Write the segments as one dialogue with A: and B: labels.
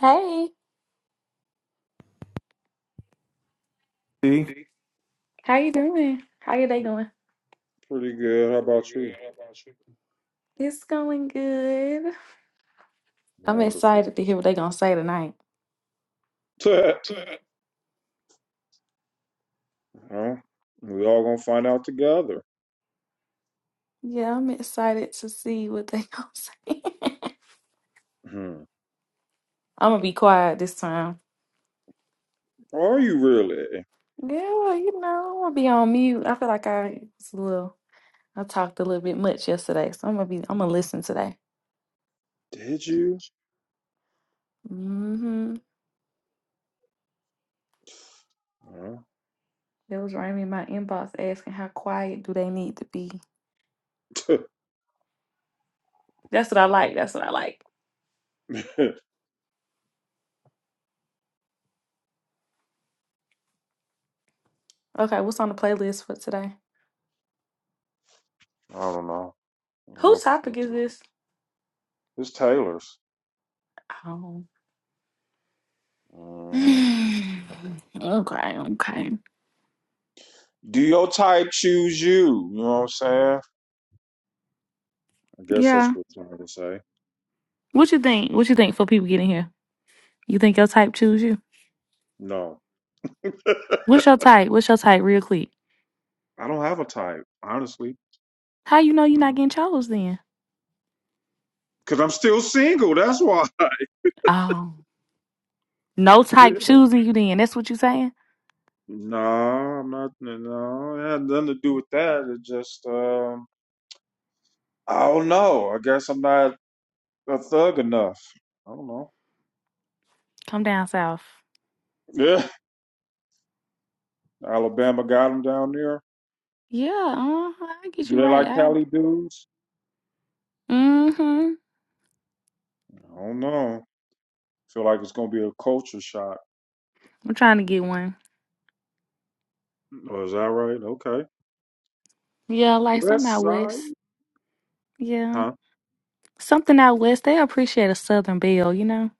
A: Hey,
B: See?
A: how you doing? How your day going?
B: Pretty good. How about you?
A: It's going good. I'm
B: Wonderful.
A: excited to hear what they gonna say tonight.
B: well, we all gonna find out together.
A: Yeah, I'm excited to see what they gonna say.
B: Hmm.
A: I'm gonna be quiet this time.
B: Are you really?
A: Yeah, you know, I'm gonna be on mute. I feel like I was a little, I talked a little bit much yesterday, so I'm gonna be, I'm gonna listen today.
B: Did you?
A: Mm-hmm.
B: Well,
A: It was Raymond in my inbox asking how quiet do they need to be.
B: I
A: That's what I like. That's what I like. Okay, what's on the playlist for today?
B: don't know. I'm
A: Whose
B: looking for a
A: topic is
B: ticket.
A: this?
B: It's Taylor's.
A: Oh.
B: hmm
A: okay, okay.
B: Do your type choose you? You know what I'm saying? I guess that's
A: Yeah.
B: what you're trying to say.
A: What you think? What you think for people getting here? You think your type choose you?
B: No, I
A: What's your type? What's your type real quick?
B: don't have a type, honestly,
A: How you know you're not
B: because
A: getting chose then?
B: I'm still single. That's why.
A: Oh. No type choosing you then. That's what you saying?
B: No, I'm not. No, it had nothing to do with that. It just, um, I don't know. I guess I'm not a thug enough. I don't know.
A: Come down south.
B: Yeah, Alabama got them down there.
A: Yeah, uh, I get
B: Do
A: you
B: they
A: right.
B: like
A: I
B: Cali dudes?
A: mm-hmm.
B: I don't know. Feel like it's gonna be a culture shock.
A: I'm trying to get one.
B: Oh, is that right? Okay.
A: Yeah, like something
B: West
A: out
B: Side,
A: west. Yeah.
B: huh?
A: Something out west. They appreciate a southern belle, you know?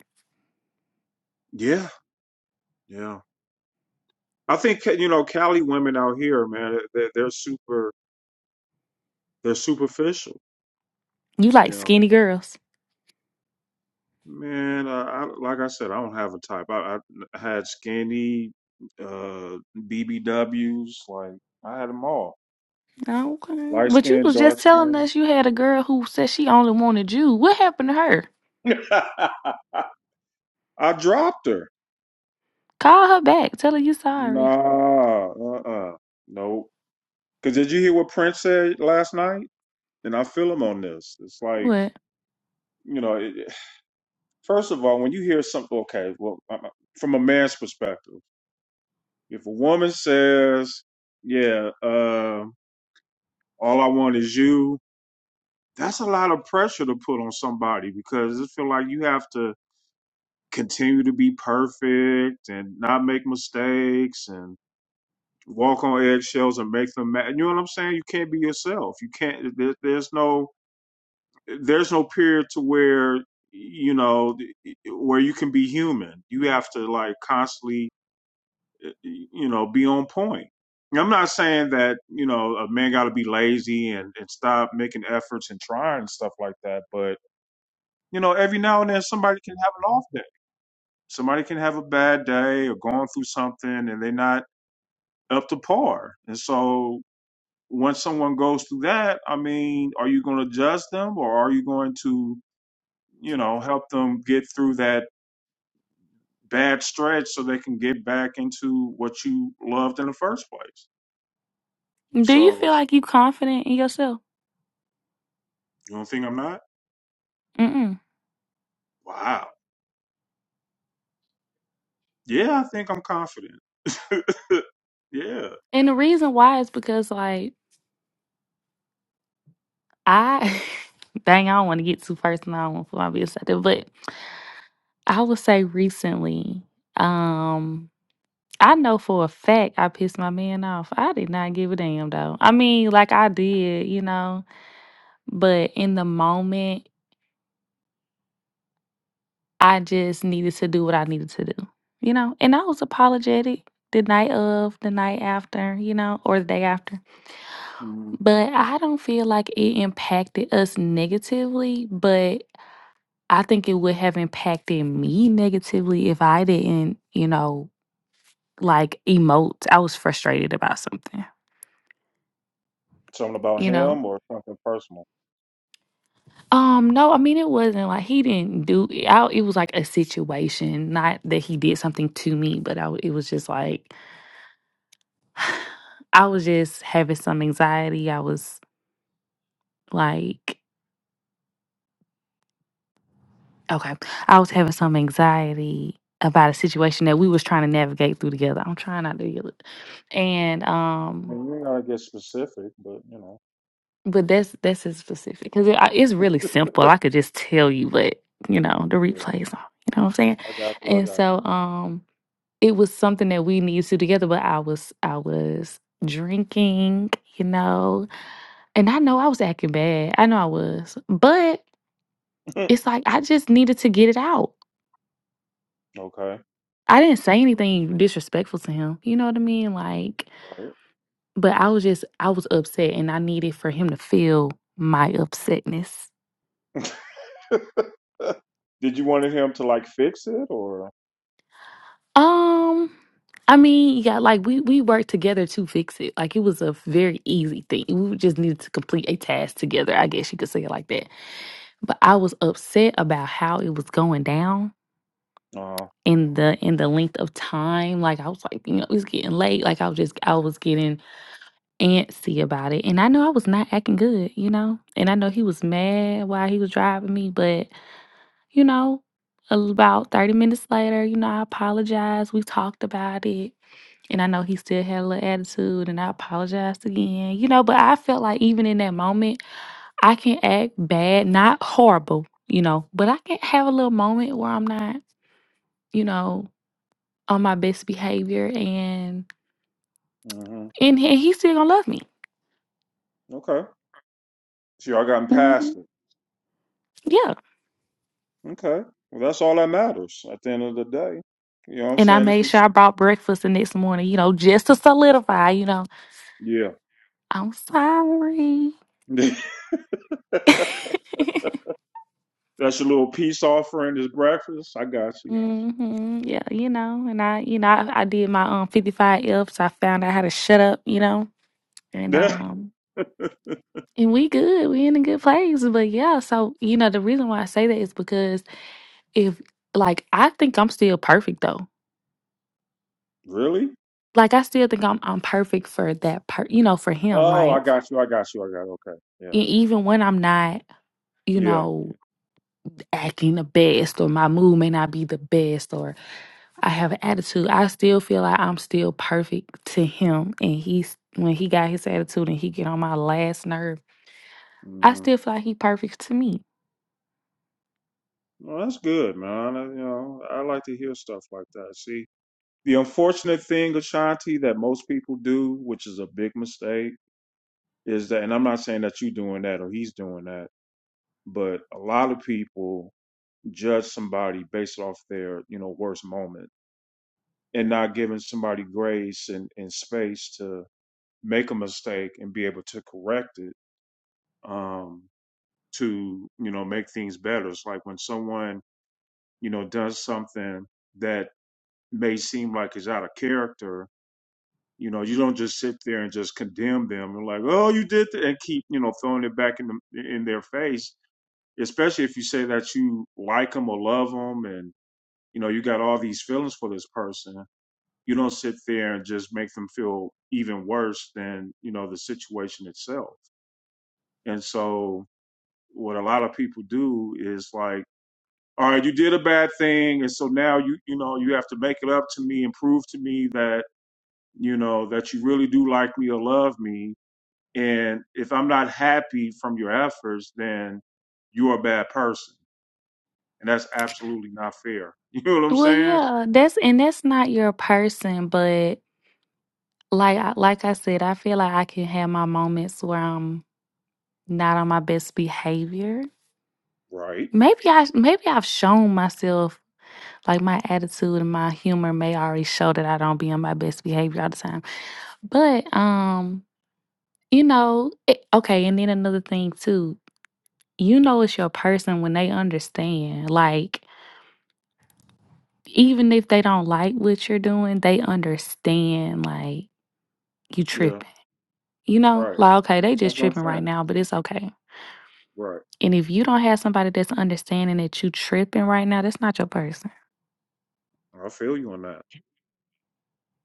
B: Yeah, yeah. I think you know Cali women out here, man. They're, they're super. They're superficial.
A: You like
B: You know.
A: skinny girls.
B: Man, I, I like I said, I don't have a type. I, I had skinny, uh, BBWs. Like I had them all.
A: Okay.
B: Light
A: But you
B: skin,
A: was
B: dark
A: just telling
B: skin.
A: us you had a girl who said she only wanted you. What happened to her?
B: I dropped her.
A: Call her back. Tell her you're sorry.
B: Nah, uh, uh no. Because did you hear what Prince said last night? And I feel him on this. It's like
A: What?
B: you know. It, it- first of all, when you hear something, okay, well, uh, uh, from a man's perspective, if a woman says, "Yeah, uh, all I want is you," that's a lot of pressure to put on somebody because it feel like you have to continue to be perfect and not make mistakes and walk on eggshells and make them mad. You know what I'm saying? You can't be yourself. You can't. There, there's no. There's no period to where you know where you can be human. You have to like constantly, you know, be on point. And I'm not saying that you know a man got to be lazy and, and stop making efforts and trying and stuff like that, but you know, every now and then somebody can have an off day. Somebody can have a bad day or going through something and they're not up to par. And so once someone goes through that, I mean, are you going to judge them or are you going to, you know, help them get through that bad stretch so they can get back into what you loved in the first place?
A: Do you feel
B: So
A: like you confident in yourself?
B: you don't think I'm not?
A: Mm-mm.
B: Wow. Yeah, I think I'm confident. yeah.
A: And the reason why is because like I dang, I don't want to get too personal. I don't want to put my business out there. But I would say recently, um, I know for a fact I pissed my man off. I did not give a damn though. I mean, like I did, you know. But in the moment I just needed to do what I needed to do, you know? And I was apologetic the night of, the night after, you know, or the day after.
B: Mm,
A: But I don't feel like it impacted us negatively, but I think it would have impacted me negatively if I didn't, you know, like emote. I was frustrated about something,
B: Something about
A: you know?
B: him or something personal?
A: Um, no, I mean, it wasn't like he didn't do I, it was like a situation, not that he did something to me, but I, it was just like, I was just having some anxiety. I was like, okay, I was having some anxiety about a situation that we was trying to navigate through together. I'm trying not to yell it, and
B: I
A: um,
B: mean, you ain't gotta get specific, but you know,
A: but that's that's as specific because it, I- it's really simple. I could just tell you, but you know, the
B: yeah,
A: replays on. You know what I'm saying?
B: I got you. I
A: And
B: got
A: so, um, it was something that we needed to do together. But I was I was drinking, you know, and I know I was acting bad. I know I was, but.
B: you.
A: it's like I just needed to get it out.
B: okay.
A: I didn't say anything disrespectful to him. You know what I mean? Like,
B: Right.
A: but I was just I was upset and I needed for him to feel my upsetness.
B: Did you want him to like fix it or?
A: Um I mean, yeah, like we we worked together to fix it. Like it was a very easy thing. We just needed to complete a task together. I guess you could say it like that. But I was upset about how it was going down
B: Uh,
A: in the in the length of time. Like I was like, you know, it was getting late. Like I was just I was getting antsy about it. And I know I was not acting good, you know? And I know he was mad while he was driving me, but, you know, about 30 minutes later, you know, I apologized. We talked about it. And I know he still had a little attitude, and I apologized again, you know? But I felt like even in that moment, I can act bad, not horrible, you know? But I can have a little moment where I'm not, you know, on my best behavior and.
B: hmm
A: And he, he's still gonna love me.
B: Okay. So y'all gotten
A: Mhm.
B: past it.
A: Yeah.
B: Okay. Well, that's all that matters at the end of the day. You know what I'm
A: And I
B: saying? If
A: made sure
B: it's
A: I brought breakfast the next morning, you know, just to solidify, you know,
B: yeah,
A: I'm sorry.
B: that's your little peace offering. This breakfast. I got you.
A: hmm Yeah, you know, and I, you know, I, I did my um 55 Fs. I found out how to shut up, you know, and um, and we good. We in a good place. But yeah, so you know, the reason why I say that is because if like I think I'm still perfect though.
B: really?
A: Like I still think I'm I'm perfect for that per you know, for him.
B: Oh, I
A: Like
B: got you. I got you. I got. Okay. Yeah.
A: e- even when I'm not, you
B: Yeah.
A: know. acting the best or my mood may not be the best or I have an attitude. I still feel like I'm still perfect to him and he's when he got his attitude and he get on my last nerve, I
B: Hmm.
A: still feel like he perfect to me.
B: Well, that's good, man. I, you know, I like to hear stuff like that. See, the unfortunate thing, Ashanti, that most people do, which is a big mistake, is that, and I'm not saying that you're doing that or he's doing that, but a lot of people judge somebody based off their, you know, worst moment and not giving somebody grace and, and space to make a mistake and be able to correct it, um, to, you know, make things better. It's like when someone, you know, does something that may seem like it's out of character, you know, you don't just sit there and just condemn them and like, oh, you did that, and keep, you know, throwing it back in the, in their face. Especially if you say that you like them or love them, and you know you got all these feelings for this person, you don't sit there and just make them feel even worse than you know the situation itself. And so, what a lot of people do is like, all right, you did a bad thing, and so now you you know you have to make it up to me and prove to me that you know, that you really do like me or love me. And if I'm not happy from your efforts, then you're a bad person. And that's absolutely not fair. You know what I'm
A: Well
B: saying?
A: yeah, that's and that's not your person, but Like I- like I said, I feel like I can have my moments where I'm not on my best behavior.
B: Right.
A: Maybe I maybe I've shown myself like my attitude and my humor may already show that I don't be on my best behavior all the time. But um, you know, it, okay, and then another thing too, you know it's your person when they understand. Like even if they don't like what you're doing, they understand like you
B: Yeah.
A: tripping. You know,
B: Right.
A: like okay, they
B: That's
A: just
B: what I'm
A: tripping
B: saying.
A: right now, but it's okay
B: Right.
A: And if you don't have somebody that's understanding that you tripping right now, that's not your person.
B: I feel you on that.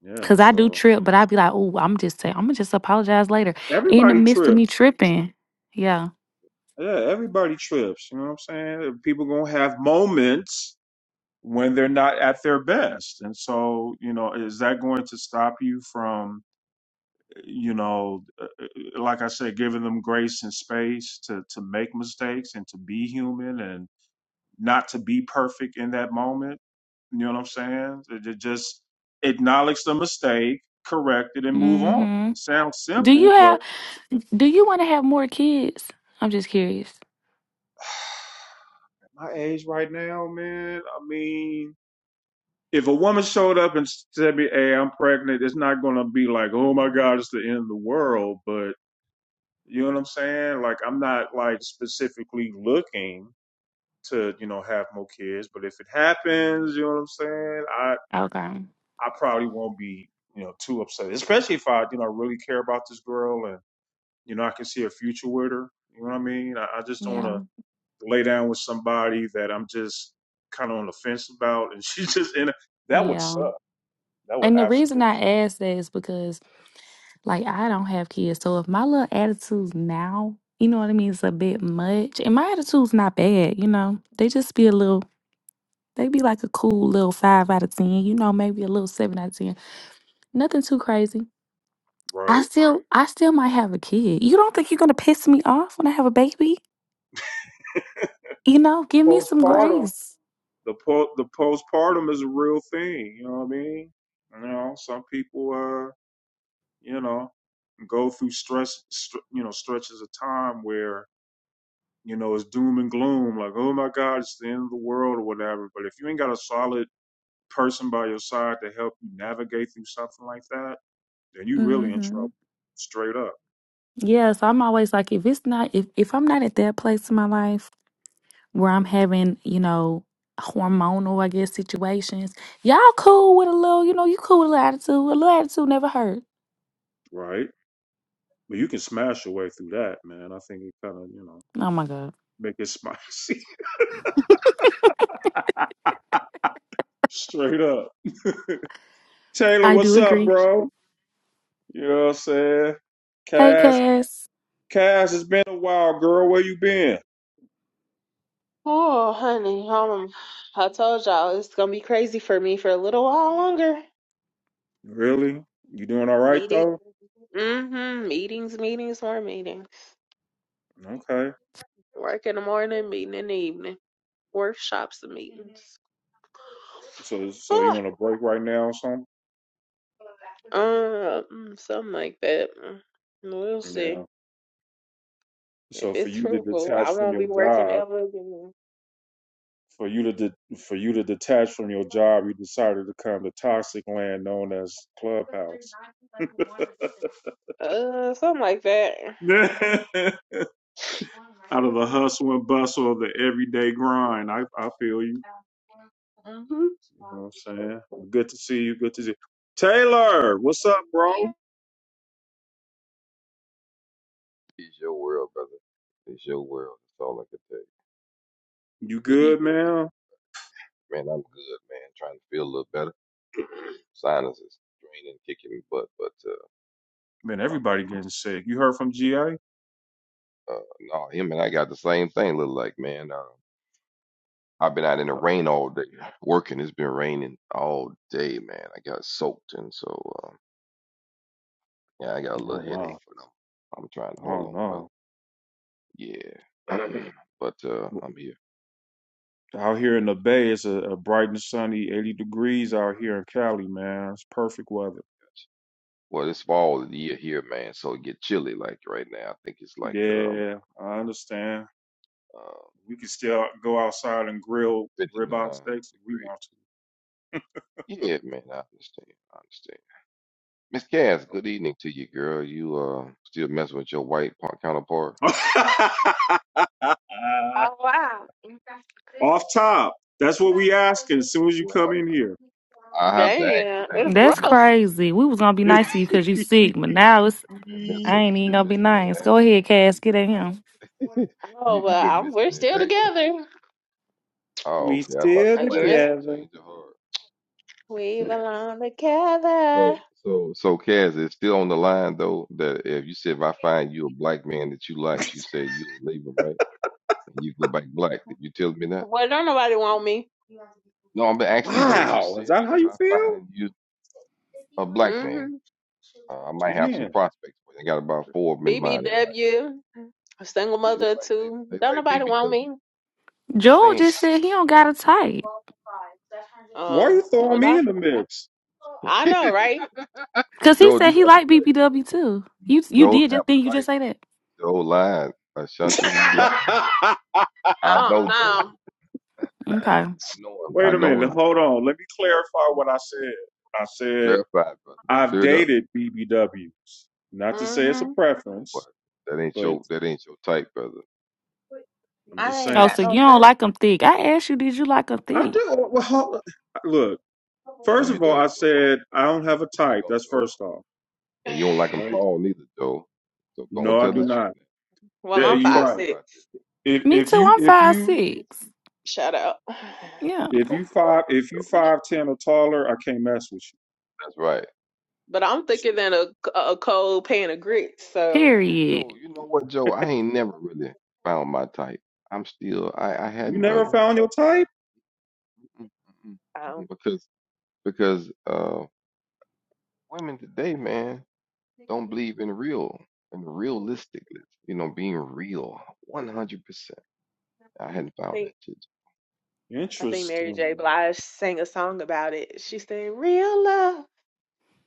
B: Yeah.
A: Cause I do
B: So
A: trip, but I'd be like, oh, I'm just saying, I'm gonna just apologize later in the
B: everybody
A: midst of me
B: trips.
A: tripping. Yeah.
B: Yeah. Everybody trips. You know what I'm saying? People going to have moments when they're not at their best. And so, you know, is that going to stop you from you know, uh, uh, like I said, giving them grace and space to to make mistakes and to be human and not to be perfect in that moment. You know what I'm saying? To ju- just acknowledge the mistake, correct it, and move on.
A: Mm-hmm.
B: It sounds
A: Do you
B: simple, but
A: have? Do you want to have more kids? I'm just curious.
B: my age right now, man. I mean. If a woman showed up and said to me, "Hey, I'm pregnant," it's not gonna be like, "Oh my God, it's the end of the world." But you know what I'm saying? Like, I'm not like specifically looking to you know have more kids. But if it happens, you know what I'm saying. I
A: Okay.
B: I probably won't be you know too upset, especially if I you know really care about this girl and you know I can see a future with her. You know what I mean? I, I just don't want
A: Yeah.
B: to lay down with somebody that I'm just kind of on the fence about, and she's just in. A, that would
A: Yeah.
B: suck. That would
A: And the reason
B: absolutely
A: I ask that is because, like, I don't have kids, so if my little attitudes now, you know what I mean, is a bit much, and my attitude's not bad. You know, they just be a little They be like a cool little five out of ten, you know, maybe a little seven out of ten. Nothing too crazy. I
B: right.
A: still I still might have a kid. You don't think you're gonna piss me off when I have a baby? You know, give me some
B: Postpartum.
A: grace.
B: The po- the postpartum is a real thing. You know what I mean? You know, some people. uh, you know, go through stress, str you know, stretches of time where, you know, it's doom and gloom, like, oh my God, it's the end of the world or whatever. But if you ain't got a solid person by your side to help you navigate through something like that, then you
A: mm
B: really in
A: hmm
B: trouble, straight up,
A: Yeah, so I'm always like if it's not if, if I'm not at that place in my life where I'm having, you know, hormonal, I guess, situations, y'all cool with a little, you know, you cool with a little attitude. A little attitude never hurt.
B: right? But you can smash your way through that, man. I think it kind of, you know,
A: Oh my God.
B: make it spicy, straight up. Taylor,
A: I do
B: what's up,
A: agree.
B: bro? You know what I'm saying?
A: Hey
B: Cass,
A: Cass.
B: Cass, it's been a while, girl. Where you been?
C: Oh, honey, um, I told y'all it's gonna be crazy for me for a little while longer.
B: Really? You doing all right
C: Meeting,
B: though?
C: mm-hmm, meetings, meetings, more meetings.
B: Okay.
C: Work in the morning, meeting in the evening, workshops and meetings.
B: So so
C: Oh,
B: you on a break right now or something?
C: um, something like that. We'll
B: Yeah.
C: see if
B: So for
C: it's
B: you to
C: fruitful.
B: detach
C: I
B: from
C: won't be
B: your
C: working
B: job,
C: ever again.
B: for you to de- for you to detach from your job, you decided to come to toxic land known as Clubhouse.
C: Uh, something like that.
B: Out of the hustle and bustle of the everyday grind, I I feel you.
C: Mm-hmm.
B: You know what I'm saying? Good to see you. Good to see you. Taylor, what's up, bro?
D: It's your world, brother. It's your world. That's all I can tell you.
B: You
D: Good
B: good,
D: evening.
B: man?
D: Man, I'm good, man. Trying to feel a little better. Sinuses draining, kicking me butt. But, uh,
B: Man,
D: um,
B: everybody getting sick. You heard from GA?
D: uh, no, him and I got the same thing, look like, man. Uh, I've been out in the
B: Oh
D: rain all day, working. It's been raining all day, man. I got soaked. And so, um, yeah, I got a
B: oh,
D: little
B: wow.
D: headache, but I'm, I'm trying to hold
B: Oh
D: on, brother.
B: no.
D: Yeah. but, uh, I'm here.
B: Out here in the Bay, it's a, a bright and sunny 80 degrees out here in Cali, man. It's perfect weather.
D: Well, it's fall of the year here, man, so it get chilly like right now. I think it's like um
B: Yeah, I understand.
D: uh
B: We can still go outside and grill
D: 59
B: ribeye steaks if we
D: degrees.
B: want
D: Yeah, man, I understand. I understand. Miss Cass, good evening to you, girl. You uh still messing with your white par- counterpart?
B: to, you know. Off top. That's what we asking as soon as you come
D: Well,
B: in here.
D: I have to
C: Dang,
D: ask because
C: it's
D: you've
A: That's
D: been
C: rough.
D: missing.
A: crazy. We was gonna be
D: You've
A: nice
D: been
A: to you because
D: missing.
A: you sick, but now it's
D: You've been
A: I
D: missing.
A: ain't
D: You've
A: even
D: been
A: gonna be
D: missing in
A: nice. Go
D: action.
A: ahead,
D: You've
A: Cass,
D: been
A: get at him.
C: Oh,
D: you you've
C: but
D: been
C: I'm,
D: missing
C: we're
D: in
C: still
D: action.
C: together.
D: Oh,
B: we
D: okay. I thought
B: still
D: you
C: A
D: might have
C: year
D: had a
B: together.
D: change of heart.
C: We belong together.
D: So, so, so, Kaz, it's still on the line though. That if you said if I find you a black man that you like, you said you'll leave him, right? And you go back black. Did you tell me that?
C: Well, don't nobody want me.
D: No, I'm asking though. You
B: Wow, is
D: said
B: that
D: that
B: how
D: if
B: you
D: I
B: feel?
D: find you a black man,
C: hmm
D: uh, I might have some
B: Damn.
D: prospects. for you. I got about four of them in mind. They like,
C: BBW, single
D: yeah, they
C: mother of
D: like they,
C: two.
D: they
C: Don't
D: like
C: nobody want
D: BBW.
C: me.
D: Just
A: Joel
D: saying.
A: just said he don't got a type
B: Why are
C: Um,
B: you throwing
C: well,
B: me
C: I,
B: in the mix?
C: I know, right?
A: because he
D: Joe
A: said
D: do
A: he
D: have a
A: like
D: type.
A: BBW too. You you
D: Joe
A: did
D: have
A: just think
D: a
A: you just
D: type.
A: say that?
D: Joe lying. Ashanti, he's
C: I
D: lying. I
C: don't
D: know Joe.
C: know.
A: Okay.
D: I know him. I
B: Wait a
D: know him. I know
B: minute.
D: him.
B: Hold on. Let me clarify what I said. I said
D: Clarified, brother.
B: I've
D: Cleared up.
B: dated BBWs. Not to say it's a
C: hmm
D: No, but
B: preference,
D: that ain't
B: but
D: your that ain't your type, brother.
B: I'm
C: I
B: just
C: ain't
A: Oh,
B: saying.
C: got
A: so you
C: no
A: don't
C: fight.
A: like them thick? I asked you, did you like them
B: I
A: thick?
B: do. Well, hold, look.
D: No,
B: First
D: you
B: of all,
D: don't,
B: I
D: Joe.
B: said I don't have a
D: No, you
B: type.
D: don't,
B: That's
D: Joe.
B: first off,
D: And you don't like like them
B: right?
D: tall neither, Joe. So go and
B: No, I
D: tell
B: do
D: the truth
B: not.
D: now.
C: Well,
D: I
B: Yeah,
D: mean,
C: I'm
D: you
B: you're
C: five
D: talked
B: right.
D: about this.
C: six.
B: If
A: Me
B: if
A: too.
B: you
A: I'm
B: if
A: five
B: you
A: six.
C: Shout out.
A: Yeah.
D: We
B: if you
D: talked about
B: five
D: this,
B: if you
D: Joe.
B: five ten or taller, I can't mess with
D: That's right.
C: But I'm thicker than a, a cold pan of grits, so
A: Period.
D: Joe, you know what, Joe? I ain't never really found my type. I'm still I, I
B: you. You
D: hadn't,
B: never
D: brother. Mm,
B: found your type.
D: mm, mm,
C: I
D: mm. Because because uh women today, man, don't believe in real and
C: don't
D: realistically, you know, being real 100%. I hadn't found
C: think.
D: that shit.
C: I think Mary J.
B: Interesting.
C: Blige sang a song about it. She said, Real love,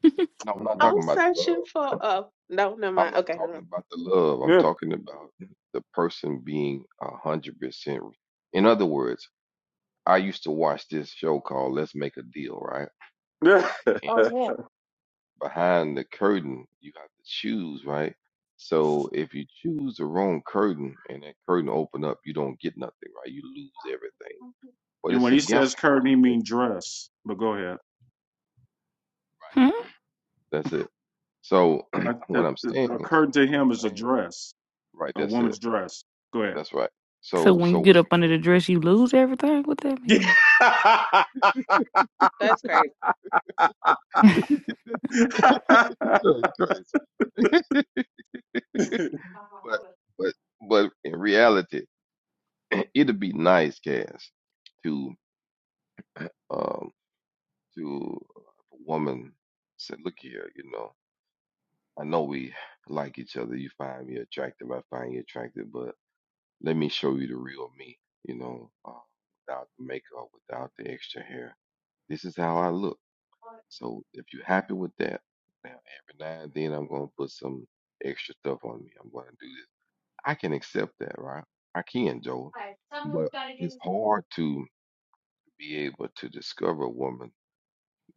D: No, I'm not
B: Mm-mm.
C: I'm
D: talking about the
C: searching
D: love.
C: for a. No, never
D: I'm
C: mind.
D: not
C: Okay,
D: talking
C: no.
D: about the love. I'm
B: Yeah.
D: talking about the person being a hundred percent. In other words, I used to watch this show called Let's Make a Deal, right?
B: Yeah.
D: And behind the curtain, you have to choose, right? So if you choose the wrong curtain and that curtain open up, you don't get nothing, right? You lose everything. But
B: And
D: it's
B: when
D: a
B: he
D: gamble
B: says
D: that
B: curtain, he
D: you take.
B: means dress. But go ahead.
A: Hmm?
D: That's it. So
B: I, I,
D: what I'm
B: I- a
D: saying,
B: curtain to
D: what
B: him
D: I'm
B: is a
D: saying,
B: dress,
D: right?
B: a
D: That's it
B: woman's dress. Go ahead.
D: That's right.
A: So
D: So
A: when you
D: so what
A: get up under the
D: I'm
A: dress, you lose everything. What that mean?
C: That's crazy.
D: saying. Joe, you crazy. but but but in reality, it'd be nice, Cass, to um to uh, a woman said, look here, you know, I know we like each other. You find me attractive. I find you attractive. But let me show you the real me. You know, uh, without the makeup, without the extra hair. This is how I look So if you're happy with that, now every now and then I'm gonna put some extra stuff on me. I'm gonna do this. I can accept that, right? I can, Joel. But it's hard to be able to discover a woman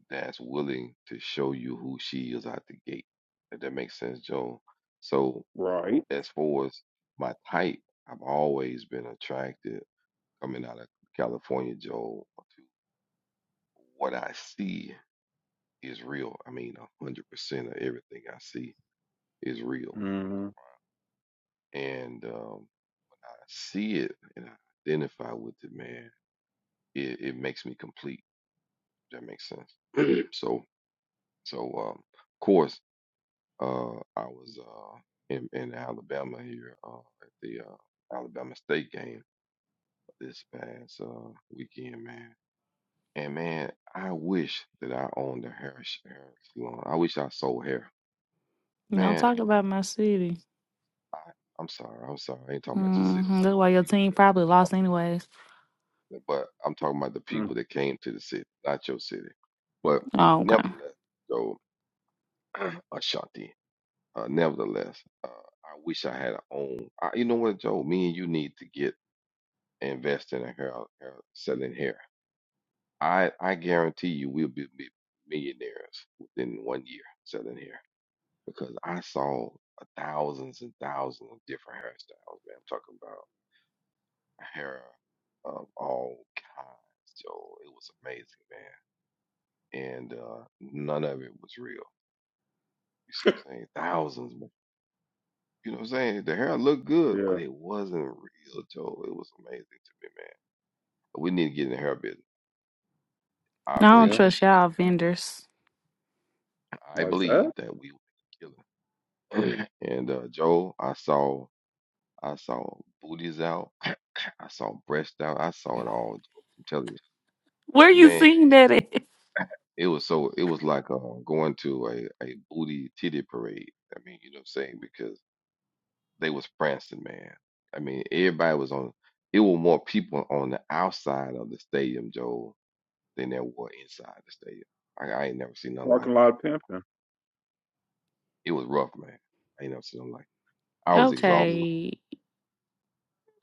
D: that's willing to show you who she is out the gate. If that makes sense, Joel. So
B: right.
D: as far as my type, I've always been attracted coming out of California, Joel, to what I see is real. I mean, a hundred percent of everything I see is real.
B: hmm
D: And um, I see it and I identify with it, man. It, it makes me complete. If that makes sense. so, so um, of course, uh, I was uh, in, in Alabama here uh, at the uh, Alabama State game this past uh, weekend, man. And man, I wish that I owned a hair, sh- hair salon. I wish I sold hair,
A: Don't
D: man.
A: talk about my city.
D: I, I'm sorry. I'm sorry. I ain't talking about your city. I'm
A: hmm
D: talking
A: That's
D: about
A: why your
D: the people
A: team probably
D: that.
A: lost anyways.
D: but I'm talking about the
B: mm
D: people that came to the city, not your city. But
A: Oh, okay.
D: nevertheless, so Ashanti, uh, nevertheless, uh, I wish I had a own. I, you know what, Joe? Me and you need to get invest in a hair, hair selling hair. I I guarantee you, we'll be mi- millionaires within one year selling hair because I saw thousands and thousands of different hairstyles. Man, I'm talking about hair of all kinds, Joe. It was amazing, man and uh, none of it was real. You see what I'm saying? Thousands, man. You know what I'm saying? The hair looked good, but
B: yeah.
D: it wasn't real, Joe. It was amazing to me, man. We need to get in the hair business. I
A: No, I don't
B: Yeah.
D: believe it.
A: trust y'all vendors.
D: I
B: Like
D: believe
B: that.
D: that we will kill it. and uh, Joe, I saw, I saw booties out. I saw breasts out. I saw it all. Joe. I'm telling
A: Where
D: you,
A: you
D: man.
A: seeing that at?
D: It was so. It was like uh, going to a a booty titty parade. I mean, you know what I'm saying? because. they was prancing, man. I mean, everybody was on. It were more people on the outside of the stadium, Joel, than there were inside the stadium. I, I ain't never seen nothing like
B: Parking
D: it.
B: lot pimping.
D: It was rough, man. I ain't never seen nothing like. It. I was exhausted.
B: It, wa-
A: Okay.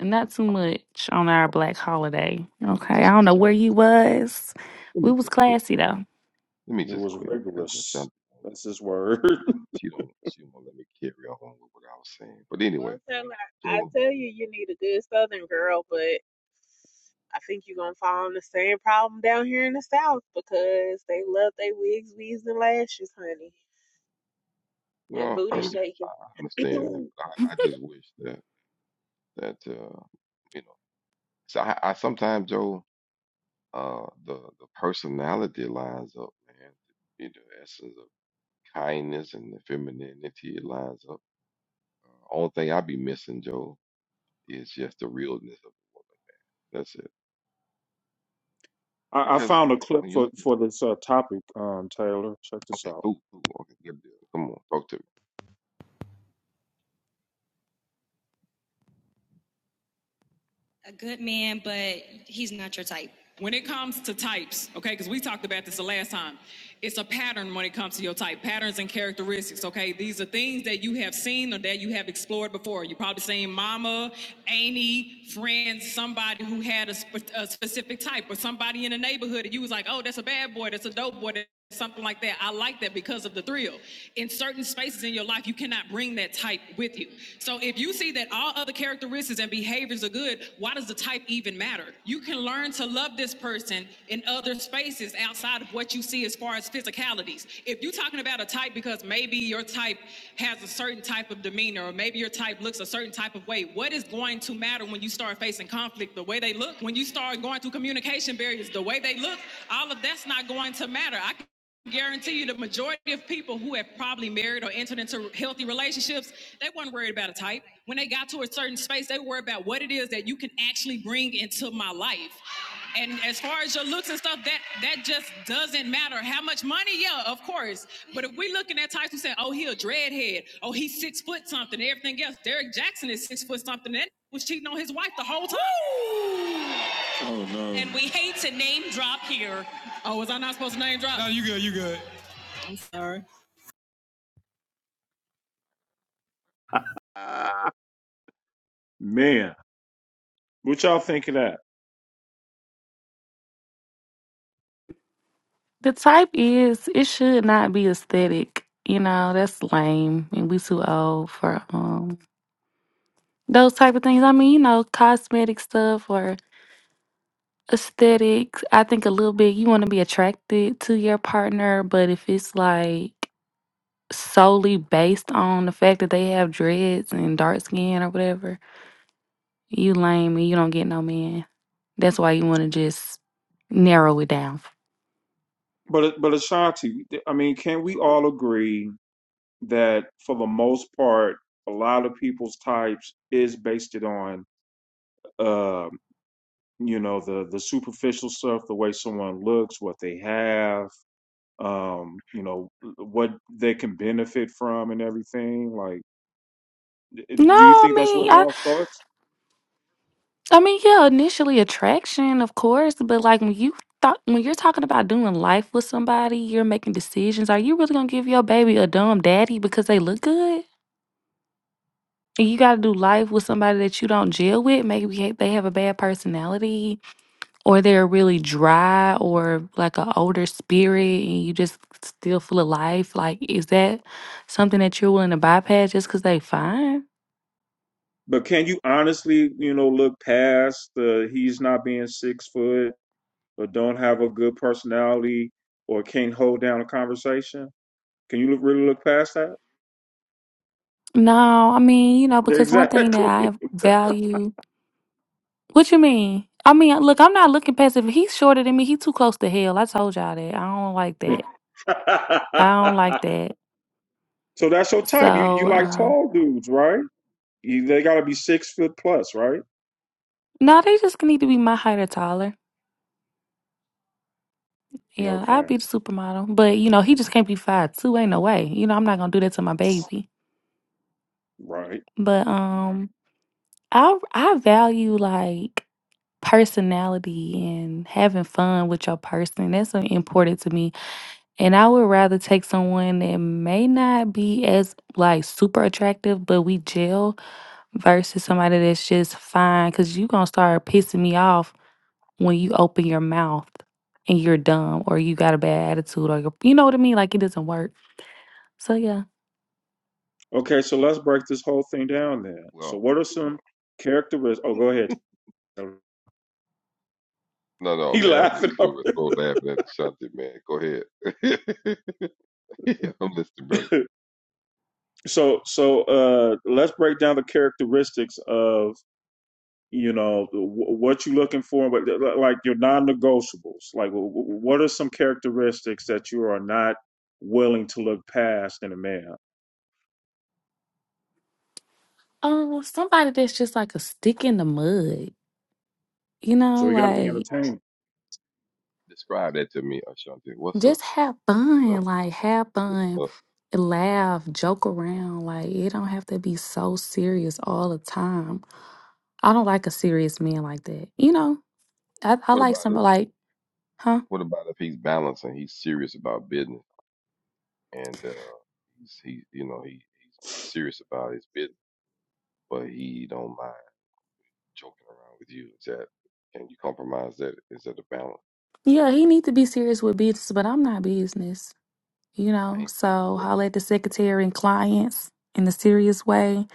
A: Not too
D: I was
A: much on our
D: like, okay,
A: black
D: let me
A: holiday.
D: let me
A: Okay. I
D: just
A: don't
D: quit.
A: know
D: Let
A: where
D: me
A: you
D: just quit.
A: was.
D: Let
A: We
D: me
A: was
D: just quit.
A: classy though.
D: Let me
B: it
D: just
B: was
D: quit because
B: rigorous.
D: Ashanti,
B: That's his word.
D: she don't she won't let me carry on with what I was saying. But anyway,
C: Well, tell I
D: Joel,
C: tell you, you need a good Southern girl, but I think you're going to fall in the same problem down here in the South because they love their wigs, weaves, and lashes, honey, and
D: well,
C: booty
D: I
C: shaking.
D: understand that. But I, I just wish that that uh, you know. So I, I sometimes, Joel. uh, the the personality lines up, man. The, the essence of kindness and the femininity it lines up. Uh, only thing I be missing, Joe, is just the realness of the woman. That's it.
B: I, I
D: Because
B: found a clip
D: when you
B: for
D: look at
B: for this uh, topic, um, Taylor. Check this
D: okay,
B: out.
D: cool, cool, okay, good deal. Come on, talk to me.
B: When it comes to types, okay, because we talked about this the last time, it's a pattern when it comes to your type, patterns and characteristics, okay? These are things that you have seen or that you have explored before. you probably seen mama, Amy, friends, somebody who had a, sp- a specific type, or somebody in the neighborhood, and you was like, oh, that's a bad boy, that's a dope boy, something like that. I like that because of the thrill. In certain spaces in your life, you cannot bring that type with you. So if you see that all other characteristics and behaviors are good, why does the type even matter? You can learn to love this person in other spaces outside of what you see as far as physicalities. If you're talking about a type because maybe your type has a certain type of demeanor or maybe your type looks a certain type of way, what is going to matter when you start facing conflict? The way they look, when you start going through communication barriers, the way they they look, all of that's not going to matter. I can guarantee you the majority of people who have probably married or entered into healthy relationships, they weren't worried about a type. When they got to a certain space, they worried about what it is that you can actually bring into my life. And as far as your looks and stuff, that that just doesn't matter. How much money? Yeah, of course. But if we looking at types who say, oh, he a dreadhead, oh, he's six foot something, everything else. Derek Jackson is six foot something. and was cheating on his wife the whole time. Woo! Oh no. And we hate to name drop here. Oh, was I not supposed to name drop? No, you good. You good. Sorry. Man, what y'all think of that?
A: The type is it should not be aesthetic. You know, that's lame and we too old for um those type of things. I mean, you know, cosmetic stuff or aesthetics. I think a little bit you wanna be attracted to your partner, but if it's like solely based on the fact that they have dreads and dark skin or whatever, you lame and you don't get no man. That's why you want to just narrow it down.
B: But but Ashanti, I mean, can we
D: Absolutely.
B: all agree that for the most part, a lot of people's types is based it on, um, you know, the the superficial stuff, the way someone looks, what they have, um, you know, what they can benefit from, and everything. Like,
A: No,
B: do you
A: I
B: think that's where
A: mean,
B: it
A: I
B: all starts?
A: I mean, yeah, initially attraction, of course, but like when you thought when you're talking about doing life with somebody, you're making decisions. Are you really gonna give your baby a dumb daddy because they look good? And you gotta do life with somebody that you don't gel with. Maybe ha- they have a bad personality, or they're really dry, or like an older spirit, and you just still full of life. Like, is that something that you're willing to bypass just because they fine?
B: But can you honestly, you know, look past the he's not being six foot or don't have a good personality or can't hold down a conversation? Can you look, really look past that?
A: No, I mean, you know, because one thing that
B: Exactly.
A: I value What you mean? I mean, look, I'm not looking past it. If He's shorter than me. he's too close to hell. I told y'all that. I don't like that. I don't like that.
B: so that's your type. You you
A: So,
B: like
A: um,
B: tall dudes, right? You, they got to be six foot plus, right?
A: no, they just need to be my height or taller. Yeah, I'd
B: Okay,
A: be the supermodel. But, you know, he just can't be five two. Ain't no way. You know, I'm not gonna do that to my baby.
B: right.
A: But um I I value like personality and having fun with your person. That's uh, important to me And I would rather take someone that may not be as like super attractive, but we gel versus somebody that's just fine. Cause you gonna start pissing me off when you open your mouth and you're dumb or you got a bad attitude or you're, you know what I mean? Like it doesn't work. So yeah.
B: Okay, so let's break this whole thing down then. So
D: Well,
B: what are some characteristics? Oh, go ahead.
D: no, no,
B: He
D: man. I'm just
B: laughing.
D: clear with throat laughing at Ashanti, man. Go ahead. I'm listening, brother.
B: so so uh let's break down the characteristics of you know wh- what you're looking for but uh, li- like your non-negotiables like wh- wh- what are some characteristics that you are not willing to look past in a man
A: Um, somebody that's just like a stick in the mud. You
B: so
A: know,
B: we got to be
A: like
B: entertaining
D: Describe that to me, Ashanti. What's a
A: just have fun. Like
D: what's a
A: have
D: stick in the
A: fun
D: mud?
A: laugh, joke around. Like it don't have to be so serious all the time. I don't like a serious man like that. You know, I, I
D: What
A: like
D: about
A: some
D: if he's
A: like, huh?
D: What about if he's balanced and he's serious about business and uh, he's he you know he he's, he's serious about his business, but he don't mind joking around with you? Is that can you compromise that? Is that a balance?
A: Yeah, he need to be serious with business, but I'm not business. You
D: I
A: know,
D: ain't say you
A: so
D: were
A: holler
D: business.
A: at the secretary and clients in a serious way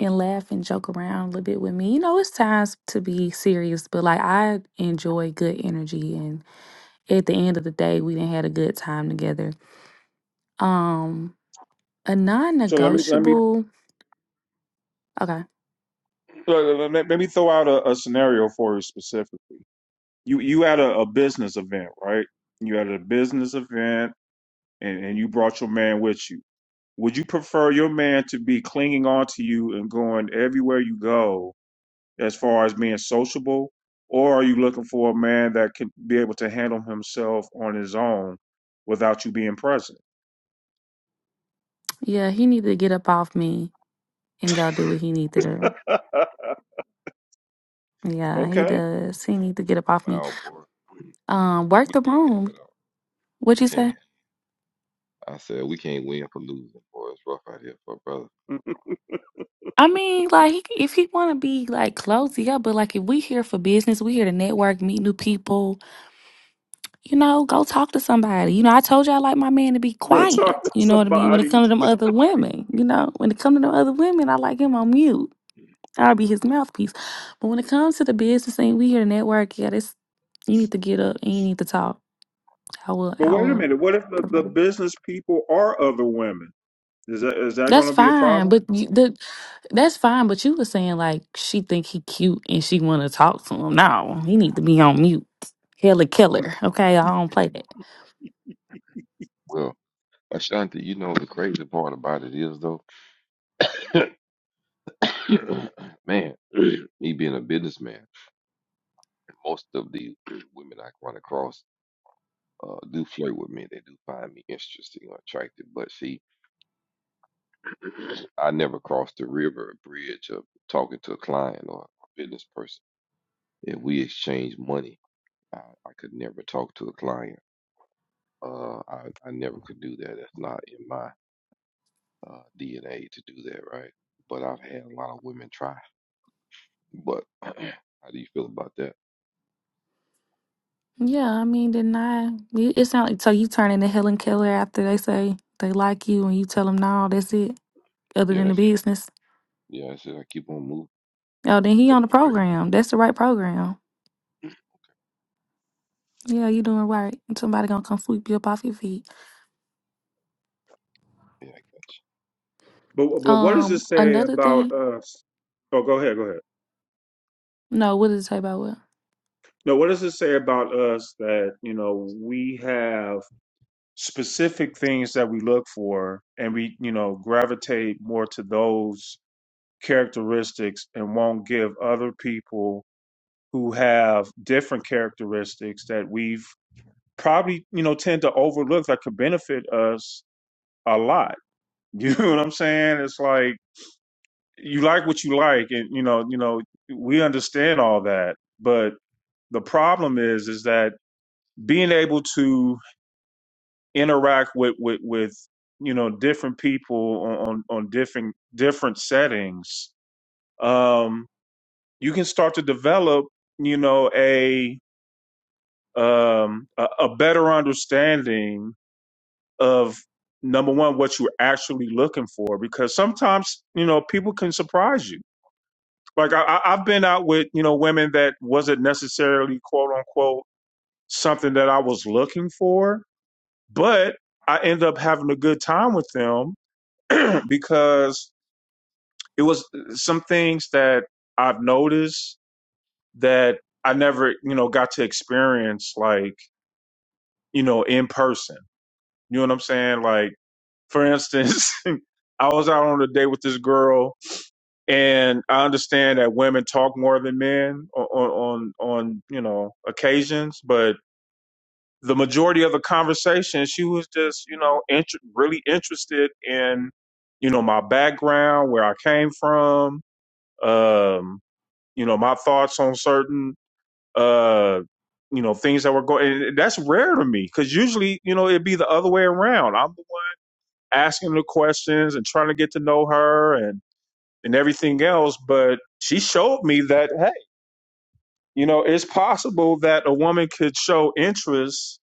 A: and laugh and joke around a little bit with me. You know, it's times to be serious, but like I enjoy good energy and at the end of the day we didn't had a good time together. Um a non
B: so let me let me
A: negotiable okay.
B: uh, let let- let me throw out a, a scenario for you specifically you you had a, a business event right you had a business event and, and you brought your man with you would you prefer your man to be clinging on to you and going everywhere you go as far as being sociable or are you looking for a man that can be able to handle himself on his own without you being present
A: Yeah, he need to get up off me and go do what he need to do. Yeah, he
B: okay
A: does. He need to get up off me.
D: Wow, boy,
A: Um, work
D: we
A: the
D: can't have
A: room.
D: it all.
A: What
D: We
A: you
D: can't.
A: say?
D: Have I said we can't win for losing, boy. It's rough out here for a brother.
A: I mean, like, he, if he want to be like close, yeah. But like, if we here for business, we here to network, meet new people. You know, go talk to somebody. You know, I told you I like my man to be
B: go
A: quiet.
B: talk to
A: You know what I mean? When
B: somebody
A: it comes to them other women, you know, when it comes to them other
D: Oh
A: women, I like him on mute.
D: Lord.
A: I'll be his mouthpiece. But when it comes to the business thing, we here to network. Yeah, this you need to get up and you need to talk. I will.
B: but
A: I
B: wait a
A: will
B: minute what if the, the
A: prefer.
B: business people are other women is that is that going
A: That's
B: to be a
A: fine,
B: problem
A: but you, the that's fine. But you were saying like she think he cute and she want to talk to him. No, he need to be on mute. Hella killer. Okay, I don't play that.
D: Well, Ashanti, you know the crazy part about it is though, man, me being a businessman. most of the women I run across uh, do flirt with me. They do find me interesting or attractive. But see, I never cross the river or bridge of talking to a client or a business person. If we exchange money, I, I could never talk to a client. Uh, I, I never could do that. That's not in my uh, DNA to do that, right? But I've had a lot of women try. But how do you feel about that?
A: Yeah, I mean, didn't I? you- It sound like so you turn into Helen Keller after they say they like you and you tell them no, that's it. Other
D: Yeah,
A: than the
D: that's it.
A: business,
D: Yeah, that's it. I keep on moving.
A: oh, then he on the program. That's the right program. Yeah, you doing right. Somebody gonna come sweep you up off your feet.
D: Yeah, I got you.
B: But but what does it
A: Um,
B: say
A: another thing.
B: about us? Oh, go ahead, go ahead.
A: No, what did it say about what?
B: No, what does it say about us that you know we have specific things that we look for, and we you know gravitate more to those characteristics, and won't give other people who have different characteristics that we've probably, you know, tend to overlook that could benefit us a lot. You know what I'm saying? It's like you like what you like and you know, you know, we understand all that, but the problem is is that being able to interact with with with you know different people on on, on different different settings um you can start to develop you know a um, a, a better understanding of number one what you're actually looking for because sometimes you know people can surprise you like I, I- i've been out with you know women that wasn't necessarily quote unquote something that i was looking for but i end up having a good time with them because it was some things that i've noticed that i never you know got to experience like you know in person you know what i'm saying like For instance, I was out on a date with this girl, and I understand that women talk more than men on on on, on you know occasions, but the majority of the conversation, she was just you know inter- really interested in you know my background, where I came from, um, you know my thoughts on certain uh you know things that were going. and That's rare to me because usually you know it'd be the other way around. I'm asking her questions and trying to get to know her and and everything else but she showed me that hey you know it's possible that a woman could show interest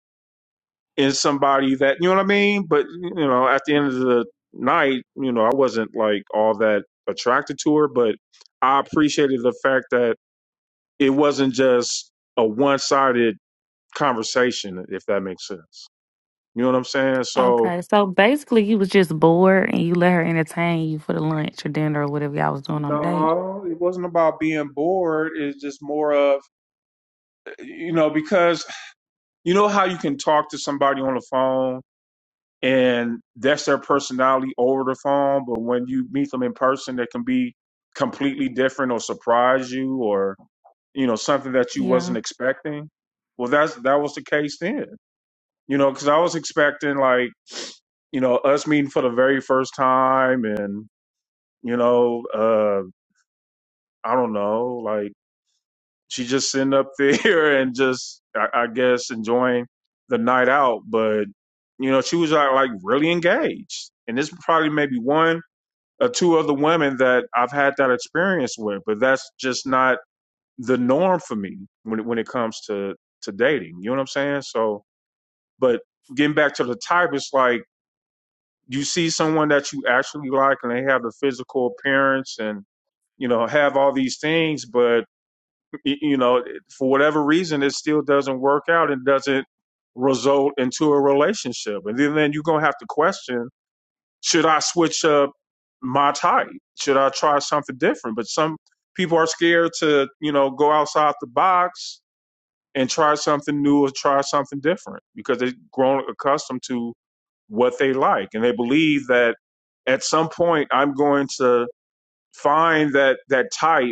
B: in somebody that you know what i mean but you know at the
A: hmm
B: end of the night you know i wasn't like all that attracted to her but i appreciated the fact that it wasn't just a one-sided conversation if that makes sense you know what i'm saying so
A: Okay, so basically, you was just bored and you let her entertain you for the lunch or dinner or whatever y'all was doing on the date.
B: no, it wasn't about being bored. It's just more of you know, because you know how you can talk to somebody on the phone and that's their personality over the phone, but when you meet them in person, they can be completely different or surprise you or, you know, something that you
A: Yeah.
B: wasn't expecting. Well, that's, that was the case then, you know, cause I was expecting like, you know, us meeting for the very first time and, you know, uh, I don't know, like, she just sitting up there and just I, I guess enjoying the night out. But you know, she was like, like really engaged. And this probably maybe one or two other women that I've had that experience with, but that's just not the norm for me when it, when it comes to to dating. You know what I'm saying? So, but getting back to the type, it's like you see someone that you actually like, and they have the physical appearance and you know have all these things, but y- you know, for whatever reason, it still doesn't work out and doesn't result into a relationship. And then, then you're going to have to question, should I switch up my type? Should I try something different? But some people are scared to, you know, go outside the box and try something new or try something different because they've grown accustomed to what they like. And they believe that at some point I'm going to find that, that type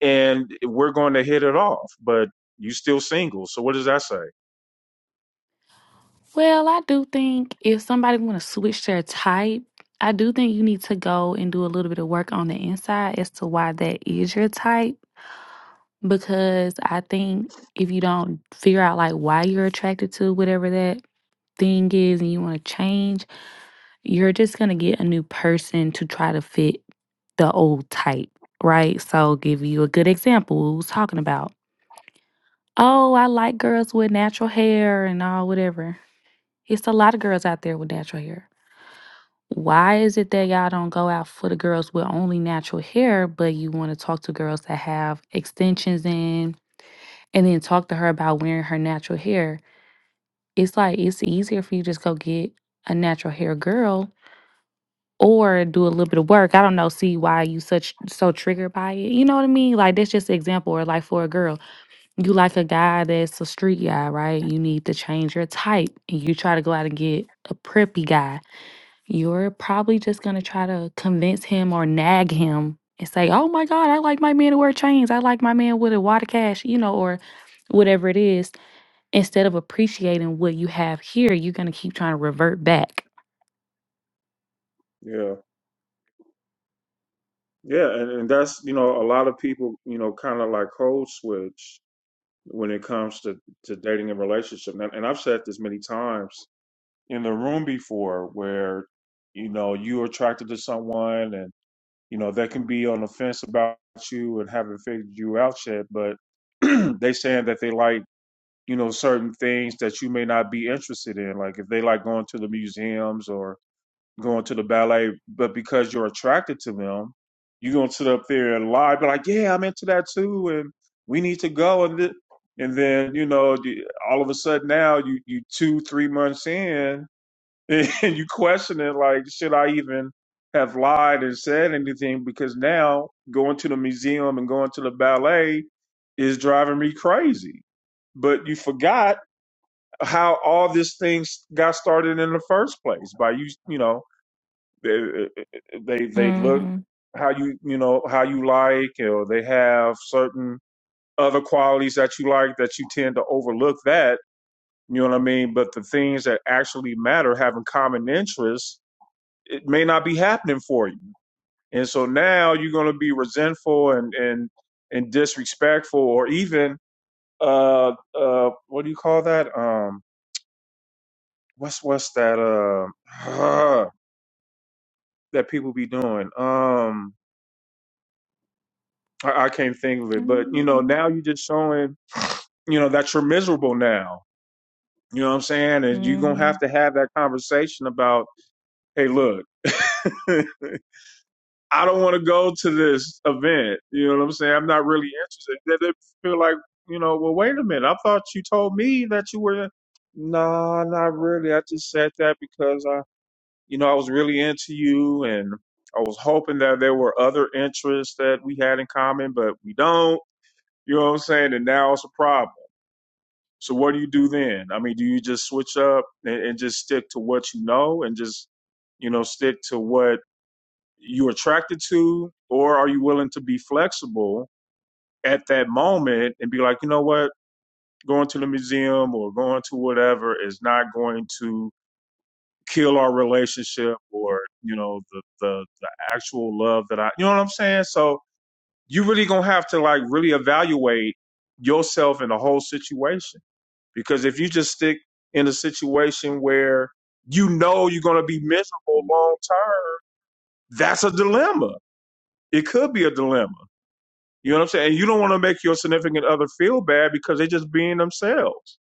B: and we're going to hit it off. But you still single, so what does that say?
A: Well, I do think if somebody want to switch their type, I do think you need to go and do a little bit of work on the inside as to why that is your type. Because I think if you don't figure out like why you're attracted to whatever that thing is and you want to change you're just going to get a new person to try to fit the old type, right? So, I'll give you a good example. We was talking about, oh, I like girls with natural hair and all, whatever. It's a lot of girls out there with natural hair. Why is it that y'all don't go out for the girls with only natural hair, but you want to talk to girls that have extensions in and then talk to her about wearing her natural hair? It's like it's easier for you to just go get a natural hair girl or do a little bit of work. I don't know, see why you such so triggered by it. You know what I mean? Like that's just an example. Or like for a girl, you like a guy that's a street guy, right? You need to change your type. And you try to go out and get a preppy guy. You're probably just gonna try to convince him or nag him and say, Oh my God, I like my man to wear chains. I like my man with a water cash, you know, or whatever it is. Instead of appreciating what you have here, you're gonna keep trying to revert back.
B: Yeah. Yeah. And, and that's, you know, a lot of people, you know, kind of like code switch when it comes to, to dating and relationship. And, and I've said this many times in the room before where, you know, you're attracted to someone and, you know, they can be on the fence about you and haven't figured you out yet, but they saying that they like, you know, certain things that you may not be interested in. Like if they like going to the museums or going to the ballet, but because you're attracted to them, you're gonna sit up there and lie, be like, "Yeah, I'm into that too, and we need to go." And th- and then you know, you- all of a sudden now you you two three months in, and you question it like, should I even have lied and said anything? Because now going to the museum and going to the ballet is driving me crazy. But you forgot how all this thing got started in the first place by you, you know, they they they look
A: Mm.
B: how you you know how you like or they have certain other qualities that you like that you tend to overlook that you know what i mean but the things that actually matter having common interests it may not be happening for you and so now you're going to be resentful and and and disrespectful or even uh uh what do you call that um what's what's that uh that people be doing um. I, I can't think of it. But you
A: hmm
B: know, now you're just showing, you know, that you're miserable now. You know what I'm saying? And you're gonna
A: hmm
B: have to have that conversation about, hey, look, I don't want to go to this event. You know what I'm saying? I'm not really interested. They, they feel like, you know, well, wait a minute. I thought you told me that you were. Nah, not really. I just said that because I, you know, I was really into you and I was hoping that there were other interests that we had in common, but we don't you know what I'm saying? And now it's a problem. So what do you do then? I mean, do you just switch up and, and just stick to what you know and just, you know, stick to what you're attracted to? Or are you willing to be flexible at that moment and be like, you know what? Going to the museum or going to whatever is not going to kill our relationship or, you know, the, the, the actual love that I, you know what I'm saying? So you really gonna have to like really evaluate yourself in the whole situation Because if you just stick in a situation where you know you're going to be miserable long term, that's a dilemma. It could be a dilemma. You know what I'm saying? And you don't want to make your significant other feel bad because they're just being themselves.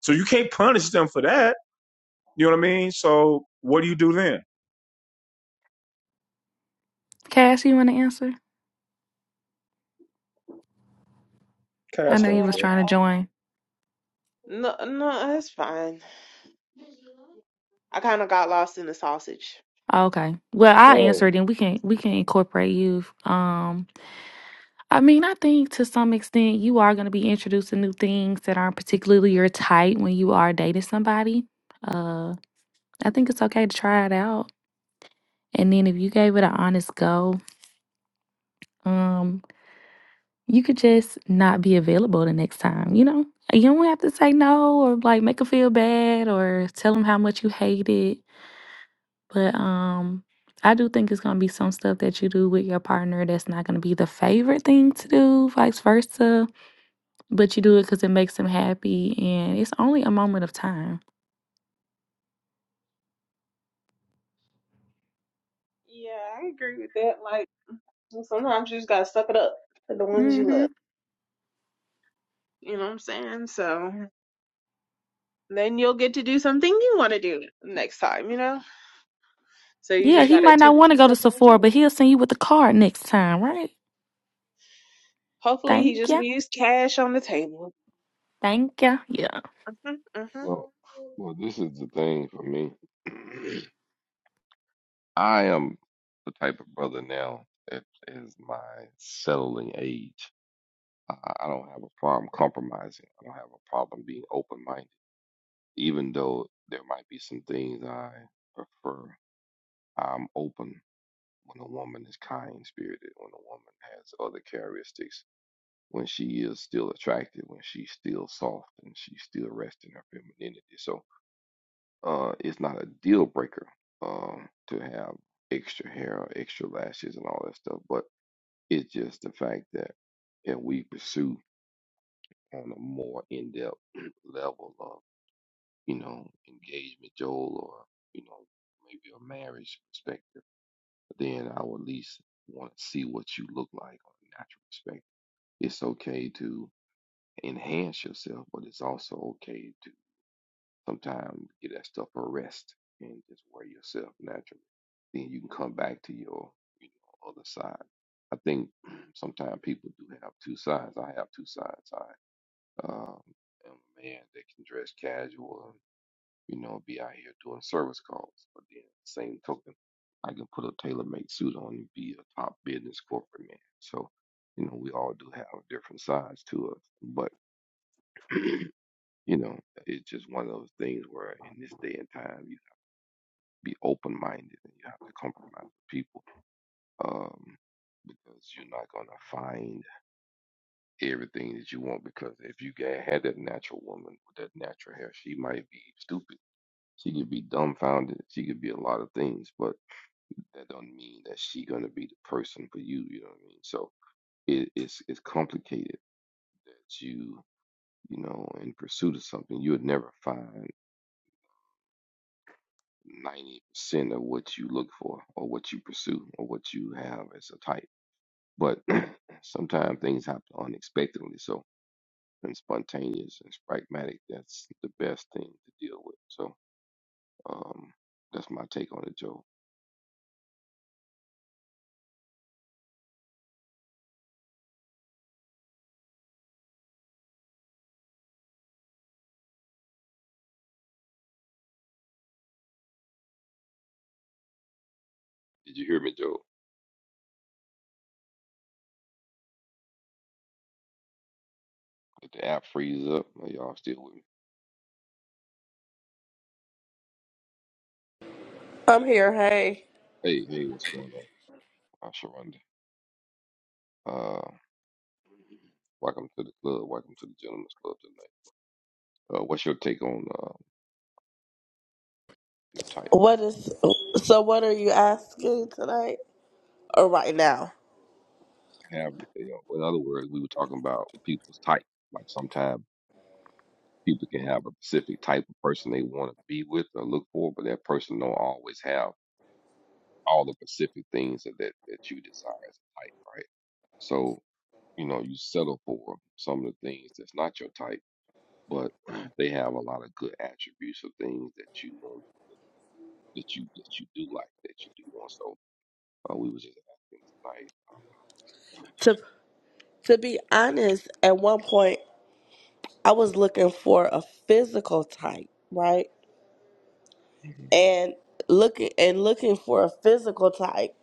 B: So you can't punish them for that. You know what I mean? So what do you do then?
A: Cash, you want to answer? I
B: Cass
A: know
B: don't
A: you was
C: uh,
B: care.
A: trying to join.
C: no, no, that's fine. I kind of got lost in the sausage.
A: Oh, Okay. Well, I
B: Oh,
A: answered, and we can we can incorporate you. Um, I mean, I think to some extent you are going to be introduced to new things that aren't particularly your type when you are dating somebody. Uh, I think it's okay to try it out, and then if you gave it an honest go, um, you could just not be available the next time. You know, you don't have to say no or like make them feel bad or tell them how much you hate it But um, I do think it's gonna be some stuff that you do with your partner that's not gonna be the favorite thing to do, vice versa. But you do it because it makes them happy, and it's only a moment of time.
C: Yeah, I agree with that. Like, And Sometimes you just gotta suck it up for the ones you
A: hmm
C: love. You know what I'm saying? So then you'll get to do something you want to do next time. You know. So you
A: Yeah,
C: just
A: he
C: gotta
A: might
C: take
A: not want to go to
C: take it on with
A: Sephora,
C: chin.
A: but he'll send you with the card next time, right?
C: Hopefully, he
A: Thank
C: just
A: you,
C: leaves cash on the table.
A: thank you. Yeah.
C: Mhm.
D: Well,
C: Mhm.
D: well, this is the thing for me. I am the type of brother now that is my settling age. I, I I don't have a problem compromising. I don't have a problem being open minded. Even though there might be some things I prefer, I'm open when a woman is kind spirited, when a woman has other characteristics, when she is still attractive, when she's still soft and she's still resting her femininity. So uh, it's not a deal breaker um, to have extra hair or extra lashes and all that stuff, but it's just the fact that if we pursue on a more in-depth level of, you know, engagement, Joel, or, you know, maybe a marriage perspective, then I would at least want to see what you look like on a natural perspective. It's okay to enhance yourself, but it's also okay Sometimes get that stuff a rest and just wear yourself naturally. Then you can come back to your you know other side. I think sometimes people do have two sides. I have two sides. I um, am a man that can dress casual and you know be out here doing service calls, but then same token, I can put a tailor-made suit on and be a top business corporate man. So, you know, we all do have different sides to us. But, you know, it's just one of those things where in this day and time, you be open minded and you have to compromise with people um, because you're not going to find everything that you want. Because if you ga- had that natural woman with that natural hair, she might be stupid. She could be dumbfounded. She could be a lot of things, but that don't mean that she gonna be the person for you. You know what I mean? So it, it's it's complicated that you you know in pursuit of something you would never find ninety percent of what you look for or what you pursue or what you have as a type But sometimes things happen unexpectedly, so and spontaneous and pragmatic. That's the best thing to deal with. So um, that's my take on it, Joe. Did you hear me, Joe? Did the app freeze up? Are y'all still with me?
E: I'm here. Hey,
D: Hey, hey, what's going on? I'm Sharonda. Uh, welcome to the club. Welcome to the gentleman's Club tonight. Uh, what's your take on uh, your type?
E: what is so? What are you asking tonight or right now?
D: Have you know, in other words, we were talking about people's type. Like sometimes. People can have a specific type of person they want to be with or look for, but that person don't always have all the specific things that that, that you desire as a type, right? So you know you settle for some of the things that's not your type, but they have a lot of good attributes of things that you know that you that you do like that you do want. So uh, we was just asking tonight. Um,
E: To to be honest, at one point I was looking for a physical type, right?
D: Mhm.
E: And looking and looking for a physical type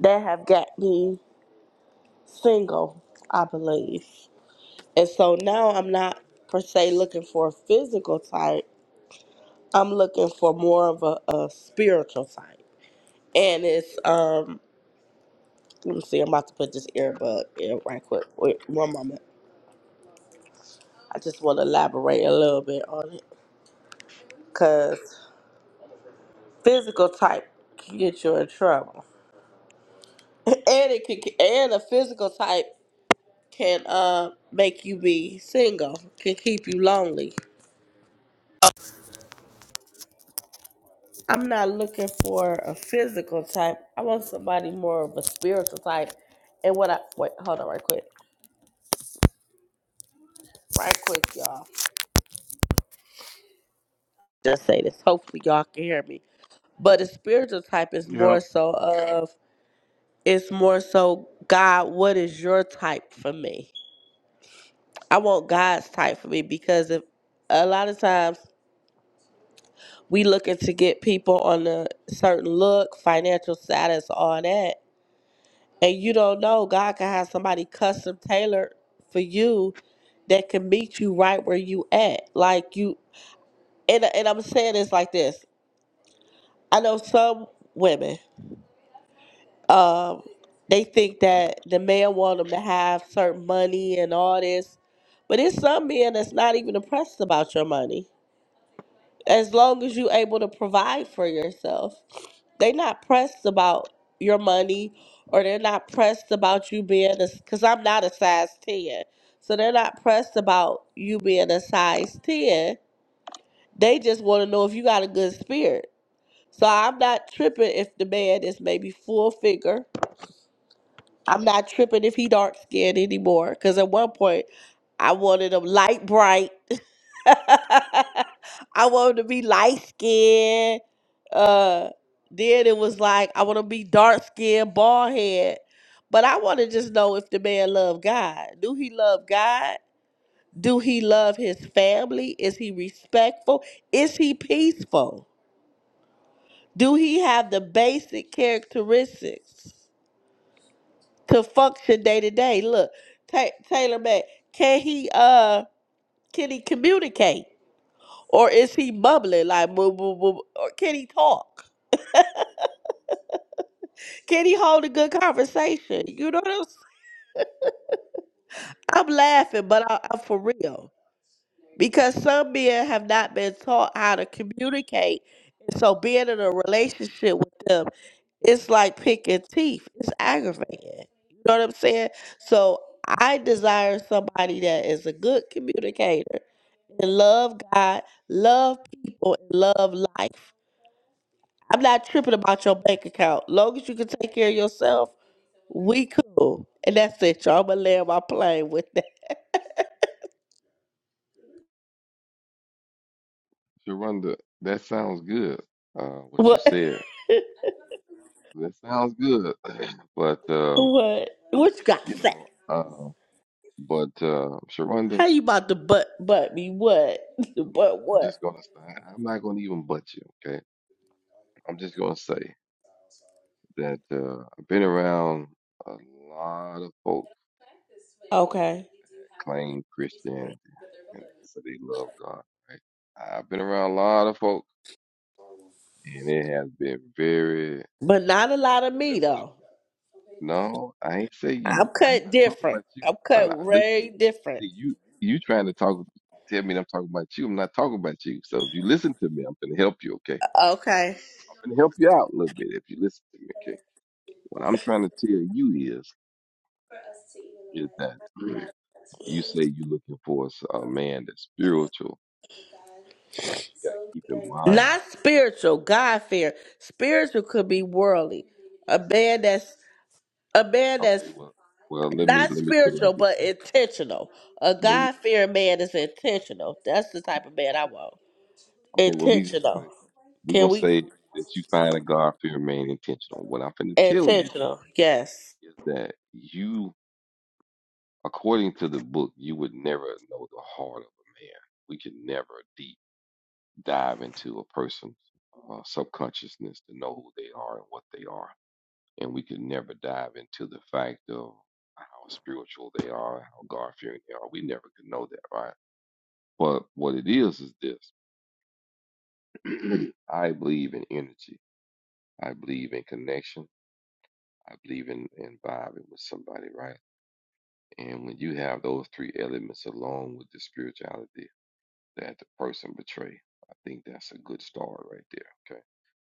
E: that have got me single, I believe. And so now I'm not per se looking for a physical type. I'm looking for more of a, a spiritual type, and it's um Let me see. I'm about to put this earbud in right quick. Wait, one moment. I just want to elaborate a little bit on it because physical type can get you in trouble, and it can, and a physical type can uh make you be single, can keep you lonely. I'm not looking for a physical type. I want somebody more of a spiritual type. And what I wait, hold on, right quick, right quick, y'all. Just say this. Hopefully, y'all can hear me. But a spiritual type is
B: yeah.
E: more so of It's more so, God, what is your type for me? I want God's type for me because if a lot of times we looking to get people on a certain look, financial status, all that, and you don't know God can have somebody custom tailored for you that can meet you right where you at. Like you, and and I'm saying this like this. I know some women Um, they think that the man want them to have certain money and all this, but it's some men that's not even impressed about your money. As long as you able to provide for yourself, they not pressed about your money, or they're not pressed about you being a. Because I'm not a size ten, so they're not pressed about you being a size ten. They just want to know if you got a good spirit. So I'm not tripping if the man is maybe full figure I'm not tripping if he dark skinned anymore. Because at one point, I wanted him light bright. I wanted to be light skinned. Uh, then it was like I want to be dark skinned, bald head. But I want to just know if the man love God. Do he love God? Do he love his family? Is he respectful? Is he peaceful? Do he have the basic characteristics? to function day to day. Look, Ta Taylor Mack, can he uh can he communicate or is he mumbling like boo boo boo? Or can he talk? Can he hold a good conversation? You know what I'm, s- I'm laughing, but I, I'm for real. because some men have not been taught how to communicate. And so being in a relationship with them, it's like picking teeth. It's aggravating. You know what I'm saying? So I desire somebody that is a good communicator and love God, love people, and love life. I'm not tripping about your bank account. Long as you can take care of yourself, we cool. And that's it, y'all. I'm gonna land my plane with that.
D: Sharonda, that sounds good. Uh, what you
E: What
D: said. That sounds good. But um,
E: what what you gotta
D: you
E: say?
D: know, um, But uh, Sharonda,
E: How you about to butt butt me what? butt
D: I'm just
E: what?
D: gonna say I'm not gonna even butt you, okay? I'm just gonna say that uh, I've been around a lot of folks
E: Okay.
D: that claim Christianity and say they love God, right? I've been around a lot of folks, and it has been very
E: But not a lot of me
D: deceptive.
E: though.
D: No, I ain't say
E: I'm
D: you. I'm
E: cut
D: not talking
E: different.
D: about you.
E: I'm
D: Now,
E: cut
D: now, listen to me.
E: way different.
D: See, you you trying to talk tell me that I'm talking about you. I'm not talking about you. So if you listen to me, I'm gonna help you, okay?
E: Okay.
D: and help you out a little bit if you listen to me, okay? What I'm trying to tell you is, is that you say you're looking for a s- a man that's spiritual. I mean, you gotta keep in mind.
E: Not spiritual, God fear. Spiritual could be worldly. A man that's a man that's
D: Okay, well, well, let me
E: not
D: let me put it
E: spiritual
D: like this.
E: but
D: Then.
E: intentional. A
D: Well,
E: God
D: okay,
E: fearing man is intentional. That's the type of man I want.
D: well, we just
E: Intentional.
D: say we're
E: Can
D: gonna
E: we
D: say that you find a God-fearing man intentional. What I'm gonna tell you
E: intentional? Yes.
D: is that you, according to the book, you would never know the heart of a man. We could never deep. dive into a person's uh, subconsciousness to know who they are and what they are. And we can never dive into the fact of how spiritual they are, how God fearing they are. We never could know that, right? But what it is is this I believe in energy, I believe in connection, I believe in, in vibing with somebody, right? And when you have those three elements along with the spirituality that the person betrays, I think that's a good start right there. Okay.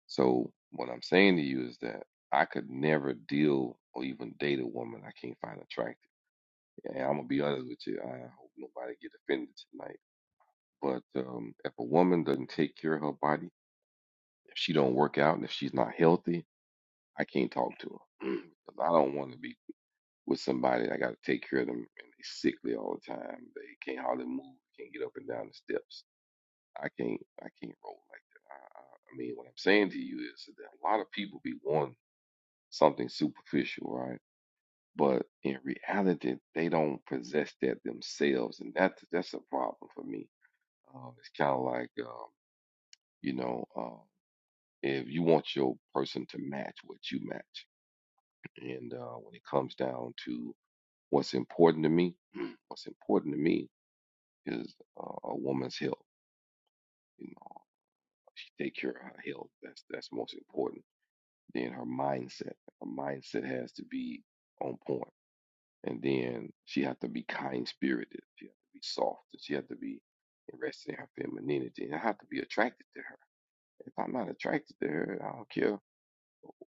D: So what I'm saying to you is that I could never deal or even date a woman I can't find attractive. And I'm gonna be honest with you. I hope nobody get offended tonight. But um, if a woman doesn't take care of her body, if she don't work out, and if she's not healthy, I can't talk to her because I don't want to be with somebody that I got to take care of them and they sickly all the time. They can't hardly move, can't get up and down the steps. I can't, I can't roll like that. I, I, I mean, what I'm saying to you is that a lot of people be wanting something superficial, right? But in reality, they don't possess that themselves, and that that's a problem for me. Um, it's kind of like um, you know, uh, if you want your person to match what you match, and uh, when it comes down to what's important to me, what's important to me is uh, a woman's health. You know, she take care of her health. That's that's most important. Then her mindset. Her mindset has to be on point and then she had to be kind spirited. She had to be soft, and she had to be interested in her femininity. And I have to be attracted to her. If I'm not attracted to her, I don't care.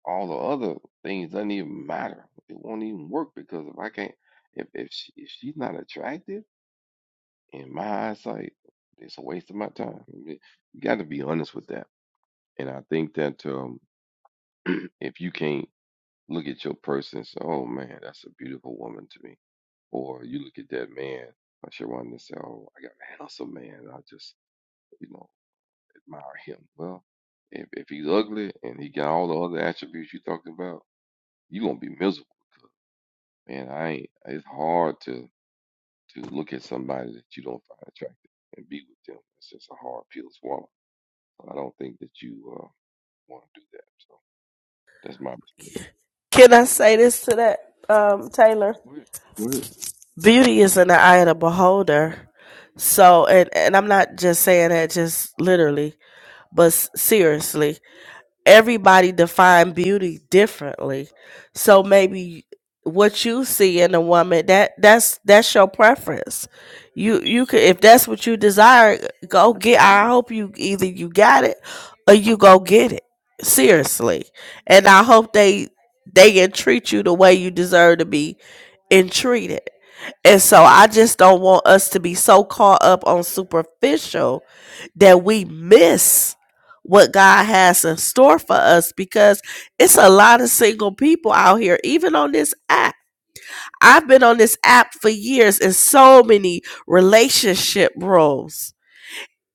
D: All the other things doesn't even matter. It won't even work because if I can't, if if she if she's not attractive in my eyesight, it's a waste of my time. I mean, You got to be honest with that. And I think that um, if you can't look at your person and say, oh man, that's a beautiful woman to me. Or you look at that man, I sure wanted to say, oh, I got a handsome man. I just, you know, admire him. Well, if, if he's ugly and he got all the other attributes you talking about, you going to be miserable. 'cause, Man, I ain't, it's hard to, to look at somebody that you don't find attractive and be with them. It's just a hard pill to swallow. I don't think that you uh, want to do that. So that's my perspective.
E: Can I say this to that, um, Taylor?
D: You Go ahead. Go ahead.
E: Beauty is in the eye of the beholder. So, and, and I'm not just saying that just literally, but s- seriously everybody define beauty differently. So maybe what you see in a woman that that's that's your preference. You you could if that's what you desire, go get. I hope you either you got it or you go get it seriously. And I hope they they entreat you the way you deserve to be entreated. And so I just don't want us to be so caught up on superficial that we miss what God has in store for us because it's a lot of single people out here, even on this app. I've been on this app for years in so many relationship roles.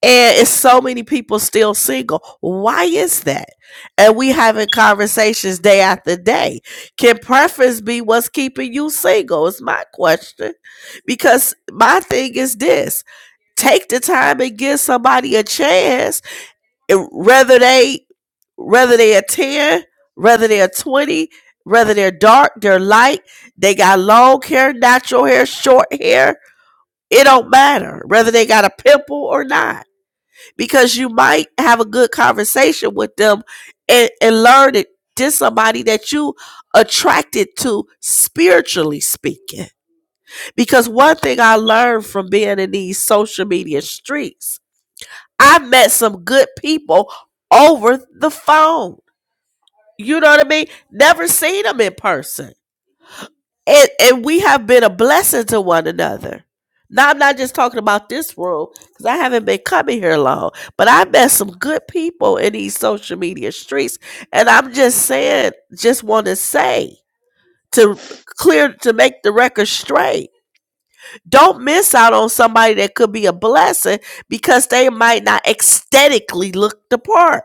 E: And it's so many people still single. Why is that? And we having conversations day after day. Can preference be what's keeping you single? Is my question. Because my thing is this take the time and give somebody a chance it- whether they whether they're 10, whether they're 20, whether they're dark, they're light, they got long hair, natural hair, short hair, it don't matter whether they got a pimple or not because you might have a good conversation with them and, and learn that this is somebody that you attracted to spiritually speaking because one thing i learned from being in these social media streets I met some good people over the phone. You know what I mean? Never seen them in person. And and we have been a blessing to one another. Now I'm not just talking about this room because I haven't been coming here long, but I met some good people in these social media streets. And I'm just saying, just want to say to clear to make the record straight. Don't miss out on somebody that could be a blessing because they might not aesthetically look the part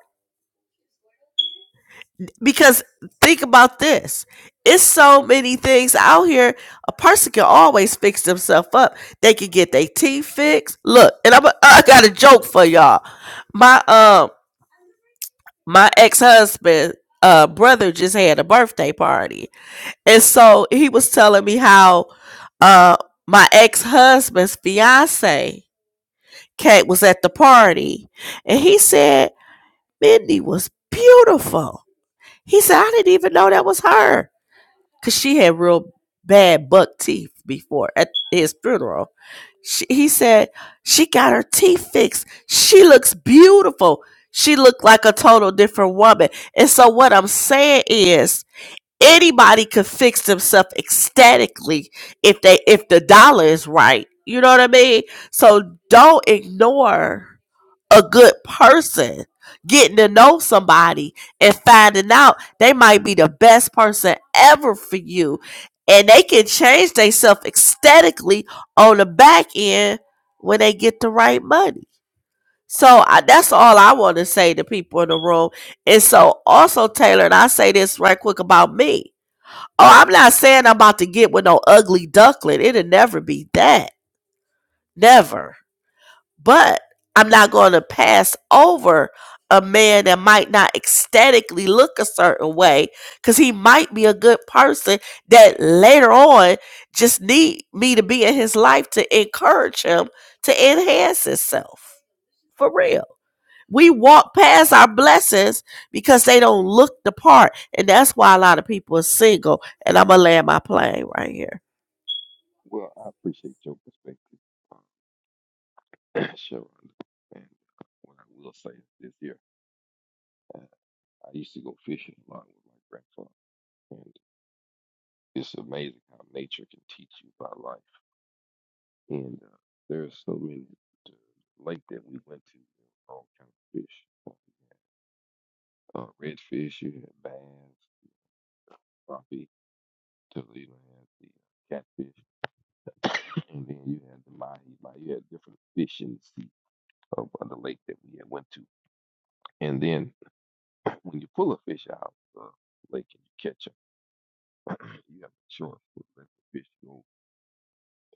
E: Because think about this. It's so many things out here. A person can always fix themselves up. They can get their teeth fixed. Look, and I'm a, I got a joke for y'all. My um my ex-husband uh brother just had a birthday party. And so he was telling me how uh my ex-husband's fiance Kate was at the party and he said Mindy was beautiful. He said I didn't even know that was her. because she had real bad buck teeth before at his funeral. She, he said she got her teeth fixed. She looks beautiful. She looked like a total different woman. And so what I'm saying is anybody could fix themselves ecstatically if they if the dollar is right. You know what I mean? So don't ignore a good person, getting to know somebody and finding out they might be the best person ever for you. And they can change themselves aesthetically on the back end when they get the right money. So I, that's all I want to say to people in the room. And so also Taylor, and I say this right quick about me. Oh, I'm not saying I'm about to get with no ugly duckling. It'll never be that. Never but I'm not going to pass over a man that might not ecstatically look a certain way because he might be a good person that later on just need me to be in his life to encourage him to enhance himself for real we walk past our blessings because they don't look the part and that's why a lot of people are single and i'm gonna land my plane right here
D: Well, I appreciate your perspective. Sure, and what I will say is this here, uh, I used to go fishing a lot with my grandfather, and it's amazing how nature can teach you about life. And uh, there are so many the lake that we went to, there was all kind of fish, uh, redfish, you had bass, uh, crappie, Toledo had the uh, catfish, and then you had the mahi, mahi. You had different fish in the sea of uh, the lake that we had went to. And then when you pull a fish out of the lake and you catch 'em You have a choice to let the fish go,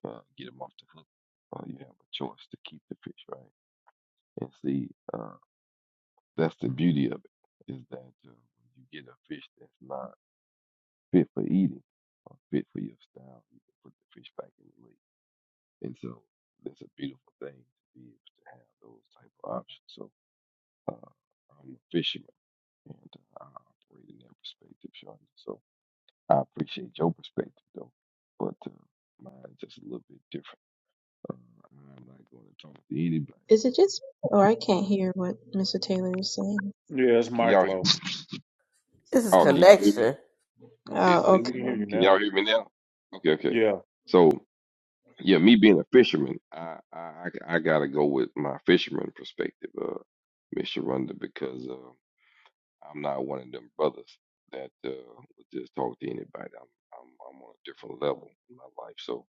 D: uh, get them off the hook, or you have a choice to keep the fish, right? And see, uh, that's the beauty of it, is that uh, when you get a fish that's not fit for eating or fit for your style, you can put the fish back in the lake. And so that's a beautiful thing to be able to have those type of options. So uh, I'm a fisherman, and uh, I operate in that perspective, Sean. So I appreciate your perspective, though, but uh, mine's just a little bit different. Uh, I'm not going to talk to anybody.
F: Is it just me, or I can't hear what Mr. Taylor is saying?
B: Yeah, it's
D: Can
B: Mike
D: y'all hear
B: Lowe.
D: me?
E: This is
D: Oh,
F: Oh,
D: can y'all hear me?
E: connection.
F: oh,
D: Is is
B: We can
D: it?
F: okay.
B: hear you
D: Can
B: now.
D: y'all hear me now? Okay, okay.
B: Yeah.
D: So yeah, me being a fisherman, I I I I gotta go with my fisherman perspective, uh, Miss Sharonda, because uh, I'm not one of them brothers that uh would just talk to anybody. I'm I'm I'm on a different level in my life, so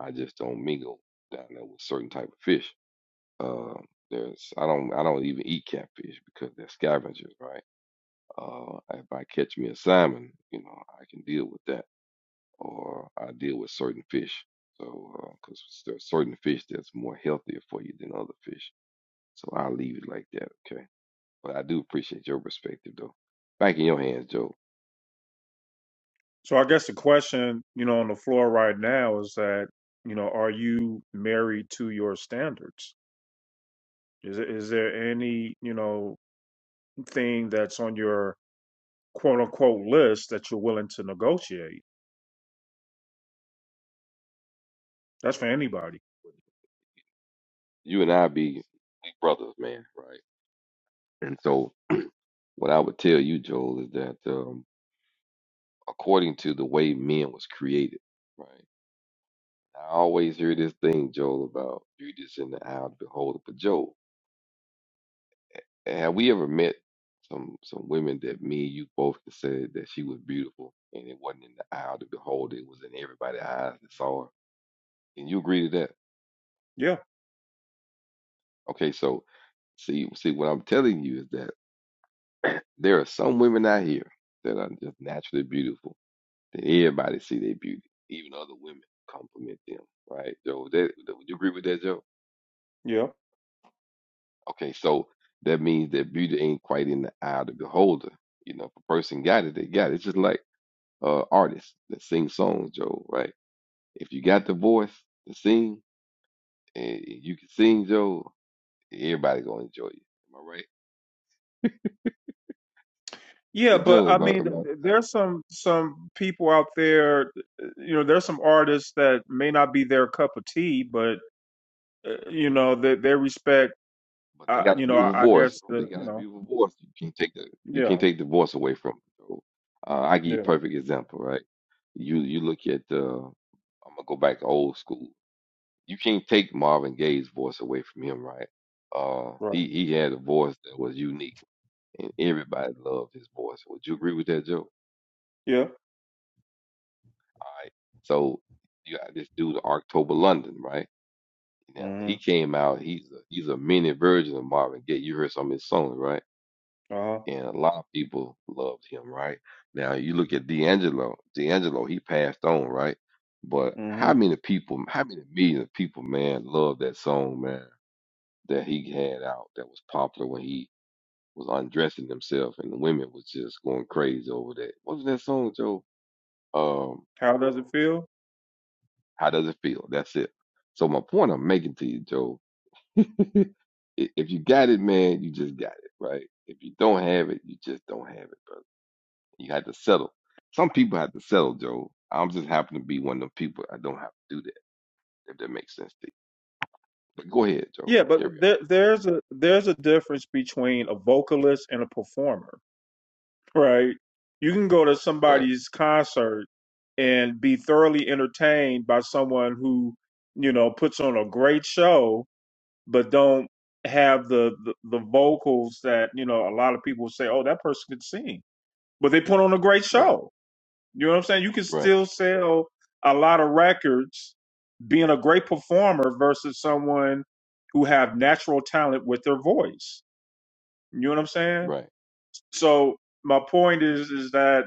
D: I just don't mingle down there with certain type of fish. Uh, there's I don't I don't even eat catfish because they're scavengers, right? Uh, if I catch me a salmon, you know, I can deal with that, or I deal with certain fish. So, because there's certain fish that's more healthier for you than other fish. So I'll leave it like that, okay? But I do appreciate your perspective, though. Back in your hands, Joe.
B: So I guess the question, you know, on the floor right now is that, you know, are you married to your standards? Is it- is there any, you know, thing that's on your quote unquote list that you're willing to negotiate? That's for anybody.
D: You and I be we brothers, man, right? And so what I would tell you, Joel, is that um, according to the way men was created, right? I always hear this thing, Joel, about beauty is in the eye of the beholder. But Joel. Have we ever met some some women that me and you both said that she was beautiful and it wasn't in the eye of the beholder, it was in everybody's eyes that saw her? Can you agree to that?
B: Yeah,
D: Okay, so see see what I'm telling you is that there are some women out here that are just naturally beautiful that everybody see their beauty, even other women compliment them, right? Joe, that, would you agree with that, Joe?
B: yeah.
D: Okay, so that means that beauty ain't quite in the eye of the beholder. You know, if a person got it, they got it. It's just like uh, artists that sing songs, Joe, right? If you got the voice to sing and you can sing, Joe, everybody gonna enjoy you. Am I right?
B: Yeah,
D: And
B: but
D: Joe,
B: I
D: am I,
B: mean,
D: am
B: th-
D: I,
B: th- there's some some people out there, uh, you know, there's some artists that may not be their cup of tea, but uh, you know, they they respect,
D: but they
B: uh,
D: got a
B: you know,
D: beautiful
B: I, I
D: voice.
B: guess
D: If they
B: the, you
D: got a
B: know,
D: beautiful voice, you can't take the you can't
B: yeah,
D: take the voice away from them. Joe. Uh, I give you a
B: yeah,
D: perfect example, right? You you look at uh, I'm gonna go back to old school. You can't take Marvin Gaye's voice away from him, right? Uh,
B: right,
D: he he had a voice that was unique, and everybody loved his voice. Would you agree with that, Joe?
B: yeah.
D: right? So you got this dude, October London, right? Now he
B: mm Mhm.
D: came out. He's a, he's a mini version of Marvin Gaye. You heard some of his songs, right?
B: Uh-huh.
D: And a lot of people loved him, right? Now you look at D'Angelo. D'Angelo, he passed on, right? But how
B: Mhm.
D: many people, how many millions of people, man, loved that song, man, that he had out that was popular when he was undressing himself and the women was just going crazy over that. What was that song, Joe? Um,
B: How does it feel?
D: How does it feel? That's it. So my point I'm making to you, Joe, i- if you got it, man, you just got it, right? If you don't have it, you just don't have it, brother. You had to settle. Some people have to settle, Joe. I'm just happen to be one of them people. I don't have to do that, if that makes sense to you. But go ahead, Joe.
B: Yeah,
D: Carry
B: but
D: on.
B: there, there's a there's a difference between a vocalist and a performer, right? You can go to
D: Right,
B: somebody's concert and be thoroughly entertained by someone who, you know, puts on a great show, but don't have the the, the vocals that you know a lot of people say, oh, that person can sing, but they put on a great
D: right,
B: show You know what I'm saying? You can
D: right,
B: still sell a lot of records being a great performer versus someone who have natural talent with their voice. You know what I'm saying?
D: right.
B: So my point is is that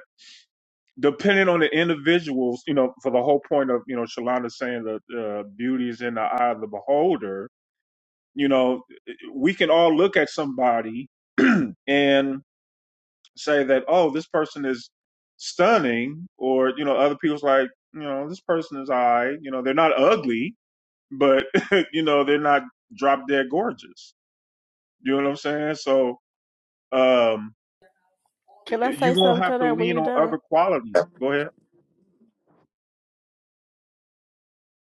B: depending on the individuals, you know, for the whole point of, you know, Shalonda saying that uh, beauty is in the eye of the beholder, you know, we can all look at somebody and say that oh this person is stunning or you know other people's like you know this person is I you know they're not ugly but you know they're not drop dead gorgeous you know what I'm saying so um
E: Can I
B: you're
E: say
B: gonna
E: something
B: have
E: to
B: to
E: that when
B: lean
E: you're
B: on
E: done?
B: other qualities go ahead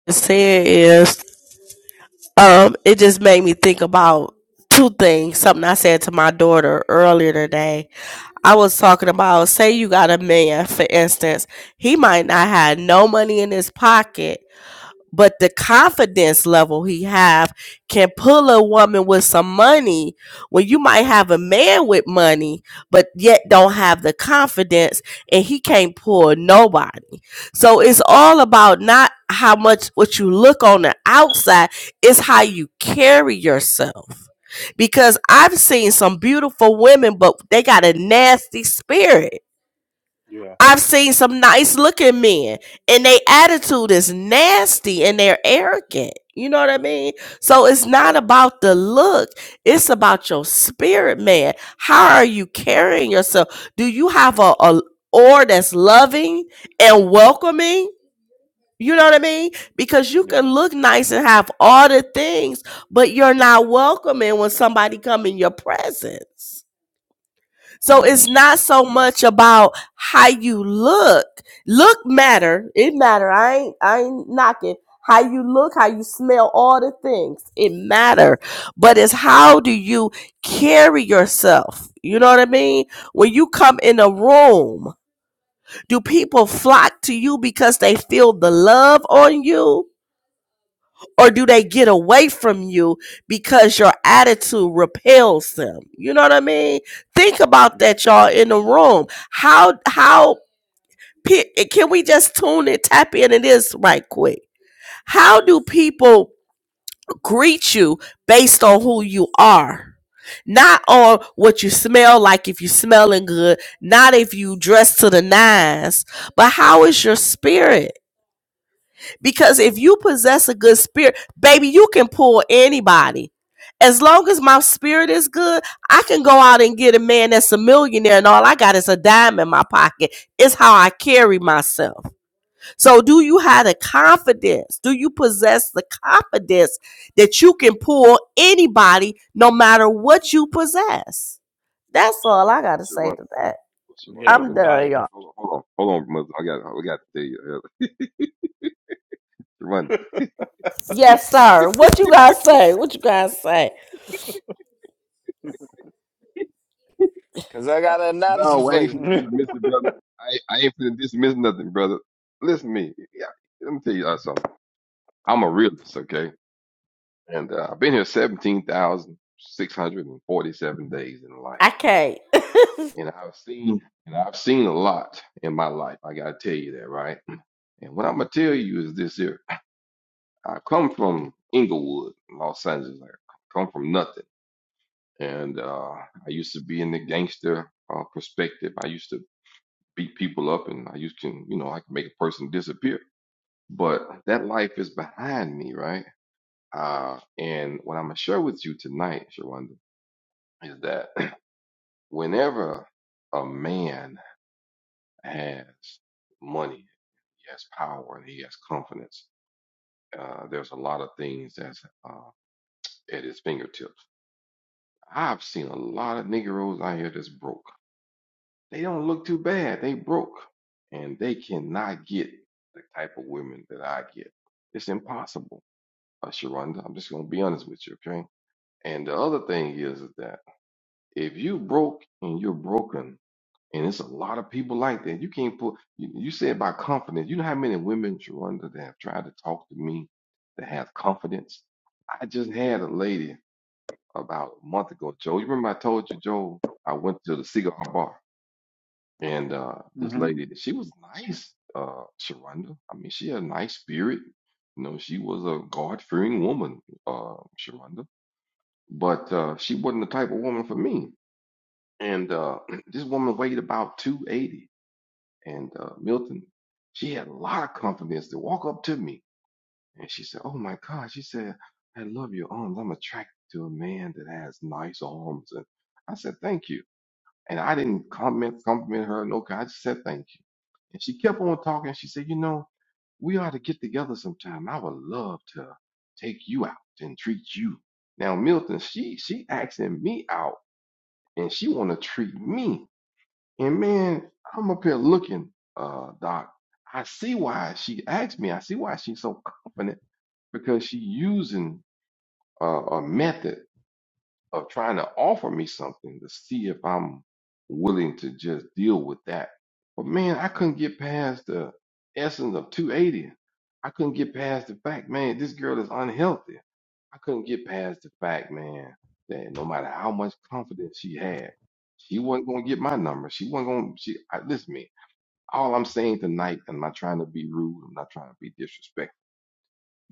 E: the saying is Um, it just made me think about two things. Something I said to my daughter earlier today. I was talking about, say you got a man, for instance, he might not have no money in his pocket, but the confidence level he have can pull a woman with some money when you might have a man with money but yet don't have the confidence and he can't pull nobody so it's all about not how much what you look on the outside it's how you carry yourself because i've seen some beautiful women but they got a nasty spirit
B: Yeah.
E: I've seen some nice looking men and their attitude is nasty and they're arrogant. You know what I mean? So it's not
B: Right.
E: about the look, it's about your spirit, man. How are you carrying yourself? Do you have a, a or that's loving and welcoming? You know what I mean? Because you
B: Yeah.
E: can look nice and have all the things, but you're not welcoming when somebody come in your presence. So
B: hmm
E: it's not so much about how you look. Look matter. It matter. I ain't I ain't knocking. How you look, how you smell, all the things. It matter. But it's how do you carry yourself? You know what I mean? When you come in a room, do people flock to you because they feel the love on you? or do they get away from you because your attitude repels them you know what i mean think about that y'all in the room how how can we just tune and tap into this right quick how do people greet you based on who you are not on what you smell like if you are smelling good not if you dress to the nines but how is your spirit because if you possess a good spirit, baby, you can pull anybody. As long as my spirit is good, I can go out and get a man that's a millionaire and all I got is a dime in my pocket. It's how I carry myself. So, do you have the confidence? Do you possess the confidence that you can pull anybody no matter what you possess? That's all I got to say
D: Sharonda,
E: to that.
D: well,
G: You
D: Sharonda,
G: know,
E: I'm
D: let me tell
E: done,
D: you.
G: like,
E: y'all.
D: Hold on, hold on, hold on, mother. I got, I got to tell you. Sharonda.
E: Yes, sir. What you guys say? What you guys say?
G: cause I got an analogy
D: No, I
G: for
D: ain't
B: Yeah.
G: you.
D: finna dismiss it, brother. I, I ain't finna dismiss nothing, brother. Listen to me. Yeah, let me tell you uh, something. I'm a realist, okay? And uh, I've been here 17,647 days in life.
E: I can't.
D: And I've seen and I've seen a lot in my life. I gotta tell you that, right? And what I'm gonna tell you is this here. I come from Inglewood, Los Angeles. I come from nothing. And uh, I used to be in the gangster uh, perspective. I used to beat people up and I used can, you know, I can make a person disappear. But that life is behind me, right? Uh, and what I'm gonna share with you tonight, Sharonda, is that whenever a man has money, he has power, and he has confidence, uh, there's a lot of things that's uh, at his fingertips. I've seen a lot of Negroes out here that's broke. They don't look too bad. They broke, and they cannot get the type of women that I get. It's impossible, uh, Sharonda. I'm just gonna be honest with you, okay? And the other thing is that if you broke and you're broken, and it's a lot of people like that, you can't put. You, you said about confidence. You know how many women, Sharonda, that have tried to talk to me that have confidence. I just had a lady about a month ago, Joe. You remember I told you, Joe, I went to the cigar bar and uh, this
B: hmm
D: lady, she was nice, uh, Sharonda. I mean, she had a nice spirit. You know, she was a God-fearing woman, uh, Sharonda. But uh, she wasn't the type of woman for me. And uh, this woman weighed about 280. And uh, Milton, she had a lot of confidence to walk up to me. And she said, Oh my God, she said, I love your arms. I'm attracted to a man that has nice arms. And I said, Thank you. And I didn't comment, compliment her. No, I just said thank you. And she kept on talking. She said, you know, we ought to get together sometime. I would love to take you out and treat you. Now, Milton, she she asking me out and she want to treat me. And man, I'm up here looking, uh, Doc. I see why she asked me. I see why she's so confident because she using uh, a method of trying to offer me something to see if I'm willing to just deal with that. But man, I couldn't get past the essence of 280. I couldn't get past the fact, man, this girl is unhealthy. I couldn't get past the fact, man, that no matter how much confidence she had, she wasn't gonna get my number. She wasn't gonna. She I, listen to me. All I'm saying tonight, and I'm not trying to be rude. I'm not trying to be disrespectful.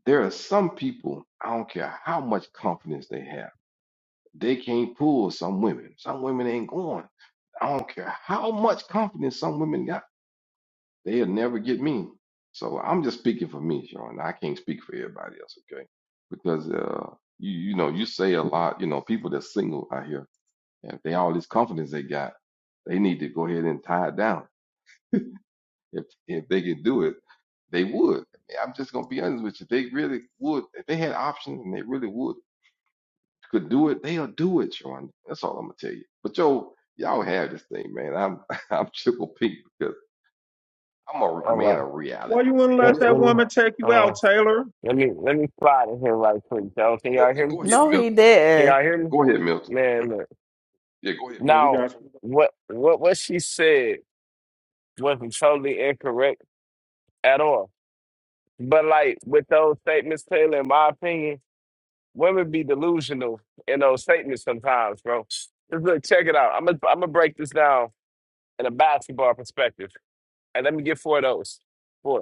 D: There are some people. I don't care how much confidence they have they can't pull some women. Some women ain't going. I don't care how much confidence some women got, they'll never get me. So I'm just speaking for me, Sean. I can't speak for everybody else, okay? Because uh, you you know you say a lot. You know people that's single out here, and if they all this confidence they got, they need to go ahead and tie it down. If if they could do it, they would. I'm just gonna be honest with you. They really would. If they had options and they really would could do it, they'll do it, Sean. That's all I'm gonna tell you. But yo, y'all have this thing, man. I'm I'm triple P because I'm a
G: All
D: man
G: right.
D: of
B: why
D: reality.
B: you wouldn't
G: Yeah,
B: let that
G: let
D: Milton,
G: me,
B: woman take you
G: hold on.
B: out Taylor
G: Let me, let me slide in here right quick, y'all. Can y'all
D: Milton,
G: hear me?
D: go ahead,
E: No, he
D: Milton.
G: Can
E: didn't.
G: y'all hear me?
D: Go ahead, Milton.
G: Man, look.
D: Yeah, go ahead, Milton.
B: Yeah, we
G: Now,
B: got you.
G: what, what, what she said wasn't totally incorrect at all. But like with those statements, Taylor, in my opinion, women be delusional in those statements sometimes, bro. Just look, check it out. I'm gonna, I'm gonna break this down in a basketball perspective, and let me get four of those.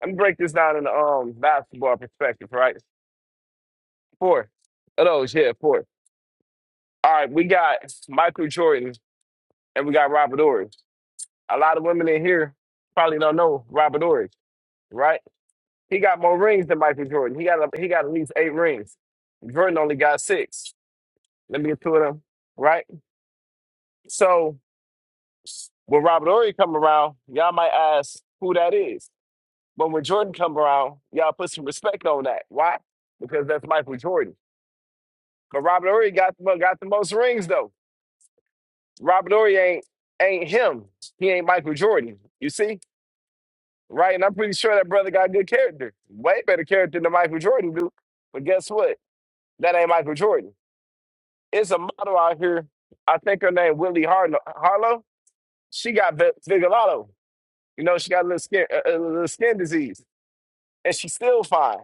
G: Let me break this down in the um basketball perspective, right? Four of those, yeah, four. All right, we got Michael Jordan and we got Robert Ory. A lot of women in here probably don't know Robert Ory, right? He got more rings than Michael Jordan. He got a, he got at least eight rings. Jordan only got six. Let me get two of them, right? So when Robert Ory come around, y'all might ask who that is. But when Jordan come around, y'all put some respect on that. Why? Because that's Michael Jordan. But Robert Ory got the got the most rings though. Robert Ory ain't ain't him. He ain't Michael Jordan. You see, right? And I'm pretty sure that brother got good character, way better character than Michael Jordan do. But guess what? That ain't Michael Jordan. It's a model out here. I think her name Willie Harlow. Harlow. She got vi- Vigilato. You know, she got a little skin a a little skin disease, and she's still fine.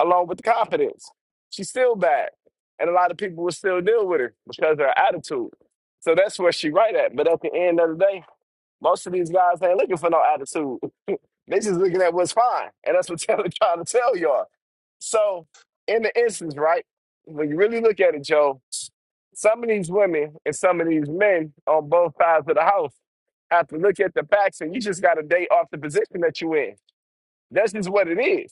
G: along with the confidence. She's still bad. And a lot of people will still deal with her because of her attitude. So that's where she right at. But at the end of the day, most of these guys ain't looking for no attitude. they just looking at what's fine. And that's what Taylor trying to tell y'all. So in the instance, right, when you really look at it, Joe, some of these women and some of these men on both sides of the house have to look at the facts and you just gotta date off the position that you in. That's just what it is.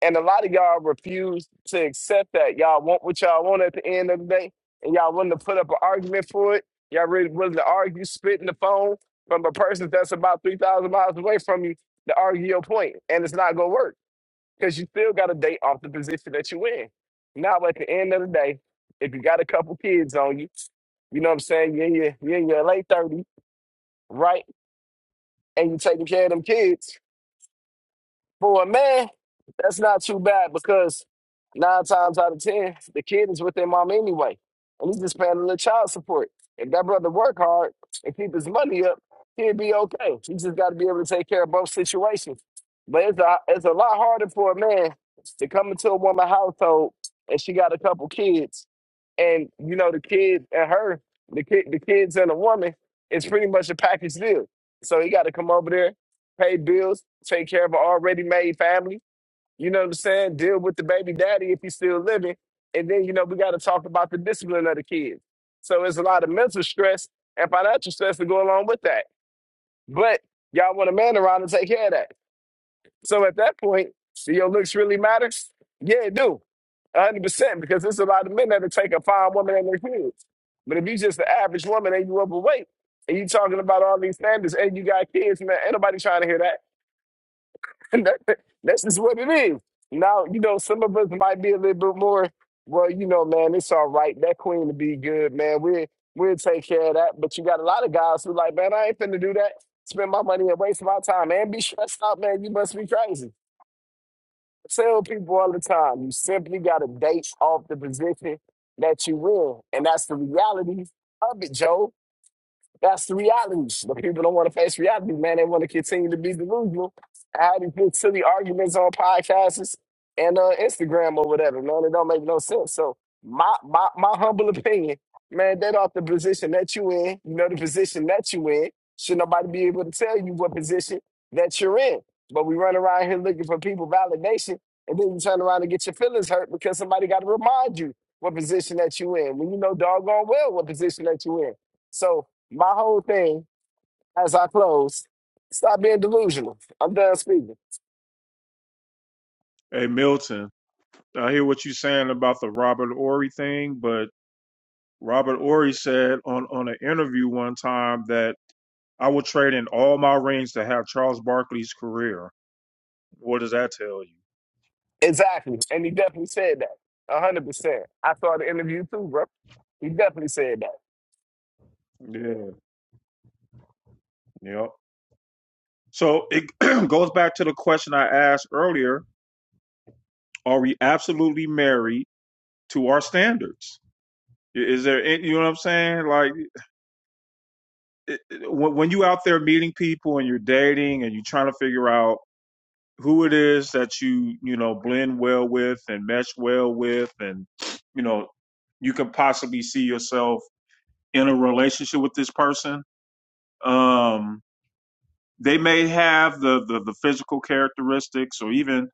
G: And a lot of y'all refuse to accept that. Y'all want what y'all want at the end of the day, and y'all willing to put up an argument for it. Y'all really willing to argue, spit in the phone from a person that's about 3,000 miles away from you to argue your point, and it's not going to work because you still got to date off the position that you in. Now, at the end of the day, if you got a couple kids on you, you know what I'm saying, you're in your, you're in your late 30s, right? And you're taking care of them kids, For a man, that's not too bad because nine times out of ten, the kid is with their mom anyway. And he's just paying a little child support. If that brother work hard and keep his money up, he'll be okay. He just got to be able to take care of both situations. But it's a, it's a lot harder for a man to come into a woman's household and she got a couple kids and you know the kid and her, the kid, the kids and the woman, it's pretty much a package deal. So he got to come over there, pay bills, take care of an already made family. You know what I'm saying? Deal with the baby daddy if he's still living, and then you know we got to talk about the discipline of the kids. So there's a lot of mental stress and financial stress to go along with that. But y'all want a man around to take care of that. So at that point, do your looks really matter? Yeah, it do. a hundred percent, because there's a lot of men that'll take a fine woman and their kids. But if you just the average woman and you overweight and you talking about all these standards and you got kids, man, ain't nobody trying to hear that. That's just what it is. Now, you know, some of us might be a little bit more, well, you know, man, it's all right. That queen to be good, man. We'll we'll take care of that. But you got a lot of guys who like, man, I ain't finna do that. Spend my money and waste my time and be stressed out, man. You must be crazy tell people all the time, you simply got to date off the position that you in. And that's the reality of it, Joe. That's the reality. But people don't want to face reality, man. They want to continue to be delusional. I had these little silly arguments on podcasts and uh, Instagram or whatever, man. It don't make no sense. So my my my humble opinion, man, that off the position that you in, you know the position that you in, should nobody be able to tell you what position that you're in. But we run around here looking for people validation, and then you turn around and get your feelings hurt because somebody got to remind you what position that you in when you know doggone well what position that you in. So my whole thing, as I close, stop being delusional. I'm done speaking.
B: hey Milton I hear what you're saying about the Robert Ory thing, but Robert Ory said on on an interview one time that I would trade in all my rings to have Charles Barkley's career. What does that tell
G: Exactly. And he definitely said that. A 100%. I saw the interview too, bro. He definitely said that.
B: you? Yeah. Yep. So it goes back to the question I asked earlier: Are we absolutely married to our standards? I- Is there, any, you know what I'm saying? Like it, it- when when you out there meeting people and you're dating and you're trying to figure out who it is that you you know blend well with and mesh well with and you know you can possibly see yourself in a relationship with this person um they may have the the, the physical characteristics or even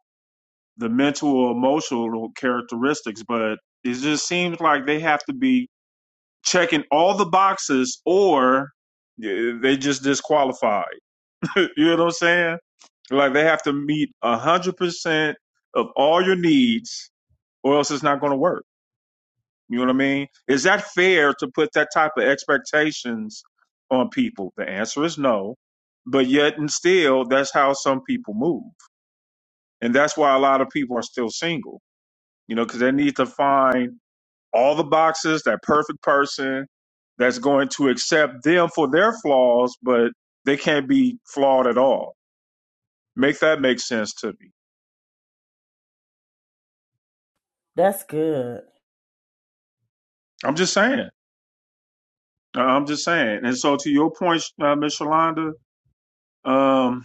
B: the mental or emotional characteristics but it just seems like they have to be checking all the boxes or yeah, they just disqualified you know what i'm saying like they have to meet a hundred percent of all your needs or else it's not going to work. You know what I mean? Is that fair to put that type of expectations on people? The answer is no. But yet and still, that's how some people move. And that's why a lot of people are still single, you know, because they need to find all the boxes, that perfect person that's going to accept them for their flaws, but they can't be flawed at all. Make that make sense to me.
E: That's good.
B: I'm just saying. I- I'm just saying. And so to your point, uh, Miss Shalonda, um,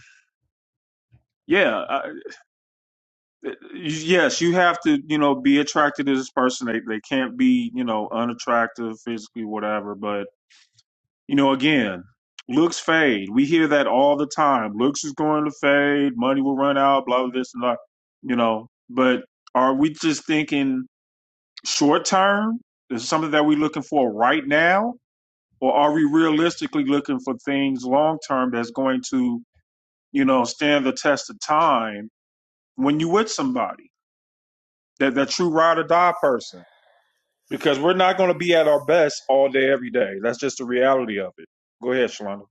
B: yeah, yes, you have to, you know, be attracted to this person. They they can't be, you know, unattractive physically, whatever. But you know, again, looks fade. We hear that all the time. Looks is going to fade. Money will run out. Blah blah this and that. You know, but are we just thinking short term? Is it something that we're looking for right now, or are we realistically looking for things long term that's going to, you know, stand the test of time when you with somebody? that that true ride or die person because we're not going to be at our best all day every day. That's just the reality of it. Go ahead, Shalonda.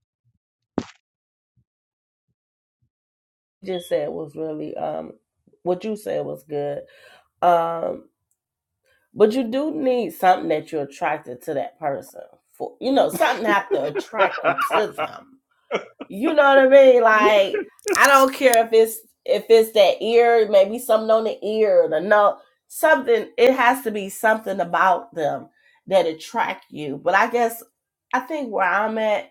E: You just said was really um what you said was good. Um, but you do need something that you're attracted to that person for. You know, something have to attract you to them. You know what I mean? Like I don't care if it's if it's that ear, maybe something on the ear, the no something. It has to be something about them that attract you. But I guess I think where I'm at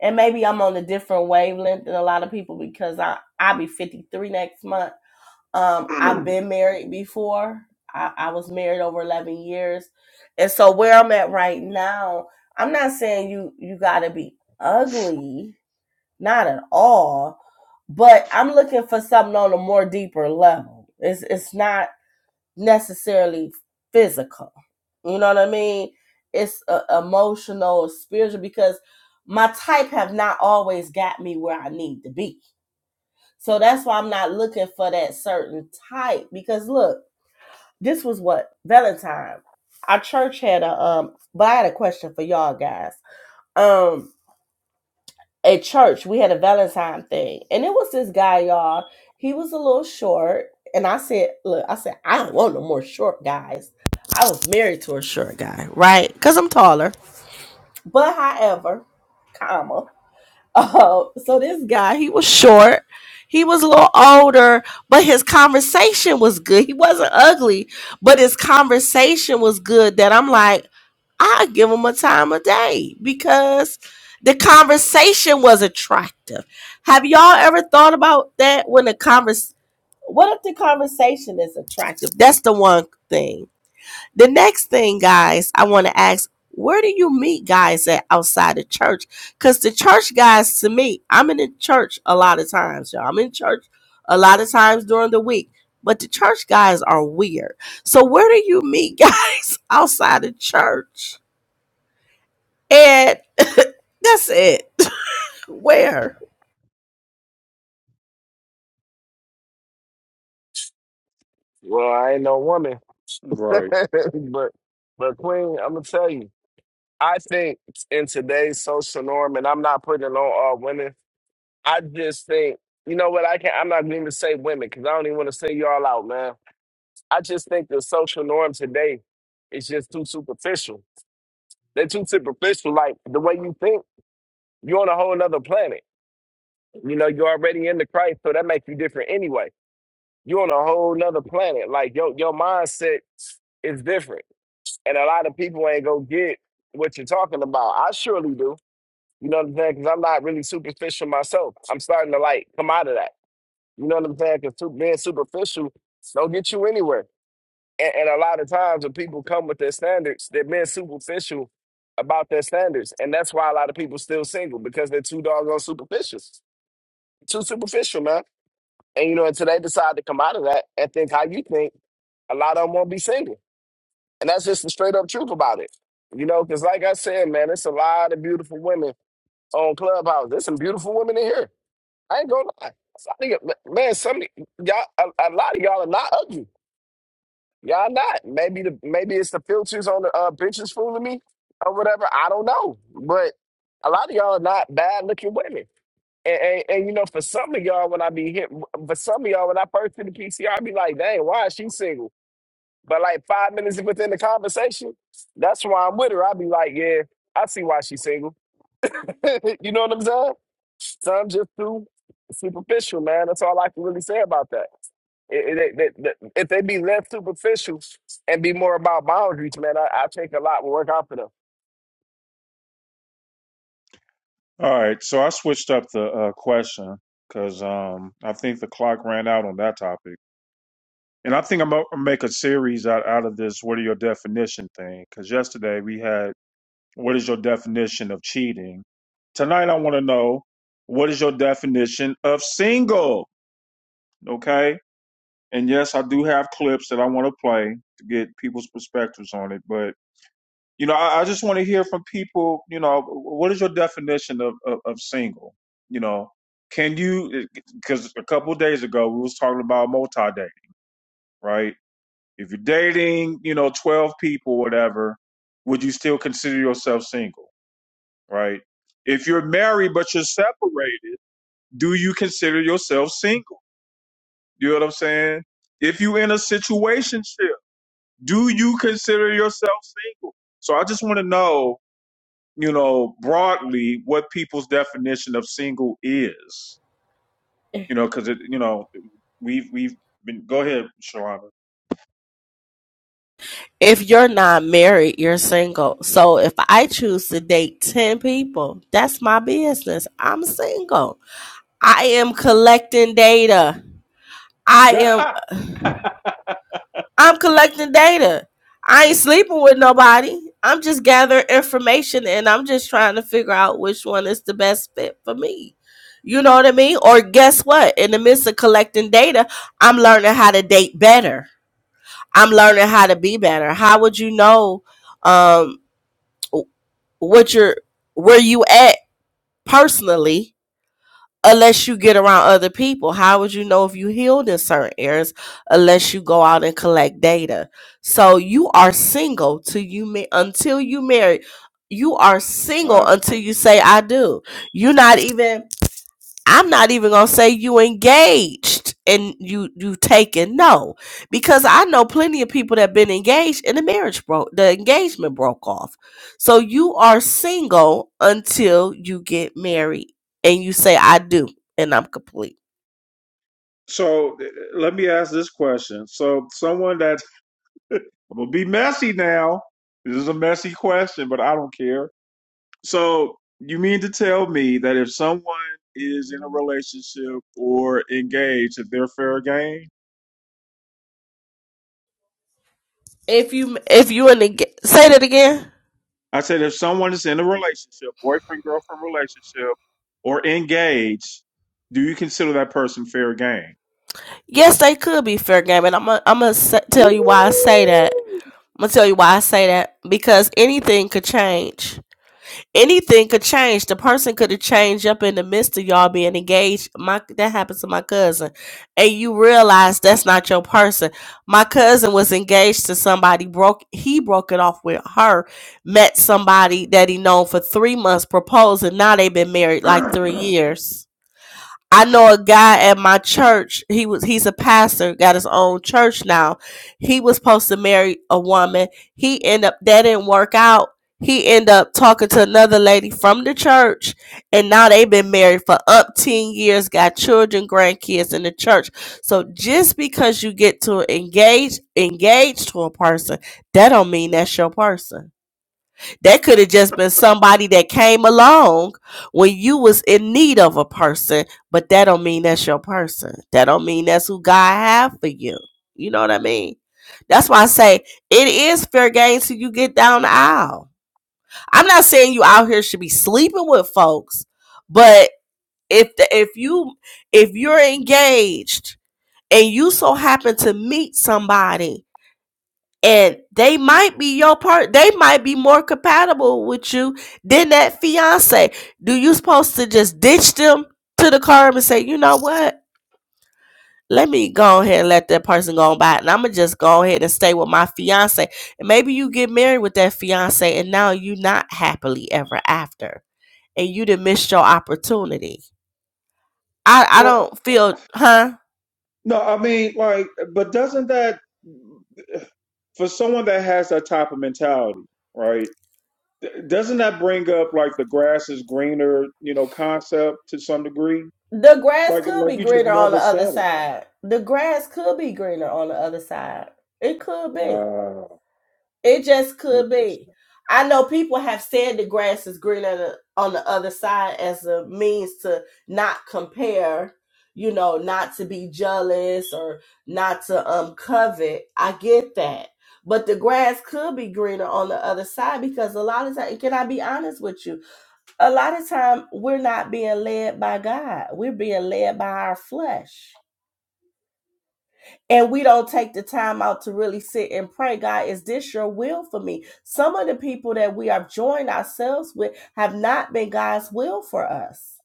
E: and maybe I'm on a different wavelength than a lot of people because I I'll be 53 next month. Um, I've been married before. I, I was married over 11 years, and so where I'm at right now, I'm not saying you you gotta be ugly, not at all, but I'm looking for something on a more deeper level. It's it's not necessarily physical. You know what I mean? It's uh, emotional, spiritual, because my type have not always got me where I need to be. So that's why I'm not looking for that certain type. Because look, this was what Valentine. Our church had a um. But I had a question for y'all guys. Um, at church we had a valentine thing and it was this guy y'all he was a little short and i said look i said i don't want no more short guys i was married to a short guy right because i'm taller but however comma uh, so this guy he was short he was a little older but his conversation was good he wasn't ugly but his conversation was good that i'm like I give them a time of day because the conversation was attractive. Have y'all ever thought about that when the convers what if the conversation is attractive? That's the one thing. The next thing, guys, I want to ask, where do you meet guys at outside the church? Because the church guys, to me, I'm in the church a lot of times, y'all. I'm in church a lot of times during the week, but the church guys are weird. So where do you meet guys outside the church? And that's it. Where?
G: Well, I ain't no woman.
B: Right.
G: but, but Queen, I'm going to tell you, I think in today's social norm, and I'm not putting it on all women, I just think, you know what, I can't, I'm not going to say women because I don't even want to say y'all out, man. I just think the social norm today is just too superficial They're too superficial. Like the way you think, you're on a whole nother planet. You know, you're already into Christ, so that makes you different anyway. You're on a whole nother planet. Like your your mindset is different, and a lot of people ain't gonna get what you're talking about. I surely do. You know what I'm saying? Because I'm not really superficial myself. I'm starting to like come out of that. You know what I'm saying? Because being superficial don't get you anywhere. and, and a lot of times when people come with their standards, they're being superficial about their standards. And that's why a lot of people still single because they're too doggone superficial. Too superficial, man. And you know, until they decide to come out of that and think how you think, a lot of them won't be single. And that's just the straight up truth about it. You know, because like I said, man, it's a lot of beautiful women on Clubhouse. There's some beautiful women in here. I ain't gonna lie. Some of y- Man, some of y- y'all, a, a lot of y'all are not ugly. Y'all not. Maybe the maybe it's the filters on the uh, benches fooling me or whatever. I don't know. But a lot of y'all are not bad looking women. And, and, and you know, for some of y'all, when I be hit, for some of y'all, when I first hit the PCR, I be like, dang, why is she single? But like five minutes within the conversation, that's why I'm with her. I be like, yeah, I see why she's single. you know what I'm saying? So I'm just too superficial, man. That's all I can really say about that. It- it- it- it- it- if they be less superficial and be more about boundaries, man, I, I think a lot will work out for them.
B: All right, so I switched up the uh, question because um, I think the clock ran out on that topic, and I think I'm gonna make a series out out of this. What are your definition thing? Because yesterday we had what is your definition of cheating. Tonight I want to know what is your definition of single. Okay, And yes, I do have clips that I want to play to get people's perspectives on it. But, you know, I, I just want to hear from people, you know, what is your definition of, of, of single? You know, can you, because a couple of days ago we was talking about multi-dating, right? If you're dating, you know, 12 people, whatever, would you still consider yourself single, right? If you're married but you're separated, do you consider yourself single? You know what I'm saying? If you're in a situationship, do you consider yourself single? So I just want to know, you know, broadly what people's definition of single is. You know, because it, you know, we've we've been. Go ahead, Shalana.
E: If you're not married, you're single. So if I choose to date 10 people, that's my business. I'm single. I am collecting data. I
B: Yeah.
E: am I'm collecting data. I ain't
B: Okay.
E: sleeping with nobody. I'm just gathering information and I'm just trying to figure out which one is the best fit for me. You know what I mean? Or guess what? In the midst of collecting data, I'm learning how to date better. I'm learning how to be better. How would you know um what you're where you at personally unless you get around other people. How would you know if you healed in certain areas unless you go out and collect data? So you are single till you ma- until you marry. You are single
B: Wow.
E: until you say I do. You're not even I'm not even gonna say you engaged and you you taken no, because I know plenty of people that been engaged and the marriage broke, the engagement broke off. So you are single until you get married and you say I do and I'm complete.
B: So uh, let me ask this question. So someone that I'm gonna be messy now. This is a messy question, but I don't care. So you mean to tell me that if someone is in a relationship or engaged, that they're fair game?
E: If you if you in the say that again,
B: I said if someone is in a relationship, boyfriend, girlfriend relationship, or engaged, do you consider that person fair game?
E: yes, they could be fair game, and I'm gonna I'm gonna tell you why I say that.
B: Ooh.
E: I'm gonna tell you why I say that because anything could change anything could change. The person could have changed up in the midst of y'all being engaged. My that happened to my cousin, and you realize that's not your person. My cousin was engaged to somebody. broke He broke it off with her. Met somebody that he known for three months. Proposed, and now they've been married like three years. I know a guy at my church. He was he's a pastor, got his own church now. He was supposed to marry a woman. He ended up that didn't work out. He ended up talking to another lady from the church, and now they've been married for up ten years, got children, grandkids in the church. So just because you get to engage engage to a person, that don't mean that's your person. That could have just been somebody that came along when you was in need of a person, but that don't mean that's your person. That don't mean that's who God have for you. You know what I mean? That's why I say it is fair game till you get down the aisle. I'm not saying you out here should be sleeping with folks, but if the, if you if you're engaged and you so happen to meet somebody and they might be your part they might be more compatible with you than that fiance do you supposed to just ditch them to the curb and say you know what let me go ahead and let that person go on by and i'm gonna just go ahead and stay with my fiance and maybe you get married with that fiance and now you are not happily ever after and you done missed your opportunity i i
B: Well,
E: don't feel huh
B: no, I mean, like, but doesn't that, for someone that has that type of mentality, right? th- Doesn't that bring up like the grass is greener, you know, concept to some degree?
E: The grass
B: Like,
E: could
B: like
E: be
B: you just
E: greener on the
B: never
E: other
B: settle.
E: side. The grass could be greener on the other side. It could be.
B: Wow,
E: It just could be.
B: interesting.
E: I know people have said the grass is greener on the other side as a means to not compare, you know, not to be jealous or not to um covet. I get that. But the grass could be greener on the other side because a lot of times, can I be honest with you? a lot of time we're not being led by God. We're being led by our flesh. And we don't take the time out to really sit and pray, God, is this your will for me? Some of the people that we have joined ourselves with have not been God's will for us.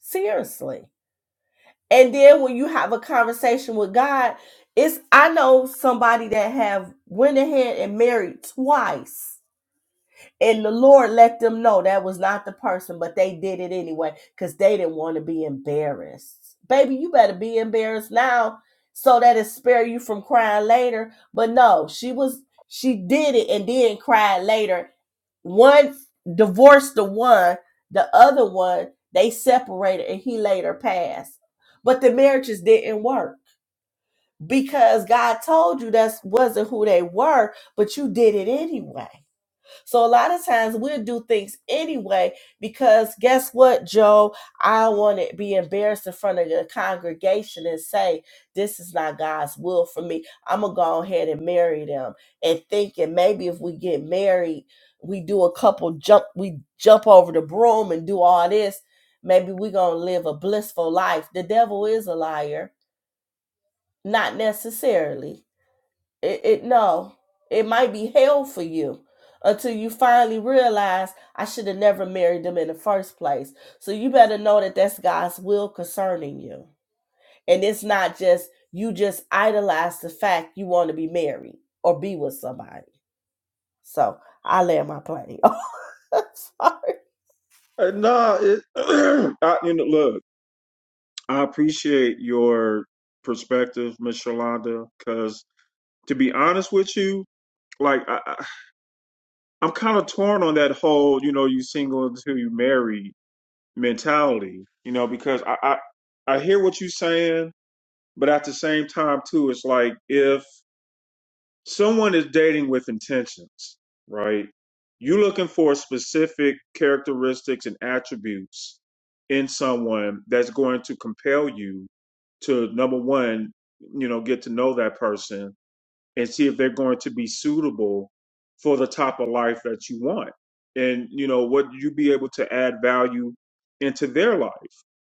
E: Seriously. And then when you have a conversation with God, it's I know somebody that have went ahead and married twice And the Lord let them know that was not the person, but they did it anyway because they didn't want to be embarrassed. Baby, you better be embarrassed now so that it spare you from crying later. But no, she was she did it and then cried later. One divorced the one, the other one, they separated and he later passed. But the marriages didn't work because God told you that wasn't who they were, but you did it anyway. So a lot of times we'll do things anyway because guess what, Joe? I don't want to be embarrassed in front of the congregation and say, this is not God's will for me. I'm going to go ahead and marry them and thinking maybe if we get married, we do a couple jump, we jump over the broom and do all this. Maybe we're going to live a blissful life. The devil is a liar. Not necessarily. It, it no, it might be hell for you until you finally realize I should have never married them in the first place. So you better know that that's God's will concerning you, and it's not just you just idolize the fact you want to be married or be with somebody. So I land my plane. I'm Sorry,
B: Uh, no, it, I, you know, look. I appreciate your perspective, Miss Shalonda, because to be honest with you, like I, I- I'm kind of torn on that whole, you know, you single until you marry mentality, you know, because I, I I hear what you're saying, but at the same time too, it's like if someone is dating with intentions, right? You're looking for specific characteristics and attributes in someone that's going to compel you to number one, you know, get to know that person and see if they're going to be suitable for the type of life that you want. And, you know, would you be able to add value into their life,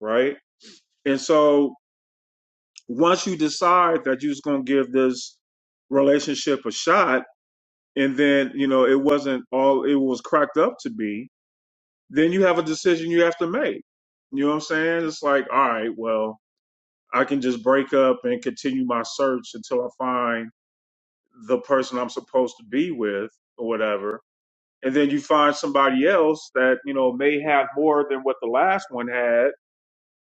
B: right? And so once you decide that you're just going to give this relationship a shot, and then you know it wasn't all it was cracked up to be then you have a decision you have to make you know what i'm saying it's like all right well i can just break up and continue my search until i find the person i'm supposed to be with or whatever and then you find somebody else that you know may have more than what the last one had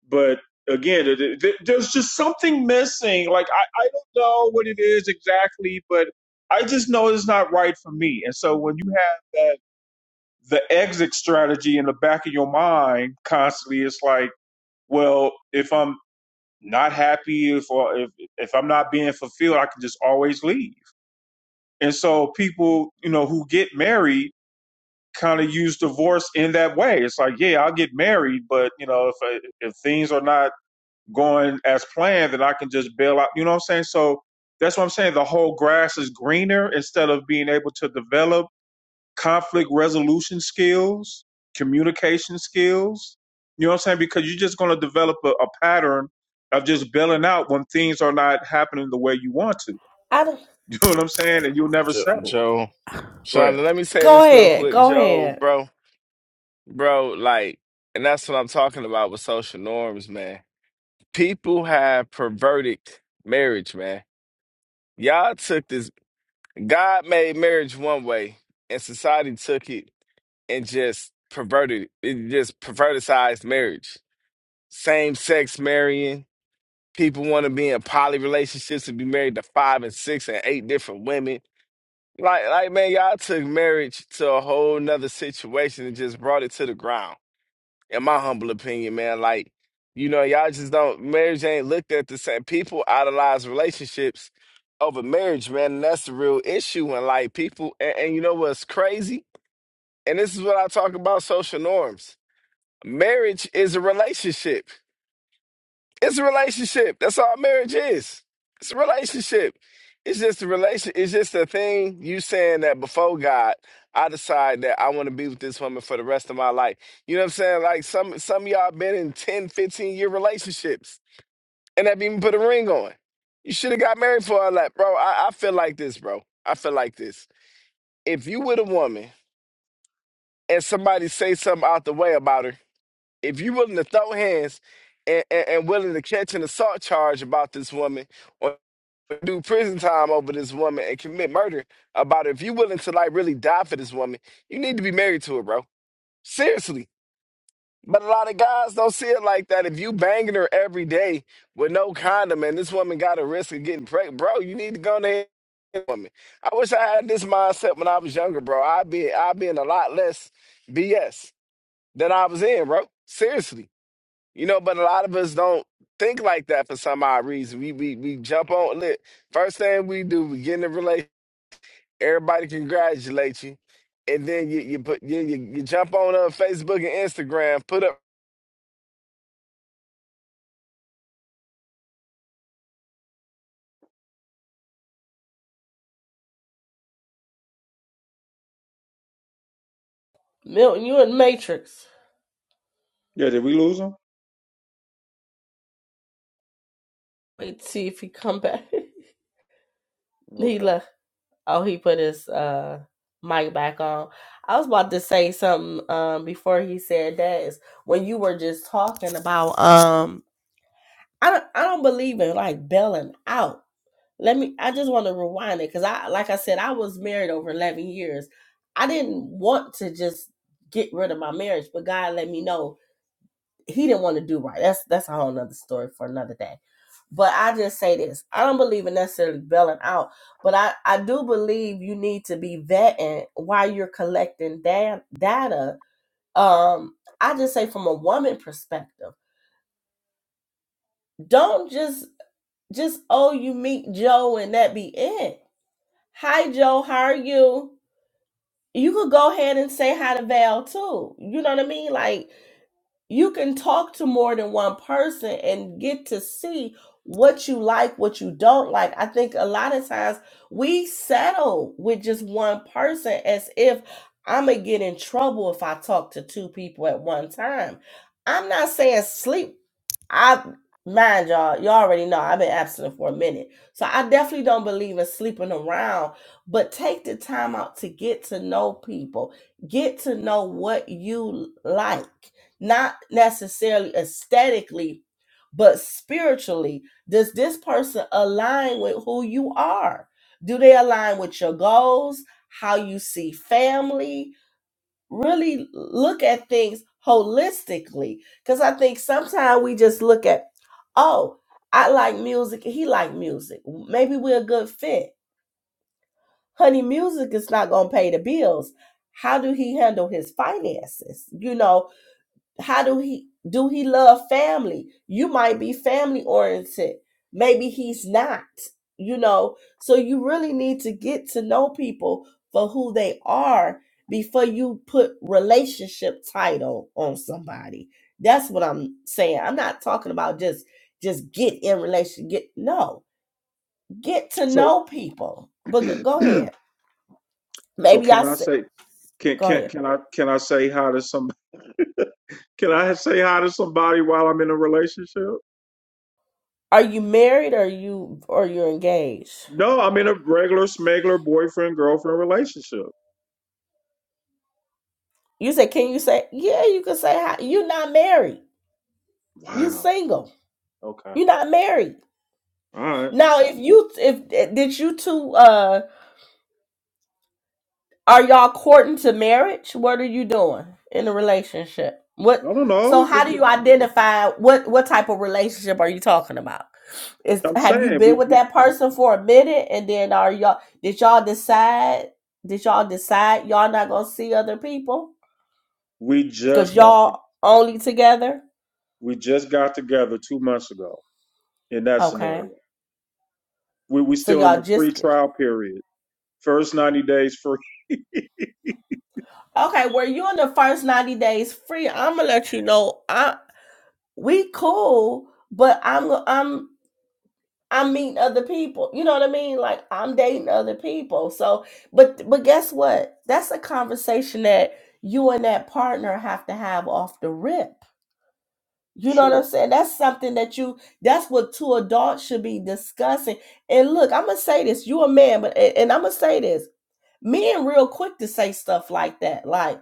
B: but again it, it, there's just something missing like I, I don't know what it is exactly but i just know it's not right for me and so when you have that the exit strategy in the back of your mind constantly is like, well, if I'm not happy, if or if if I'm not being fulfilled, I can just always leave. And so people, you know, who get married kind of use divorce in that way. It's like, yeah, I'll get married, but you know, if I, if things are not going as planned, then I can just bail out. You know what I'm saying? So that's what I'm saying. The whole grass is greener instead of being able to develop conflict resolution skills, communication skills. You know what I'm saying? Because you're just going to develop a, a pattern of just bailing out when things are not happening the way you want to.
E: I don't.
B: You know what I'm saying? And you'll never
G: Joe,
B: settle.
G: Joe,
B: Go
G: Sean,
B: ahead.
G: let me say
E: Go
G: this real
E: ahead,
G: quick,
E: go
G: Joe,
E: ahead,
G: bro, bro, like, and that's what I'm talking about with social norms, man. People have perverted marriage, man. Y'all took this. God made marriage one way, and society took it and just perverted it just perverticized marriage. Same sex marrying. People want to be in poly relationships and be married to five and six and eight different women. Like like man, y'all took marriage to a whole nother situation and just brought it to the ground. In my humble opinion, man, like you know, y'all just don't marriage ain't looked at the same. People idolize relationships over marriage, man, and that's the real issue. And like people and, and you know what's crazy? And this is what I talk about social norms Marriage is a relationship. It's a relationship. That's all marriage is. It's a relationship. It's just a relation. It's just a thing you saying that before God, I decide that I want to be with this woman for the rest of my life. You know what I'm saying? Like some some of y'all been in 10, 15 year relationships and have even put a ring on. You should have got married for all that, bro. I, I feel like this, bro. I feel like this. If you with a woman and somebody say something out the way about her if you're willing to throw hands and, and, and willing to catch an assault charge about this woman or do prison time over this woman and commit murder about her, if you're willing to like really die for this woman, you need to be married to her, bro. Seriously. But a lot of guys don't see it like that. If you banging her every day with no condom and this woman got a risk of getting pregnant, bro, you need to go ahead and woman. I wish I had this mindset when I was younger, bro. I'd be I'd be in a lot less BS than I was in, bro. Seriously. You know, but a lot of us don't think like that for some odd reason. We we we jump on lit. First thing we do, we get in a relationship. Everybody congratulate you, and then you you put you you, you jump on uh, Facebook and Instagram, put up.
E: Milton. You in Matrix.
B: Yeah, did we lose them?
E: Wait, see if he come back.
B: Okay.
E: Nila. Oh, he put his uh mic back on. I was about to say something um before he said that is when you were just talking about um I don't I don't believe in like bailing out. Let me I just want to rewind it because I like I said, I was married over eleven years. I didn't want to just get rid of my marriage, but God let me know he didn't want to do right. That's that's a whole nother story for another day. But I just say this: I don't believe in necessarily bailing out, but I I do believe you need to be vetting while you're collecting da- data. Um, I just say from a woman perspective, don't just just oh you meet Joe and that be it. Hi Joe, how are you? You could go ahead and say hi to Val too. You know what I mean? Like you can talk to more than one person and get to see what you like, what you don't like. I think a lot of times we settle with just one person as if I'm going to get in trouble if I talk to two people at one time. I'm not saying sleep I mind y'all, y'all already know I've been absent for a minute. So I definitely don't believe in sleeping around, but take the time out to get to know people. Get to know what you like. Not necessarily aesthetically, but spiritually. Does this person align with who you are? Do they align with your goals? How you see family? really look at things holistically because i think sometimes we just look at oh i like music he like music maybe we're a good fit honey music is not going to pay the bills how do he handle his finances you know how do he do he love family you might be family oriented maybe he's not you know so you really need to get to know people for who they are before you put relationship title on somebody that's what i'm saying i'm not talking about just just get in relation get no get to
B: So,
E: know people but go go ahead
B: so
E: maybe
B: can
E: i
B: I
E: said
B: say can
E: go
B: can
E: ahead
B: can I can I say hi to some can I say hi to somebody while I'm in a relationship?
E: are you married or you or you're engaged
B: No, I'm in a regular smuggler boyfriend girlfriend relationship.
E: You say, can you say, yeah, you can say hi. You're not married. You
B: Wow.
E: single.
B: Okay.
E: You're not married.
B: All right.
E: Now, if you, if, eh, did you two, uh, are y'all courting to marriage? What are you doing in a relationship? What,
B: I don't
E: so
B: know.
E: how do you identify what, what type of relationship are you talking about? Is,
B: I'm
E: have you
B: saying we,
E: been with
B: we
E: that person for a minute and then are y'all, did y'all decide, did y'all decide y'all not gonna see other people?
B: we
E: Cause
B: just got
E: y'all only together?
B: we just got together two months ago in that
E: Okay.
B: scenario. We we
E: So
B: still in
E: y'all
B: the
E: just
B: free trial period. First ninety days free.
E: Okay, were you in the first 90 days free? I'm gonna let you know I we cool, but I'm I'm I'm meeting other people. You know what I mean? Like I'm dating other people. So, but but guess what? That's a conversation that you and that partner have to have off the rip. You know what I'm
B: Sure.
E: saying? That's something that you that's what two adults should be discussing. And look, I'm gonna say this, you a man, but and I'm gonna say this. Men real quick to say stuff like that. Like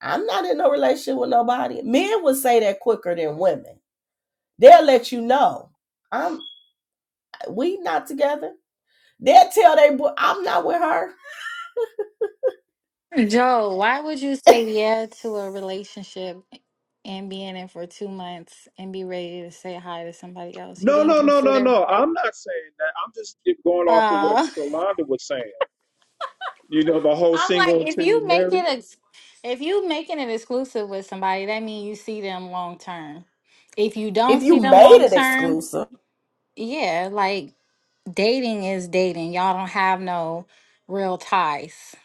E: I'm not in no relationship with nobody. Men would say that quicker than women. They'll let you know. I'm we not together. They'll tell they boy I'm not with her.
H: Joe, why would you say yeah to a relationship and be in it for two months and be ready to say hi to somebody else? You
B: No,
H: didn't
B: no, no, no,
H: consider.
B: no. I'm not saying that. I'm just going off of what
H: Uh,
B: Shalonda was saying. You know the whole
H: I'm
B: single
H: like, if
B: until you
H: you make
B: marry.
H: it, ex- if you making it exclusive with somebody, that means you see them long term. If you
E: If
H: don't
E: you
H: see them
E: made
H: long
E: it
H: term,
E: exclusive.
H: yeah, like dating is dating. Y'all don't have no real ties.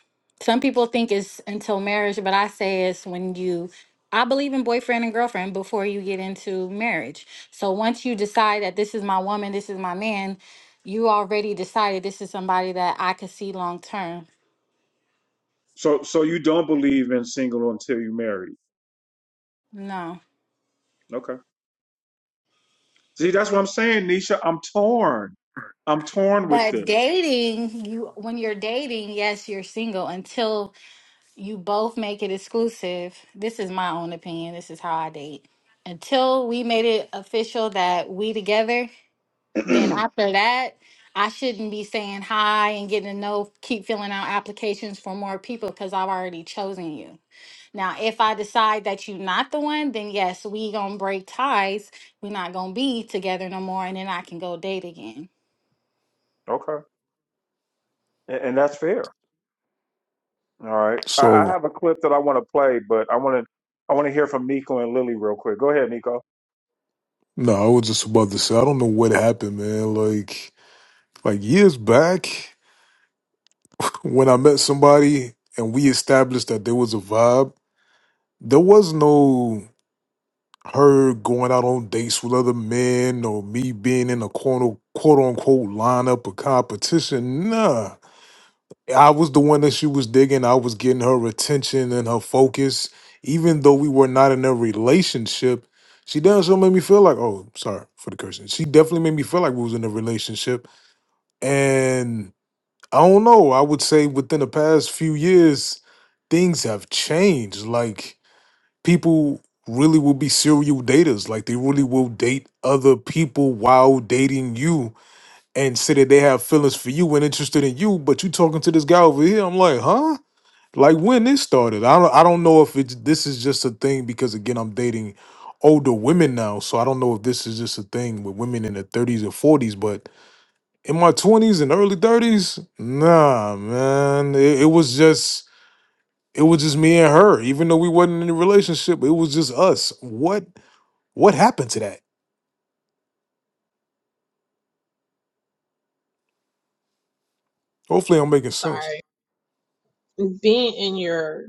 H: Some people think it's until marriage, but I say it's when you I believe in boyfriend and girlfriend before you get into marriage. So once you decide that this is my woman, this is my man, you already decided this is somebody that I could see long term.
B: So so you don't believe in single until you marry.
H: No.
B: Okay. See, that's what I'm saying, Nisha. I'm torn. I'm torn with
H: But
B: this.
H: dating, you when you're dating, yes, you're single until You both make it exclusive. This is my own opinion. This is how I date. Until we made it official that we together, then after that, I shouldn't be saying hi and getting to know, keep filling out applications for more people because I've already chosen you. Now, if I decide that you're not the one, then yes, we gonna break ties. We're not gonna be together no more, and then I can go date again.
B: Okay. And, and that's fair. All right. I, I
I: So
B: have a clip that I want to play, but I want to I want to hear from Nico and Lily real quick. Go ahead, Nico.
I: no, I was just about to say I don't know what happened, man. Like like years back when I met somebody and we established that there was a vibe, there was no her going out on dates with other men or me being in a quote quote unquote lineup or competition. Nah. I was the one that she was digging. I was getting her attention and her focus. Even though we were not in a relationship, she damn sure made me feel like, oh, sorry for the cursing. She definitely made me feel like we was in a relationship. And I don't know. I would say within the past few years, things have changed. Like people really will be serial daters. Like they really will date other people while dating you and say that they have feelings for you and interested in you, but you talking to this guy over here. I'm like, huh? like when this started. I don't I don't know if it's this is just a thing because again I'm dating older women now, so I don't know if this is just a thing with women in their 30s or 40s, but in my 20s and early 30s, nah, man, it, it was just it was just me and her, even though we wasn't in a relationship, it was just us. What what happened to that? Hopefully, I'm making sense.
F: Sorry. Being in your,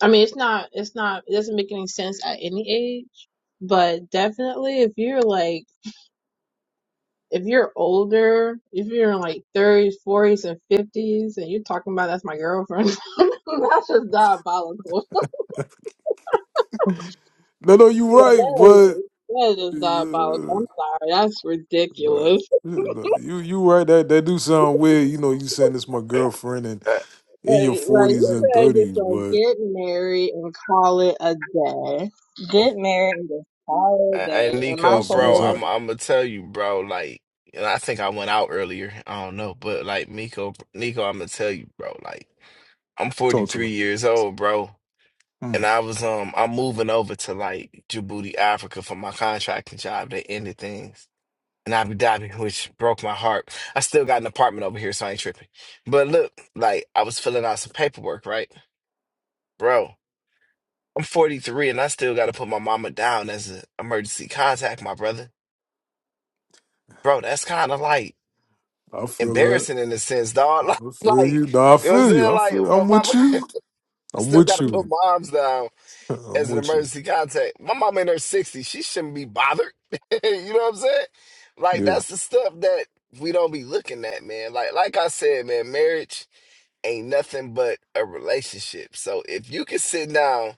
F: I mean, it's not, it's not, it doesn't make any sense at any age, but definitely if you're like, if you're older, if you're in like 30s, 40s, and 50s, and you're talking about that's my girlfriend, that's just diabolical.
I: No, no, you right,
F: that
I: but
F: is that is diabolical.
I: uh,
F: I'm sorry, that's
I: but, uh,
F: ridiculous.
I: no, you you right that that do sound weird. You know, you saying this my girlfriend, and
G: uh,
I: in your
F: Like right.
I: forties
F: You
I: and
F: guys just
I: thirties,
F: like
I: but
F: get married and call it a day. Get
G: uh,
F: married and just call it a
G: And
F: day. And my
G: Nico,
I: what's what's
G: bro,
F: thing
I: hot?
F: is,
G: I'm I'm gonna tell you, bro. Like, and I think I went out earlier. I don't know, but like Nico, Nico, I'm gonna tell you, bro. Like, I'm
I: Talk to me.
G: 43 years old, bro And
I: Mm.
G: I was um I'm moving over to like Djibouti, Africa for my contracting job. They ended things. And Abu Dhabi, which broke my heart. I still got an apartment over here, so I ain't tripping. But look, like I was filling out some paperwork, right? Bro, I'm 43 and I still gotta put my mama down as an emergency contact, my brother. Bro, that's kinda like
I: I feel that.
G: embarrassing in a sense, dog.
I: I feel you.
G: Like,
I: Nah, I
G: you know what I'm
I: feel you.
G: saying?
I: I
G: Like
I: feel.
G: my
I: I'm with
G: mama
I: you. I'm
G: still
I: with
G: gotta put
I: you.
G: moms down.
I: I'm
G: as an
I: with you.
G: emergency contact. My mom in her 60s, she shouldn't be bothered. you know what I'm saying? Like
I: Yeah.
G: that's the stuff that we don't be looking at, man. Like like I said, man, marriage ain't nothing but a relationship. So if you can sit down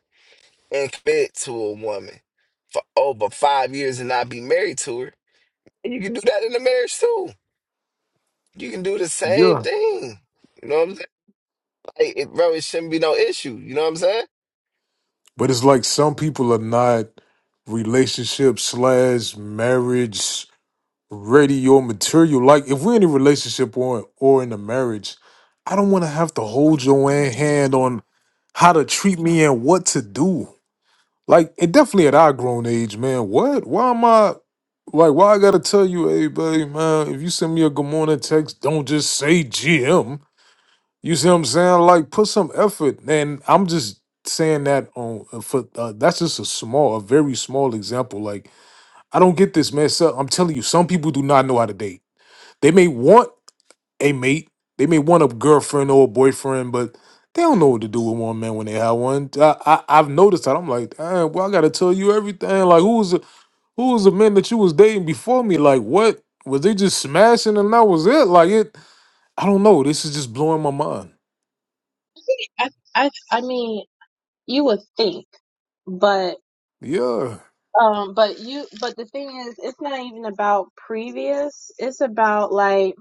G: and commit to a woman for over five years and not be married to her, and you can do that in a marriage too. You can do the same
I: Yeah.
G: thing. You know what I'm saying? Like, it, bro, it shouldn't be no issue. You know what I'm saying?
I: But it's like some people are not relationship slash marriage ready or material. Like if we're in a relationship or or in a marriage, I don't want to have to hold your hand on how to treat me and what to do. Like, and definitely at our grown age, man. What? Why am I? Like, why I gotta tell you, hey, buddy, man? If you send me a good morning text, don't just say GM. You see what I'm saying? Like, put some effort. And I'm just saying that on uh, for uh, that's just a small, a very small example. Like, I don't get this, man. So I'm telling you, some people do not know how to date. They may want a mate. They may want a girlfriend or a boyfriend, but they don't know what to do with one man when they have one. I, I I've noticed that. I'm like, "Damn, well, I gotta tell you everything. Like, who was the- who was the man that you was dating before me? Like, what was they just smashing and that was it? Like, it. I don't know. This is just blowing my mind.
F: I, I, I mean, you would think, but,
I: Yeah,
F: um, but you, but the thing is, it's not even about previous. It's about like,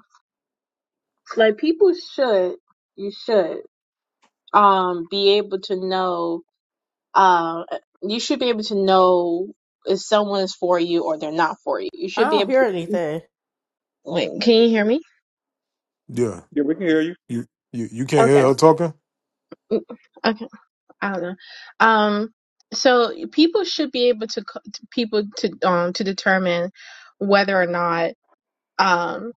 F: like people should, you should, um, be able to know, um, you should be able to know if someone is for you or they're not for you. You
E: I
F: should be
E: don't
F: able
E: hear
F: to.
E: anything.
F: Wait, can you hear me?
I: yeah.
B: Yeah, we can hear you.
I: You you you can't hear
F: Okay.
I: her talking.
F: Okay. I don't know. Um, so people should be able to c- to people to um to determine whether or not um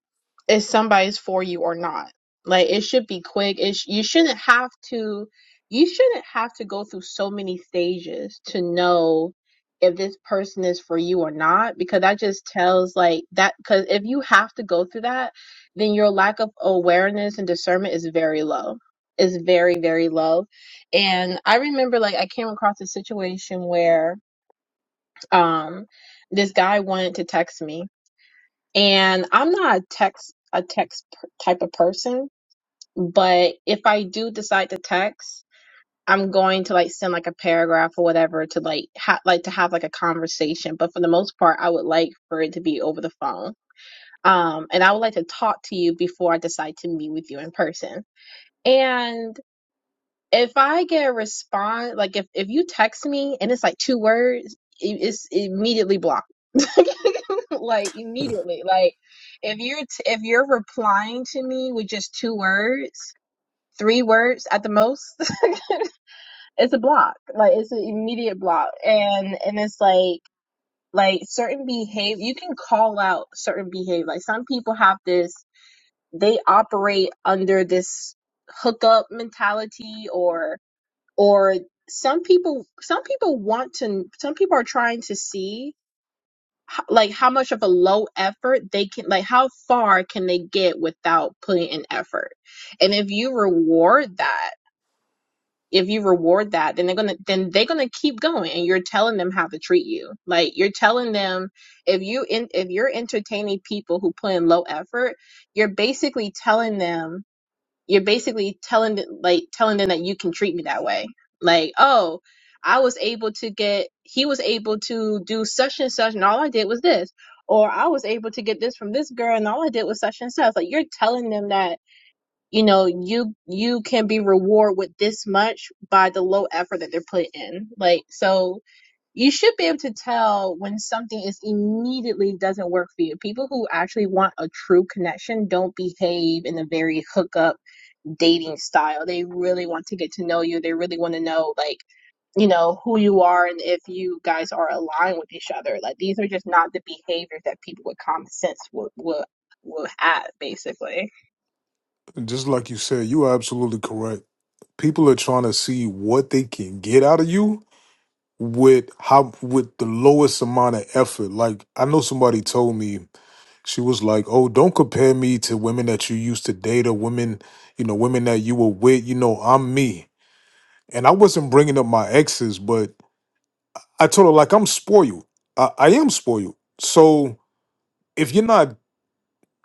F: if somebody's for you or not like it should be quick it sh- you shouldn't have to you shouldn't have to go through so many stages to know if this person is for you or not because that just tells like that because if you have to go through that then your lack of awareness and discernment is very low is very very low and i remember like i came across a situation where um this guy wanted to text me and I'm not a text a text per- type of person, but if I do decide to text, I'm going to like send like a paragraph or whatever to like ha- like to have like a conversation. But for the most part, I would like for it to be over the phone. Um, and I would like to talk to you before I decide to meet with you in person. And if I get a response, like if if you text me and it's like two words, it- it's immediately blocked. like immediately. Like if you're t- if you're replying to me with just two words, three words at the most, it's a block. Like it's an immediate block, and and it's like like certain behavior. You can call out certain behavior. Like some people have this, they operate under this hookup mentality or or some people some people want to some people are trying to see h- like how much of a low effort they can like how far can they get without putting in effort and if you reward that if you reward that then they're gonna then they're gonna keep going and you're telling them how to treat you like you're telling them if you in if you're entertaining people who put in low effort you're basically telling them you're basically telling th- like telling them that you can treat me that way like oh i was able to get he was able to do such and such and all i did was this or i was able to get this from this girl and all i did was such and such like you're telling them that you know you you can be rewarded with this much by the low effort that they're putting in like so you should be able to tell when something is immediately doesn't work for you people who actually want a true connection don't behave in a very hookup dating style. They really want to get to know you. They really want to know, like, you know, who you are and if you guys are aligned with each other. Like, these are just not the behaviors that people with common sense would would will have basically.
I: Just like you said, you are absolutely correct. People are trying to see what they can get out of you with how with the lowest amount of effort. Like I know somebody told me she was like, "Oh, don't compare me to women that you used to date or women, you know, women that you were with. You know, I'm me." And I wasn't bringing up my exes, but I told her like I'm spoiled. I, I am spoiled. So if you're not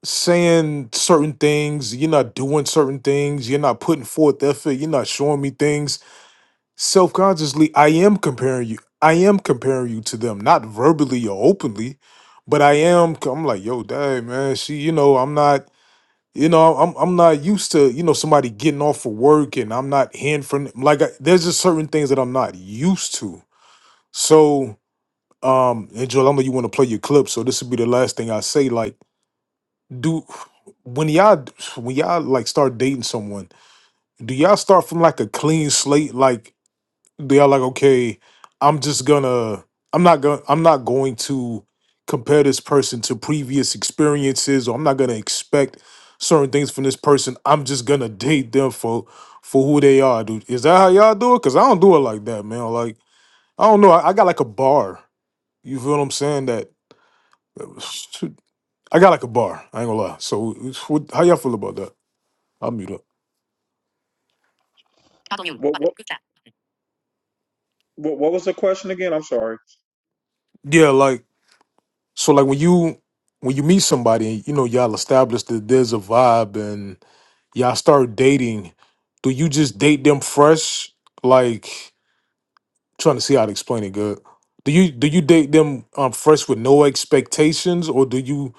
I: saying certain things, you're not doing certain things, you're not putting forth effort, you're not showing me things self-consciously i am comparing you i am comparing you to them not verbally or openly but i am i'm like yo dang man she you know i'm not you know i'm i'm not used to you know somebody getting off for work and i'm not hearing from them. like I, there's just certain things that i'm not used to so um and joel i know you want to play your clip so this would be the last thing i say like do when y'all when y'all like start dating someone do y'all start from like a clean slate like they are like, okay, I'm just gonna, I'm not gonna, I'm not going to compare this person to previous experiences, or I'm not gonna expect certain things from this person. I'm just gonna date them for for who they are, dude. Is that how y'all do it? Cause I don't do it like that, man. Like I don't know. I, I got like a bar. You feel what I'm saying? That I got like a bar. I ain't gonna lie. So it's- what, how y'all feel about that? I'll mute up.
B: What what what, what was the question again? I'm sorry.
I: Yeah, like So like when you when you meet somebody, you know y'all establish that there's a vibe and y'all start dating. Do you just date them fresh? Like trying to see how to explain it good. Do you do you date them um fresh with no expectations, or do you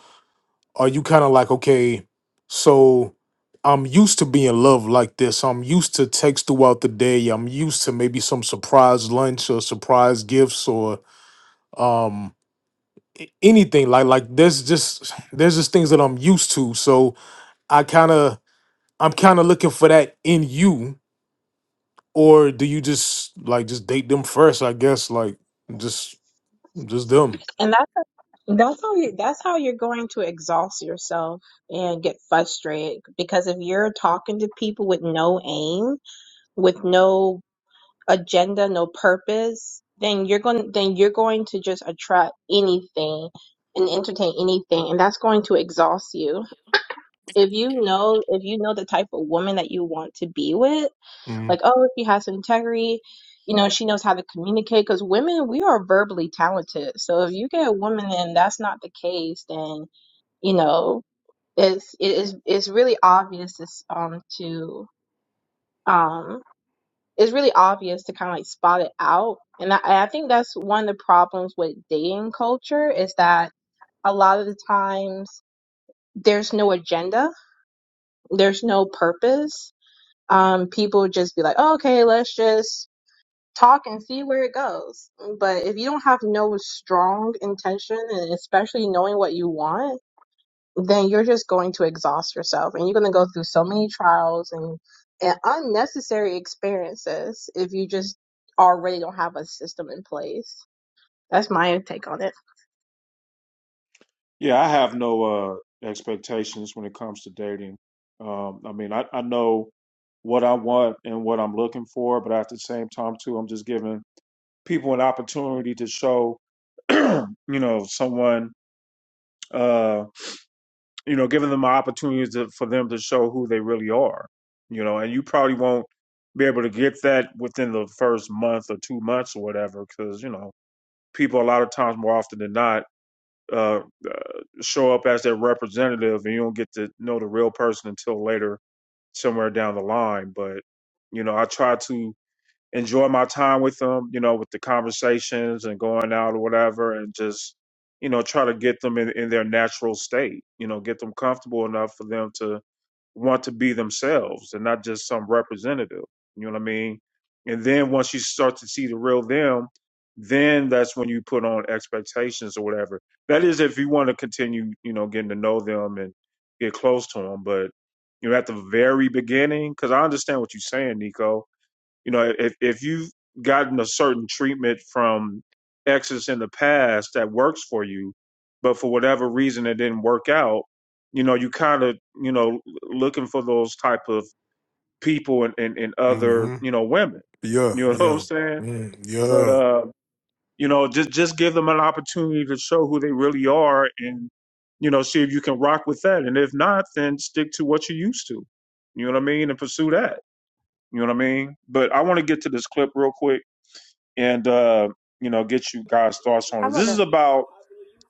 I: are you kind of like okay, so I'm used to being loved like this. I'm used to text throughout the day. I'm used to maybe some surprise lunch or surprise gifts or um a- anything like like there's just there's just things that I'm used to. So I kind of I'm kind of looking for that in you, or do you just like just date them first? I guess like just just them.
F: That's how you that's how you're going to exhaust yourself and get frustrated because if you're talking to people with no aim, with no agenda, no purpose, then you're going then you're going to just attract anything and entertain anything and that's going to exhaust you. If you know if you know the type of woman that you want to be with,
I: Mm,
F: like oh, if she has some integrity, you know, she knows how to communicate cuz women we are verbally talented. So if you get a woman and that's not the case, then you know, it's it is it's really obvious this, um to um it's really obvious to kind of like spot it out. And I, I think that's one of the problems with dating culture is that a lot of the times there's no agenda, there's no purpose. Um, people just be like, oh, okay, let's just talk and see where it goes. But if you don't have no strong intention and especially knowing what you want, then you're just going to exhaust yourself and you're going to go through so many trials and, and unnecessary experiences if you just already don't have a system in place. That's my take on it.
B: Yeah, I have no uh, expectations when it comes to dating. Um, I mean, I, I know what I want and what I'm looking for, but at the same time, too, I'm just giving people an opportunity to show, you know, someone, uh, you know, giving them opportunities to, for them to show who they really are, you know, and you probably won't be able to get that within the first month or two months or whatever, because, you know, people a lot of times more often than not uh, uh, show up as their representative, and you don't get to know the real person until later, somewhere down the line. But you know, I try to enjoy my time with them, you know, with the conversations and going out or whatever, and just you know try to get them in, in their natural state. You know, get them comfortable enough for them to want to be themselves and not just some representative. You know what I mean? And then once you start to see the real them, then that's when you put on expectations or whatever. That is if you want to continue, you know, getting to know them and get close to them. But you know, at the very beginning, because I understand what you're saying, Nico you know, if if you've gotten a certain treatment from exes in the past that works for you, but for whatever reason it didn't work out, you know, you kind of you know looking for those type of people and and, and other
I: mm-hmm.
B: you know women.
I: Yeah,
B: You know what I'm
I: yeah,
B: saying?
I: mm,
B: But
I: yeah,
B: uh, you know, just just give them an opportunity to show who they really are and you know see if you can rock with that, and if not, then stick to what you're used to. You know what I mean, and pursue that. You know what I mean? But I want to get to this clip real quick and uh, you know get you guys thoughts on
E: I'm
B: it. This is
E: gonna.
B: about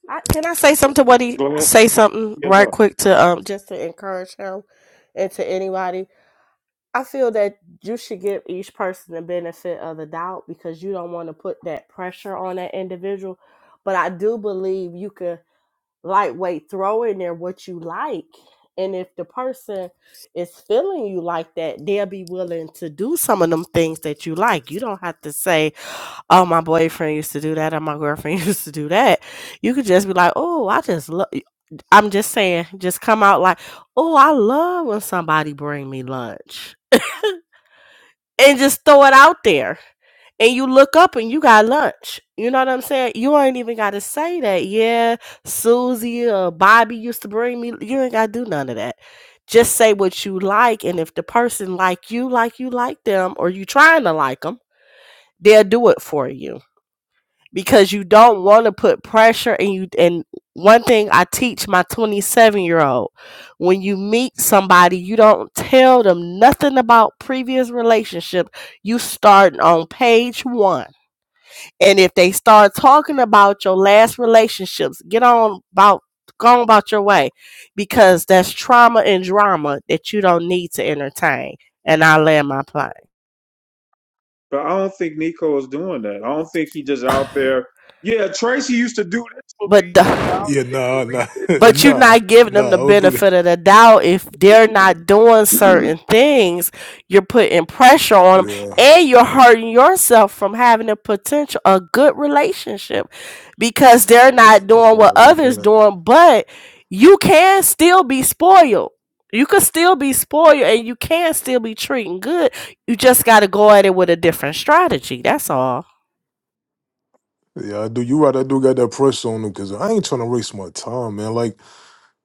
E: I, can I say something to what he
B: go ahead,
E: say something
B: yeah, go
E: right
B: ahead.
E: quick to um just to encourage him and to anybody? I feel that you should give each person the benefit of the doubt because you don't want to put that pressure on that individual. But I do believe you could. lightweight throw in there what you like and if the person is feeling you like that they'll be willing to do some of them things that you like you don't have to say oh my boyfriend used to do that or my girlfriend used to do that you could just be like oh i just love i'm just saying just come out like oh i love when somebody bring me lunch and just throw it out there and you look up and you got lunch. You know what I'm saying? You ain't even got to say that. Yeah, Susie or Bobby used to bring me. You ain't got to do none of that. Just say what you like, and if the person like you, like you like them, or you trying to like them, they'll do it for you because you don't want to put pressure. And you and one thing I teach my 27 year old: when you meet somebody, you don't tell them nothing about previous relationship. You start on page one and if they start talking about your last relationships, get on about go on about your way because that's trauma and drama that you don't need to entertain. And I land my plane.
B: But I don't think Nico is doing that. I don't think he just out there. Yeah, Tracy used to do this for
E: But
B: me, and
E: the
B: I don't
I: yeah.
B: think we
I: Nah, nah,
E: but you're
I: nah,
E: not giving
I: nah.
E: them
I: I
E: the
I: don't do that.
E: benefit of the doubt if they're not doing
B: did this.
E: certain things you're putting pressure on them
I: Yeah,
E: and you're hurting yourself from having a potential a good relationship because they're not doing what others doing but you can still be spoiled you can still be spoiled and you can still be treating good you just got to go at it with a different strategy that's all
I: yeah. I do. You right. I do got that pressure on them because I ain't trying to waste my time, man. Like.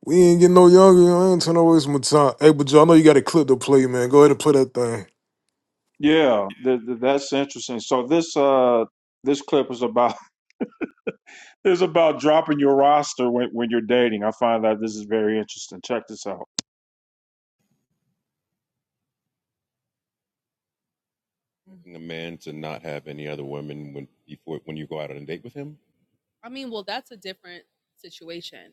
I: We ain't getting no younger. yo. I ain't trying to waste my time. Hey, but Joe, I know you got a clip to play, man. Go ahead and play that thing.
B: yeah, th- th- that's interesting. So this uh this clip is about is about dropping your roster when when you're dating. I find that this is very interesting. Check this out. I mean, well, that's a different situation.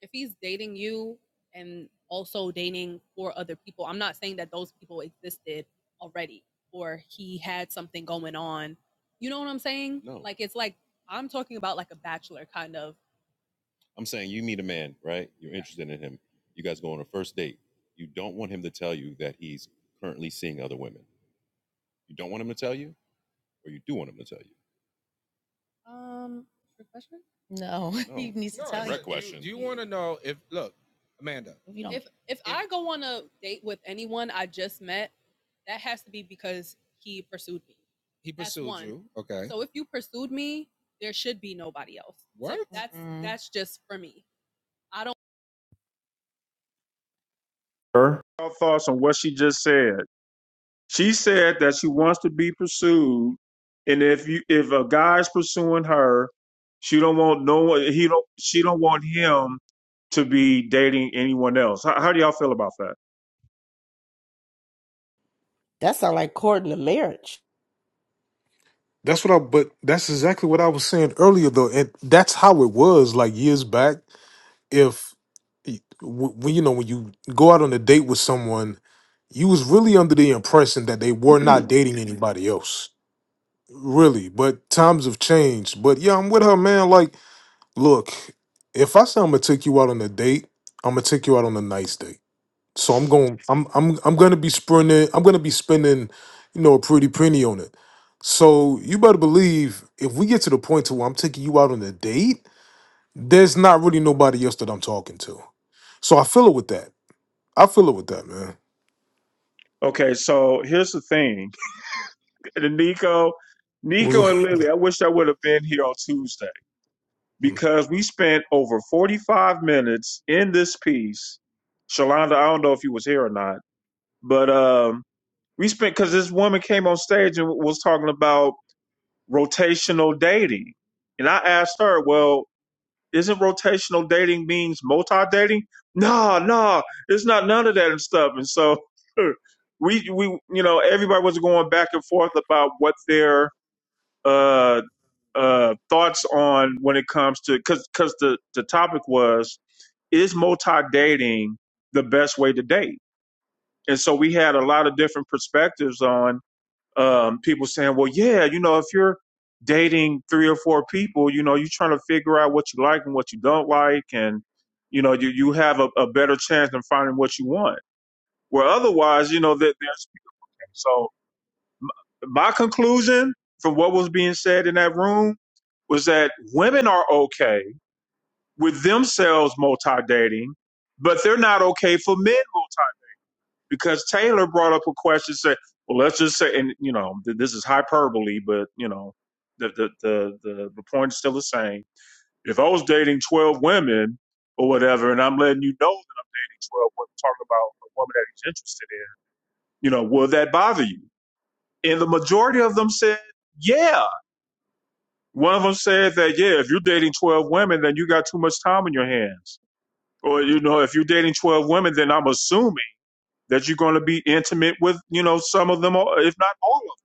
B: if he's dating you and also dating four other people, I'm not saying that those people existed already or he had something going on. You know what I'm saying? Like it's like I'm talking about like a bachelor kind of um profession. No. Needs- you don't. If if yeah. I go on a date with anyone I just met, that has to be because he pursued me. So if you pursued me, there should be nobody else. That's Mm. that's just for me. I don't Her. thoughts on what she just said? She said that she wants to be pursued, and if you if a guy's pursuing her, she don't want no He don't. She don't want him to be dating anyone else. How, how do y'all feel about that?
E: that sounds like courting a marriage
I: That's what I. But that's exactly what I was saying earlier, though, and that's how it was like years back. If y- w- when you know when you go out on a date with someone, you was really under the impression that they were not dating anybody else, really. But times have changed. But yeah, I'm with her, man. Like, look, if I say I'm gonna take you out on a date, I'm gonna take you out on a nice date. So I'm going. I'm I'm I'm going to be spending. I'm going to be spending, you know, a pretty penny on it. So you better believe if we get to the point to where I'm taking you out on a date, there's not really nobody else that I'm talking to. So I feel it with that. I feel it with that, man.
B: Okay, so here's the thing. And then Nico, Nico and
I: Was-
B: Lily, I wish I would have been here on Tuesday because we spent over 45 minutes in this piece. Shalonda, I don't know if you was here or not, but um, we spent because this woman came on stage and was talking about rotational dating, and I asked her, "Well, isn't rotational dating means multi dating? "No, no, it's not none of that and stuff." And so we we you know everybody was going back and forth about what their uh, uh, thoughts on when it comes to because because the the topic was is multi dating the best way to date, and so we had a lot of different perspectives on um, people saying, well, yeah, you know, if you're dating three or four people, you know, you're trying to figure out what you like and what you don't like, and you know, you you have a, a better chance than finding what you want. Where otherwise, you know, that there's so my conclusion from what was being said in that room was that women are okay with themselves multi dating, but they're not okay for men multi because Taylor brought up a question said, well, let's just say, and you know, th- this is hyperbole, but you know, the the the the, the point is still the same. If I was dating twelve women or whatever, and I'm letting you know that these twelve women talking about a woman that he's interested in, you know, will that bother you? And the majority of them said, yeah One of them said that, yeah, if you're dating 12 women, then you got too much time on your hands. Or, you know, if you're dating 12 women, then I'm assuming that you're going to be intimate with, you know, some of them, if not all of them.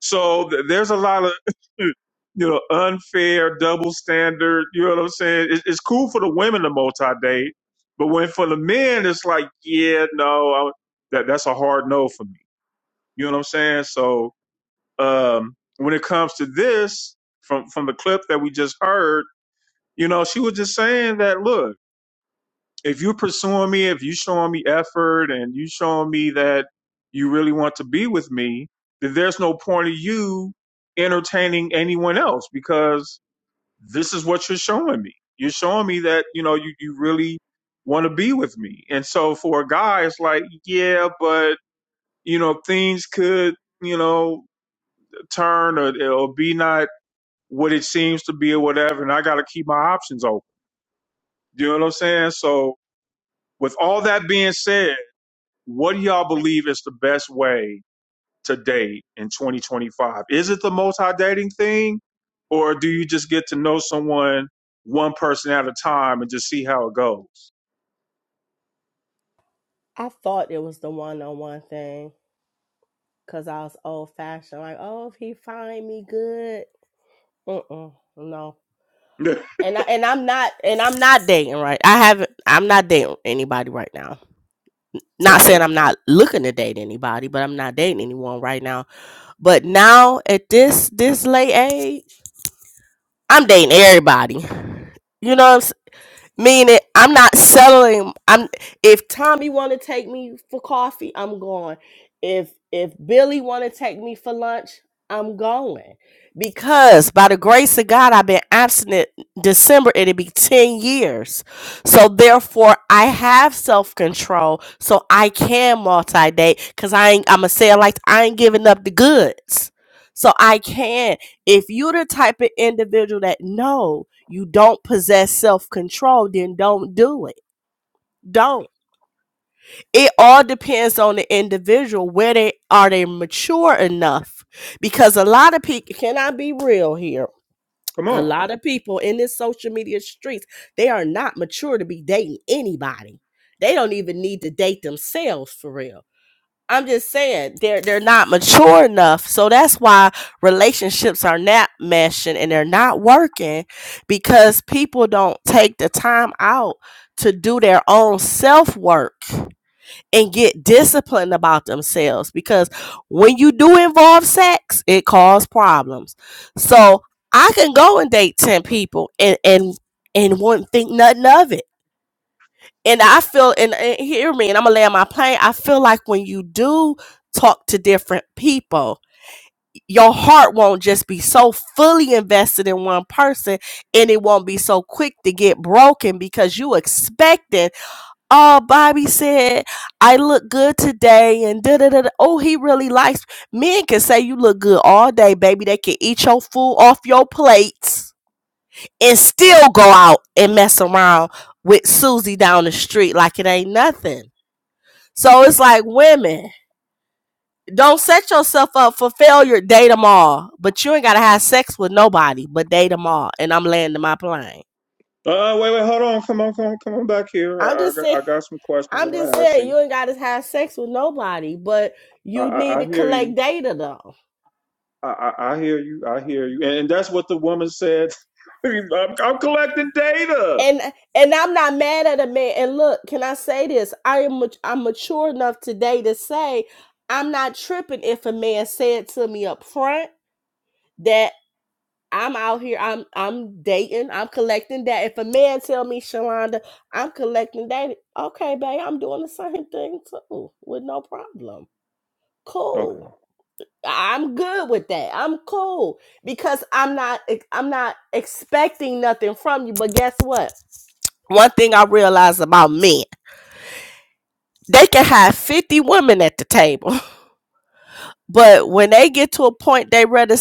B: So th- there's a lot of, you know, unfair double standard. You know what I'm saying? It- It's cool for the women to multi date, but when for the men, it's like, yeah, no, I, that that's a hard no for me. You know what I'm saying? So um, when it comes to this, from from the clip that we just heard You know, she was just saying that, look, if you're pursuing me, if you are showing me effort and you showing me that you really want to be with me, then there's no point of you entertaining anyone else because this is what you're showing me. You're showing me that, you know, you, you really want to be with me. And so for a guy, it's like, yeah, but, you know, things could, you know, turn or, or be not what it seems to be or whatever. And I got to keep my options open. Do You know what I'm saying? So, With all that being said, what do y'all believe is the best way to date in 2025? Is it the multi dating thing, or do you just get to know someone one person at a time and just see how it goes?
E: i thought it was the one-on-one thing Cause I was old fashioned, like, oh, if he find me good, mm no. And I and I'm not and I'm not dating right. I haven't. I'm not dating anybody right now. Not saying
B: okay,
E: I'm not looking to date anybody, but I'm not dating anyone right now. But now at this this late age, I'm dating everybody. You know what I'm Meaning, I'm not settling. I'm if Tommy want to take me for coffee, I'm going. If if Billy want to take me for lunch, I'm going. Because by the grace of God, I've been abstinent December. It'll be ten years, so therefore I have self control, so I can multi date. Cause I ain't. I'ma say it like I ain't giving up the goods, so I can. If you're the type of individual that no, you don't possess self control, then don't do it. Don't. It all depends on the individual. Where they are they mature enough? Because a lot of people can I be real here?
B: come
E: A
B: on.
E: lot of people in this social media streets, they are not mature to be dating anybody. They don't even need to date themselves for real I'm just saying they're they're not mature enough. So that's why relationships are not meshing and they're not working because people don't take the time out to do their own self work and get disciplined about themselves because when you do involve sex, it causes problems. So I can go and date 10 people and and and wouldn't think nothing of it and I feel, and, and hear me, and I'm gonna lay on my plane. I feel like when you do talk to different people, your heart won't just be so fully invested in one person, and it won't be so quick to get broken because you expecting. Oh, Bobby said I look good today, and da da da. da. Oh, he really likes men. Can say you look good all day, baby. They can eat your food off your plates and still go out and mess around with Susie down the street like it ain't nothing. So it's like women, don't set yourself up for failure. Date them all, but you ain't gotta have sex with nobody. But date them all, and I'm landing my plane.
B: Uh, wait, wait, hold on. Come on, come on, come on back here.
E: I'm
B: I, I,
E: just
B: got-
E: saying.
B: I got some questions I
E: I'm
B: want
E: just
B: to ask
E: saying
B: you.
E: you ain't gotta have sex with nobody, but
B: I,
E: you need
B: I, I
E: to
B: hear you.
E: collect data though.
B: I, I, I hear you. I hear you. And, and that's what the woman said. I'm, I'm collecting data.
E: And and I'm not mad at a man. And look, can I say this? I am mat- I'm mature enough today to say I'm not tripping if a man said to me up front. that. I'm out here. I'm I'm dating. I'm collecting that. If a man tell me Shalonda, I'm collecting that. Okay, babe, I'm doing the same thing too with no problem.
B: Okay.
E: Cool. I- am good with that. I'm cool because I'm not I'm not expecting nothing from you. But guess what? One thing I realized about men, they can have 50 women at the table. But when they get to a point they ready,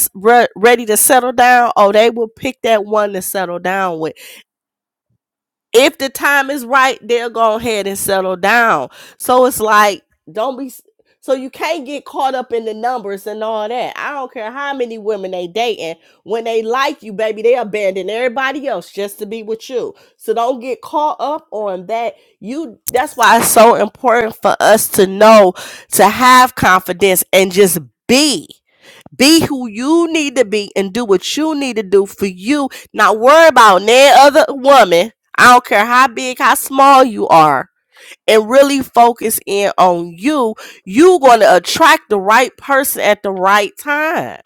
E: ready to settle down, oh, they will pick that one to settle down with if the time is right, they'll go ahead and settle down. So it's like, don't be. So you can't get caught up in the numbers and all that. I don't care how many women they dating. When they like you, baby, they abandon everybody else just to be with you. So don't get caught up on that. You. That's why it's so important for us to know to have confidence and just be. Be who you need to be and do what you need to do for you. Not worry about any other woman. I don't care how big, how small you are. And really focus in on you. You're going to attract the right person at the right time.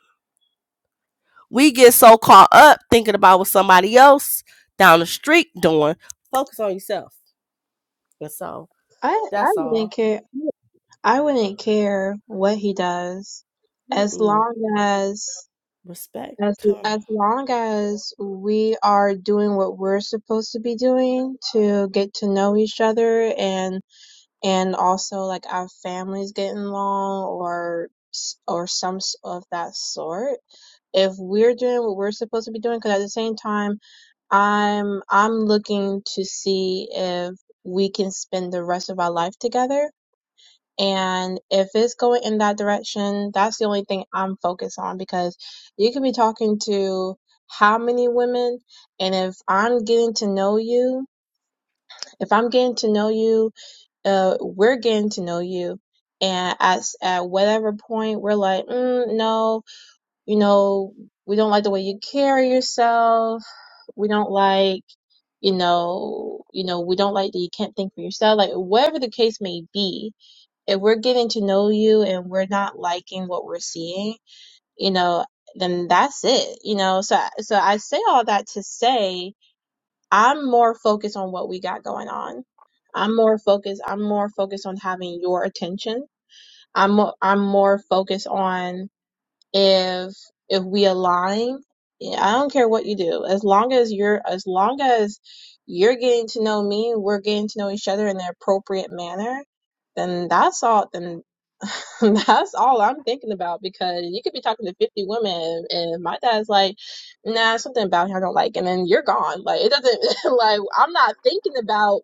E: We get so caught up thinking about what somebody else down the street doing. Focus on yourself. And so
F: I I
E: that's
F: wouldn't
E: all.
F: care. I wouldn't care what he does, as
E: Mm-mm.
F: long as
E: Respect.
F: as as long as we are doing what we're supposed to be doing to get to know each other and. and also like our families getting along or s- or some s- of that sort if we're doing what we're supposed to be doing because at the same time i'm i'm looking to see if we can spend the rest of our life together and if it's going in that direction that's the only thing i'm focused on because you could be talking to how many women and if i'm getting to know you if i'm getting to know you uh we're getting to know you and at at whatever point we're like mm, no you know we don't like the way you carry yourself we don't like you know you know we don't like that you can't think for yourself like whatever the case may be if we're getting to know you and we're not liking what we're seeing you know then that's it you know so so i say all that to say I'm more focused on what we got going on. I'm more focused. I'm more focused on having your attention. I'm mo- I'm more focused on if if we align yeah, i don't care what you do as long as you're as long as you're getting to know me we're getting to know each other in the appropriate manner then that's all then that's all i'm thinking about because you could be talking to 50 women and my dad's like nah something about him i don't like and then you're gone like it doesn't like i'm not thinking about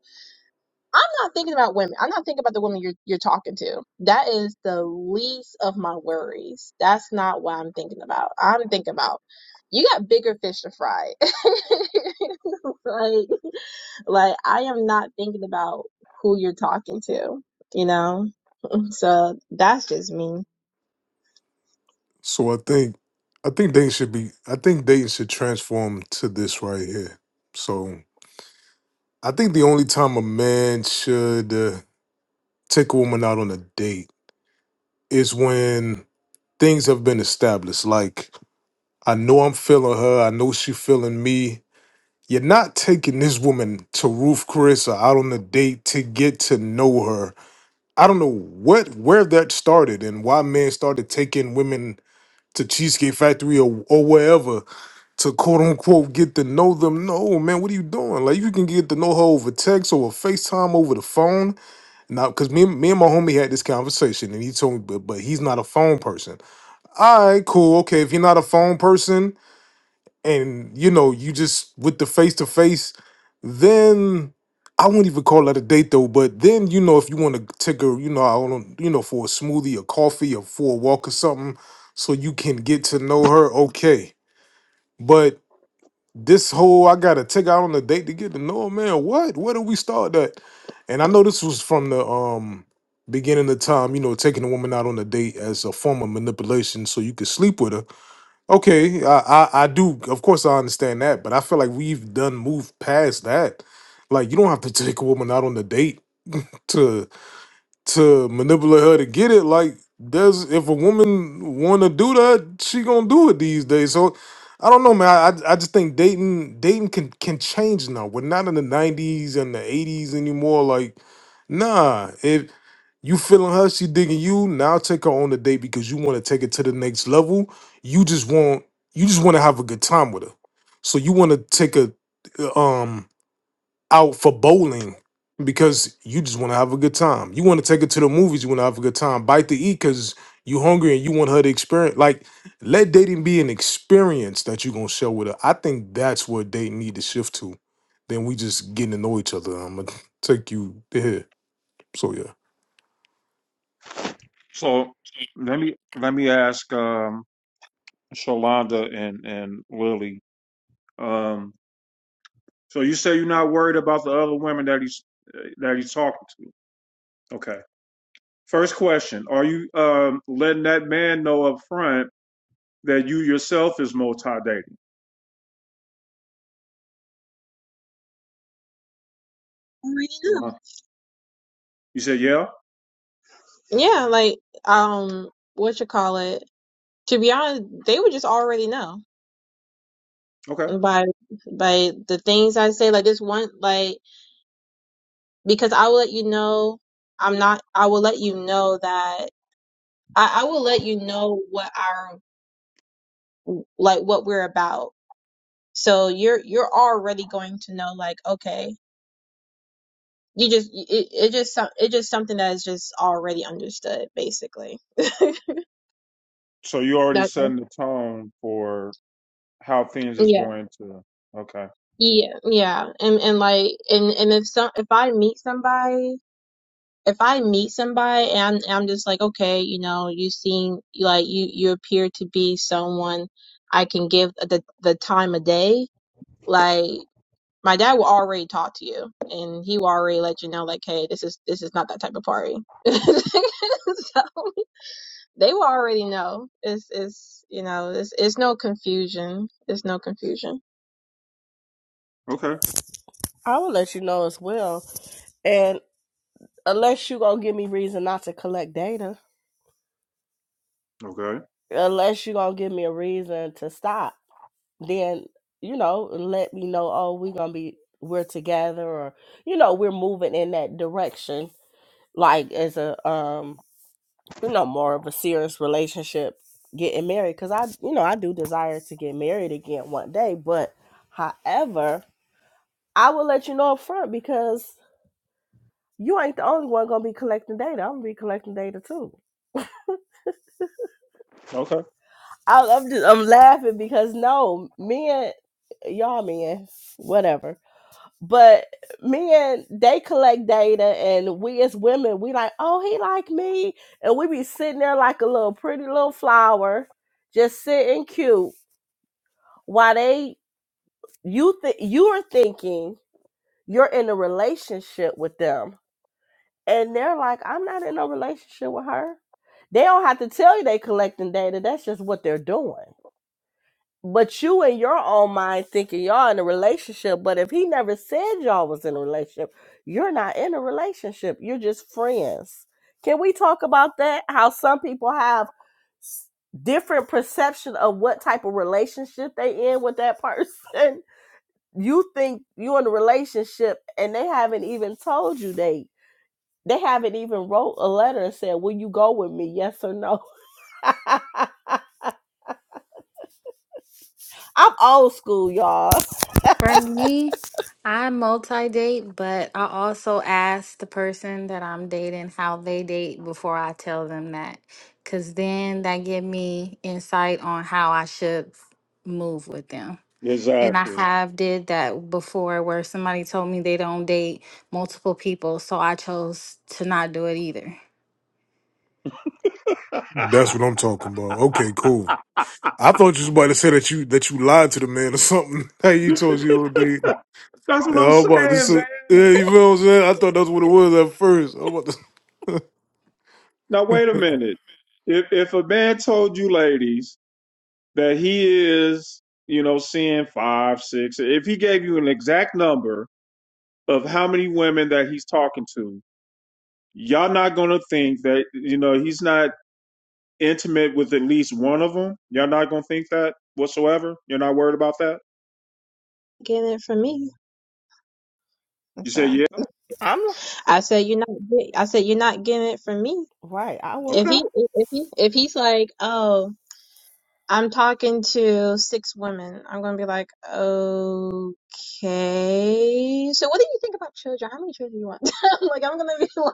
F: I'm not thinking about women. I'm not thinking about the woman you're you're talking to. That is the least of my worries. That's not what I'm thinking about. I'm thinking about you got bigger fish to fry. like like I am not thinking about who you're talking to, you know? So that's just me.
I: so I think, I think dating should be. I think dating should transform to this right here. So I think the only time a man should uh, take a woman out on a date is when things have been established, like I know I'm feeling her. I know she feeling me. You're not taking this woman to Ruth Chris or out on a date to get to know her. I don't know what where that started and why men started taking women to Cheesecake Factory or, or wherever to quote unquote get to know them. No, man, what are you doing? Like you can get to know her over text or FaceTime over the phone. Now, because me, and- me and my homie had this conversation and he told me, but, but he's not a phone person. All right, cool. Okay, if you're not a phone person, and you know you just with the face to face then i wouldn't even call that a date though but then you know if you want to take a you know i don't you know for a smoothie or coffee or for a walk or something so you can get to know her okay but this whole i gotta take out on a date to get to know her man what where do we start that and i know this was from the um beginning of time you know taking a woman out on a date as a form of manipulation so you could sleep with her Okay, I, I I do. Of course, I understand that, but I feel like we've done moved past that. Like, you don't have to take a woman out on a date to to manipulate her to get it. Like, does if a woman want to do that, she gonna do it these days. So, I don't know, man. I I I just think dating dating can can change now. We're not in the '90s and the '80s anymore. Like, nah, if you feeling her, she digging you. Now take her on a date because you want to take it to the next level. You just want you just want to have a good time with her. So you want to take a um out for bowling because you just want to have a good time. You want to take her to the movies. You want to have a good time. Bite to eat because you hungry and you want her to experience. Like, let dating be an experience that you're gonna share with her. I think that's where dating need to shift to. Then we just getting to know each other. I'm gonna take you there. So yeah,
B: So let me let me ask um Shalonda and and Lily. Um so you say you're not worried about the other women that he's that he's talking to. Okay. First question, are you um letting that man know up front that you yourself is multi dating.
F: Already know.
B: You said, yeah,
F: Yeah, like um what you call it? To be honest, they would just already know
B: okay.
F: by by the things I say. Like this one like because I will let you know I'm not I will let you know that I, I will let you know what our like what we're about. So you're you're already going to know like okay you just it, it just some- it just something that is just already understood basically.
B: So you already
F: That's
B: setting the tone for how things is
F: yeah
B: going to. Okay.
F: yeah yeah and and like and and if some if I meet somebody if I meet somebody and I'm, I'm just like, okay, you know, you seem like you you appear to be someone I can give the the time of day. Like my dad will already talk to you, and he will already let you know, like, hey, this is this is not that type of party. so they will already know. It's it's you know, it's it's no confusion. It's no confusion.
B: Okay.
E: I will let you know as well. And unless you gonna give me reason not to collect data.
B: Okay.
E: unless you're gonna give me a reason to stop, then you know, let me know, oh, we gonna be we're together or you know, we're moving in that direction, like as a um, you know, more of a serious relationship getting married. Cause I you know, I do desire to get married again one day, but however, I will let you know up front because you ain't the only one gonna be collecting data. I'm gonna be collecting data too.
B: Okay.
E: I, I'm just I'm laughing because no men, y'all men, whatever. But men, they collect data, and we as women, we like, oh, he like me, and we be sitting there like a little pretty little flower, just sitting cute, while they you think you are thinking you're in a relationship with them, and they're like, I'm not in no relationship with her. They don't have to tell you they collecting data. That's just what they're doing. But you in your own mind thinking y'all in a relationship, but if he never said y'all was in a relationship, you're not in a relationship. You're just friends. Can we talk about that? How some people have s- different perception of what type of relationship they in with that person. You think you in a relationship and they haven't even told you they they haven't even wrote a letter and said, Will you go with me? Yes or no? I'm old school, y'all.
H: For me, I multi date, but I also ask the person that I'm dating how they date before I tell them that. Cause then that give me insight on how I should move with them. And I
B: Exactly.
H: have did that before where somebody told me they don't date multiple people, so I chose to not do it either.
I: that's what I'm talking about. Okay, cool. I thought you was about to say that you that you lied to the man or something. Hey, you told you all day.
B: That's
I: Yeah,
B: what I'm
I: I'm about this.
B: saying, man.
I: Yeah, you feel what I'm saying? I thought that's what it was at first. I'm about to
B: Now wait a minute. If if a man told you, ladies, that he is, you know, seeing five, six, if he gave you an exact number of how many women that he's talking to, y'all not gonna think that, you know, he's not intimate with at least one of them, y'all not gonna think that whatsoever. You're not worried about that.
F: Getting it from me. And
B: You say,
F: So
B: yeah,
E: I'm
F: I said, you're not. get- I said, you're not getting it from me.
E: right. I will.
F: If
B: okay.
F: he if he if he's like, oh. I'm talking to six women. I'm gonna be like, okay. So what do you think about children? How many children do you want? I'm like, I'm gonna be like,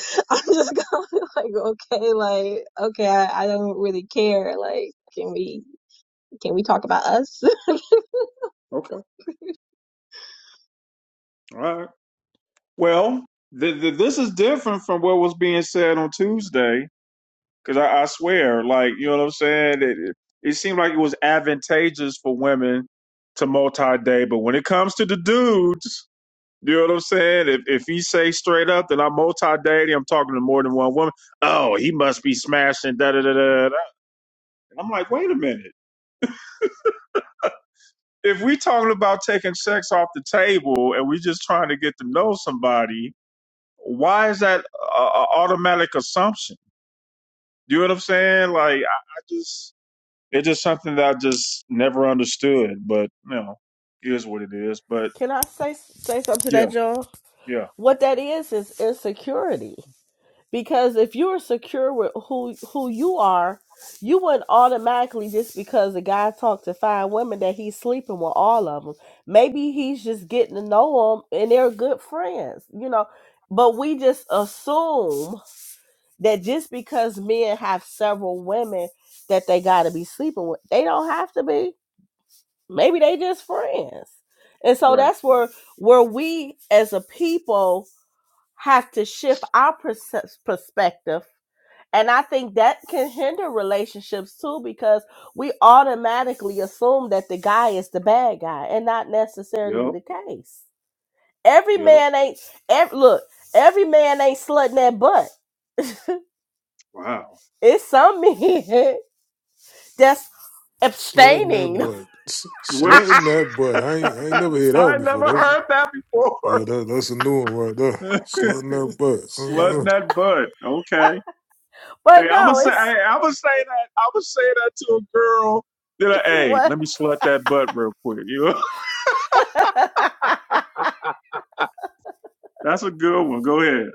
F: I'm just gonna be like, okay, like, okay, I, I don't really care. Like, can we can we talk about us?
B: Okay. All right. Well, th th this is different from what was being said on Tuesday because I, I swear, like, you know what I'm saying? It, it, it seemed like it was advantageous for women to multi date, but when it comes to the dudes, You know what I'm saying? If if he say straight up that I'm multi dating, I'm talking to more than one woman. Oh, he must be smashing da da da da. da. I'm like, wait a minute. If we talking about taking sex off the table and we just trying to get to know somebody, why is that a, a automatic assumption? You know what I'm saying? Like, I, I just it's just something that I just never understood. But you know, it is what it is. But
E: Can I say say something to that,
B: yeah,
E: John?
B: yeah,
E: What that is is insecurity. Because if you were secure with who who you are, you wouldn't automatically just because a guy talked to five women that he's sleeping with all of them. Maybe he's just getting to know them and they're good friends, you know. But we just assume that just because men have several women that they got to be sleeping with, they don't have to be maybe they just friends and so
B: right,
E: that's where where we as a people have to shift our perce- perspective and i think that can hinder relationships too because we automatically assume that the guy is the bad guy and not necessarily
B: yep,
E: the case every
B: yep.
E: man ain't ev- look every man ain't slutting that butt
B: Wow.
E: it's some men that's
I: Slutting that
E: abstaining
I: butt. S-
B: What?
I: Slutting that butt. I ain't, I ain't never heard that one
B: I
I: before.
B: never
I: That's
B: heard that
I: yeah,
B: before.
I: that, that's a new one right there. Slutting that
B: Slutting
I: butt.
B: that butt. Okay.
E: but
B: Hey, I'ma
E: no
B: say hey,
E: it's
B: I'ma say that I'ma say that to a girl that I, hey,
E: what
B: let me slut that butt real quick. You know? That's a good one. Go ahead.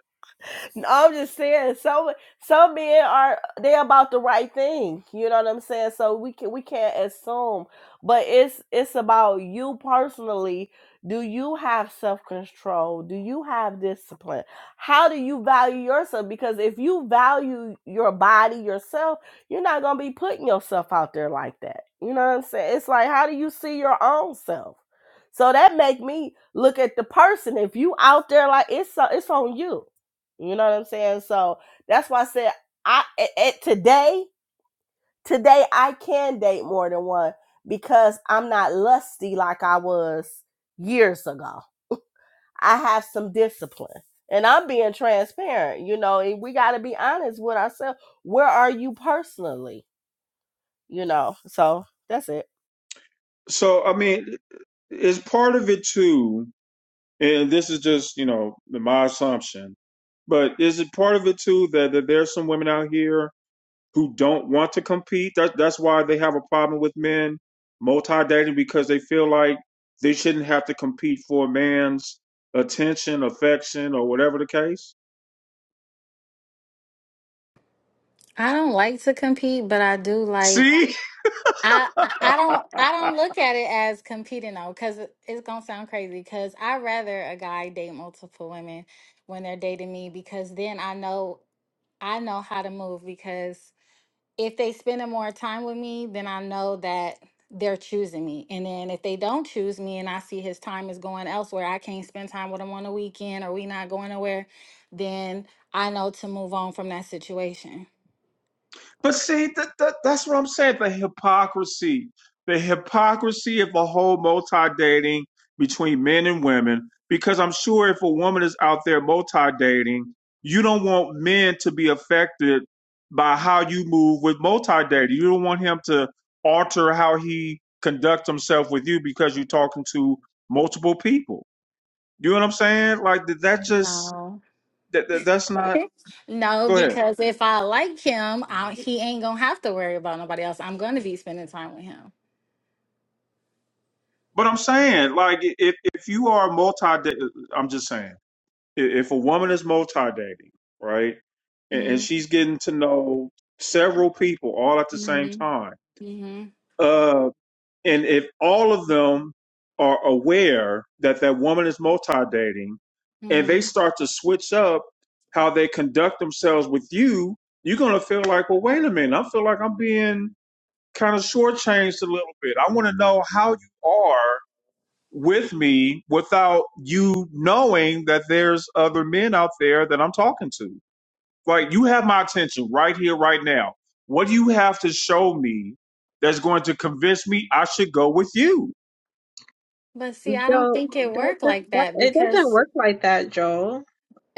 E: I'm just saying, some some men are they about the right thing. You know what I'm saying? So we can we can't assume, but it's it's about you personally. Do you have self control? Do you have discipline? How do you value yourself? Because if you value your body yourself, you're not gonna be putting yourself out there like that. You know what I'm saying? It's like how do you see your own self? So that make me look at the person. If you out there like it's so- it's on you you know what I'm saying? So that's why I said I at, at today, today I can date more than one because I'm not lusty like I was years ago. I have some discipline. And I'm being transparent, you know, and we gotta be honest with ourselves. Where are you personally? You know, so that's it.
B: So I mean, is part of it too, and this is just, you know, my assumption, but is it part of it too that, that there's some women out here who don't want to compete. That, that's why they have a problem with men multi dating because they feel like they shouldn't have to compete for a man's attention, affection, or whatever the case.
H: I don't like to compete, but I do like
B: See?
H: I I I don't I don't look at it as competing though, because it's gonna sound crazy. Because I rather a guy date multiple women when they're dating me, because then I know I know how to move. Because if they spending more time with me, then I know that they're choosing me. And then if they don't choose me, and I see his time is going elsewhere, I can't spend time with him on the weekend, or we not going nowhere, then I know to move on from that situation.
B: But see, that, that, that's what I'm saying. The hypocrisy, the hypocrisy of the whole multi dating between men and women. Because I'm sure if a woman is out there multi dating, you don't want men to be affected by how you move with multi dating. You don't want him to alter how he conducts himself with you because you're talking to multiple people. You know what I'm saying? Like that. that Just
H: No.
B: that, that that's not.
H: No,
B: Go ahead.
H: because if I like him, I, he ain't gonna have to worry about nobody else. I'm gonna be spending time with him.
B: But I'm saying, like, if if you are multi, I'm just saying, i- if a woman is multi dating, right, and, and
H: Mm,
B: she's getting to know several people all at the same
H: mhm,
B: time,
H: mhm,
B: uh, and if all of them are aware that that woman is multi dating, and they
H: mhm.
B: start to switch up how they conduct themselves with you, you're gonna feel like, well, wait a minute, I feel like I'm being kind of shortchanged a little bit. I want to know how you are with me without you knowing that there's other men out there that I'm talking to. Like you have my attention right here, right now. What do you have to show me that's going to convince me I should go with you?
H: But see, I don't
F: Yo,
H: think it
F: that,
H: worked
F: that,
H: like
F: that
H: that
F: it doesn't
H: because
F: work like that, Joel.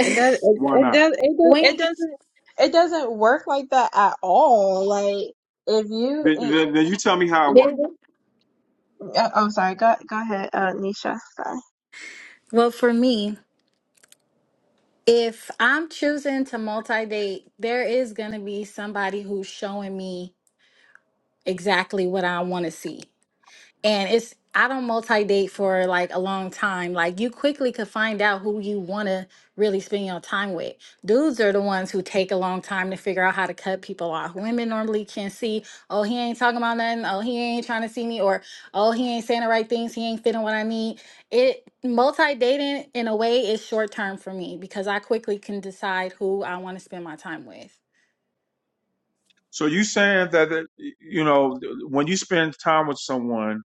F: It does. It,
B: Why
F: it
B: not?
F: does. It does. It
H: when
F: doesn't. It doesn't work like that at all. Like if you,
B: Then,
F: it,
B: then- then you tell me how it works.
H: it,
F: oh, I'm sorry. Go go ahead, uh, Nisha. Sorry.
H: well, for me, if I'm choosing to multi-date, there is gonna be somebody who's showing me exactly what I want to see. and it's I don't multi date for like a long time. Like you quickly could find out who you want to really spend your time with. Dudes are the ones who take a long time to figure out how to cut people off. Women normally can see, oh he ain't talking about nothing, oh he ain't trying to see me, or oh he ain't saying the right things, he ain't fitting what I need. It multi dating in a way is short term for me because I quickly can decide who I want to spend my time with.
B: So you saying that that, you know when you spend time with someone,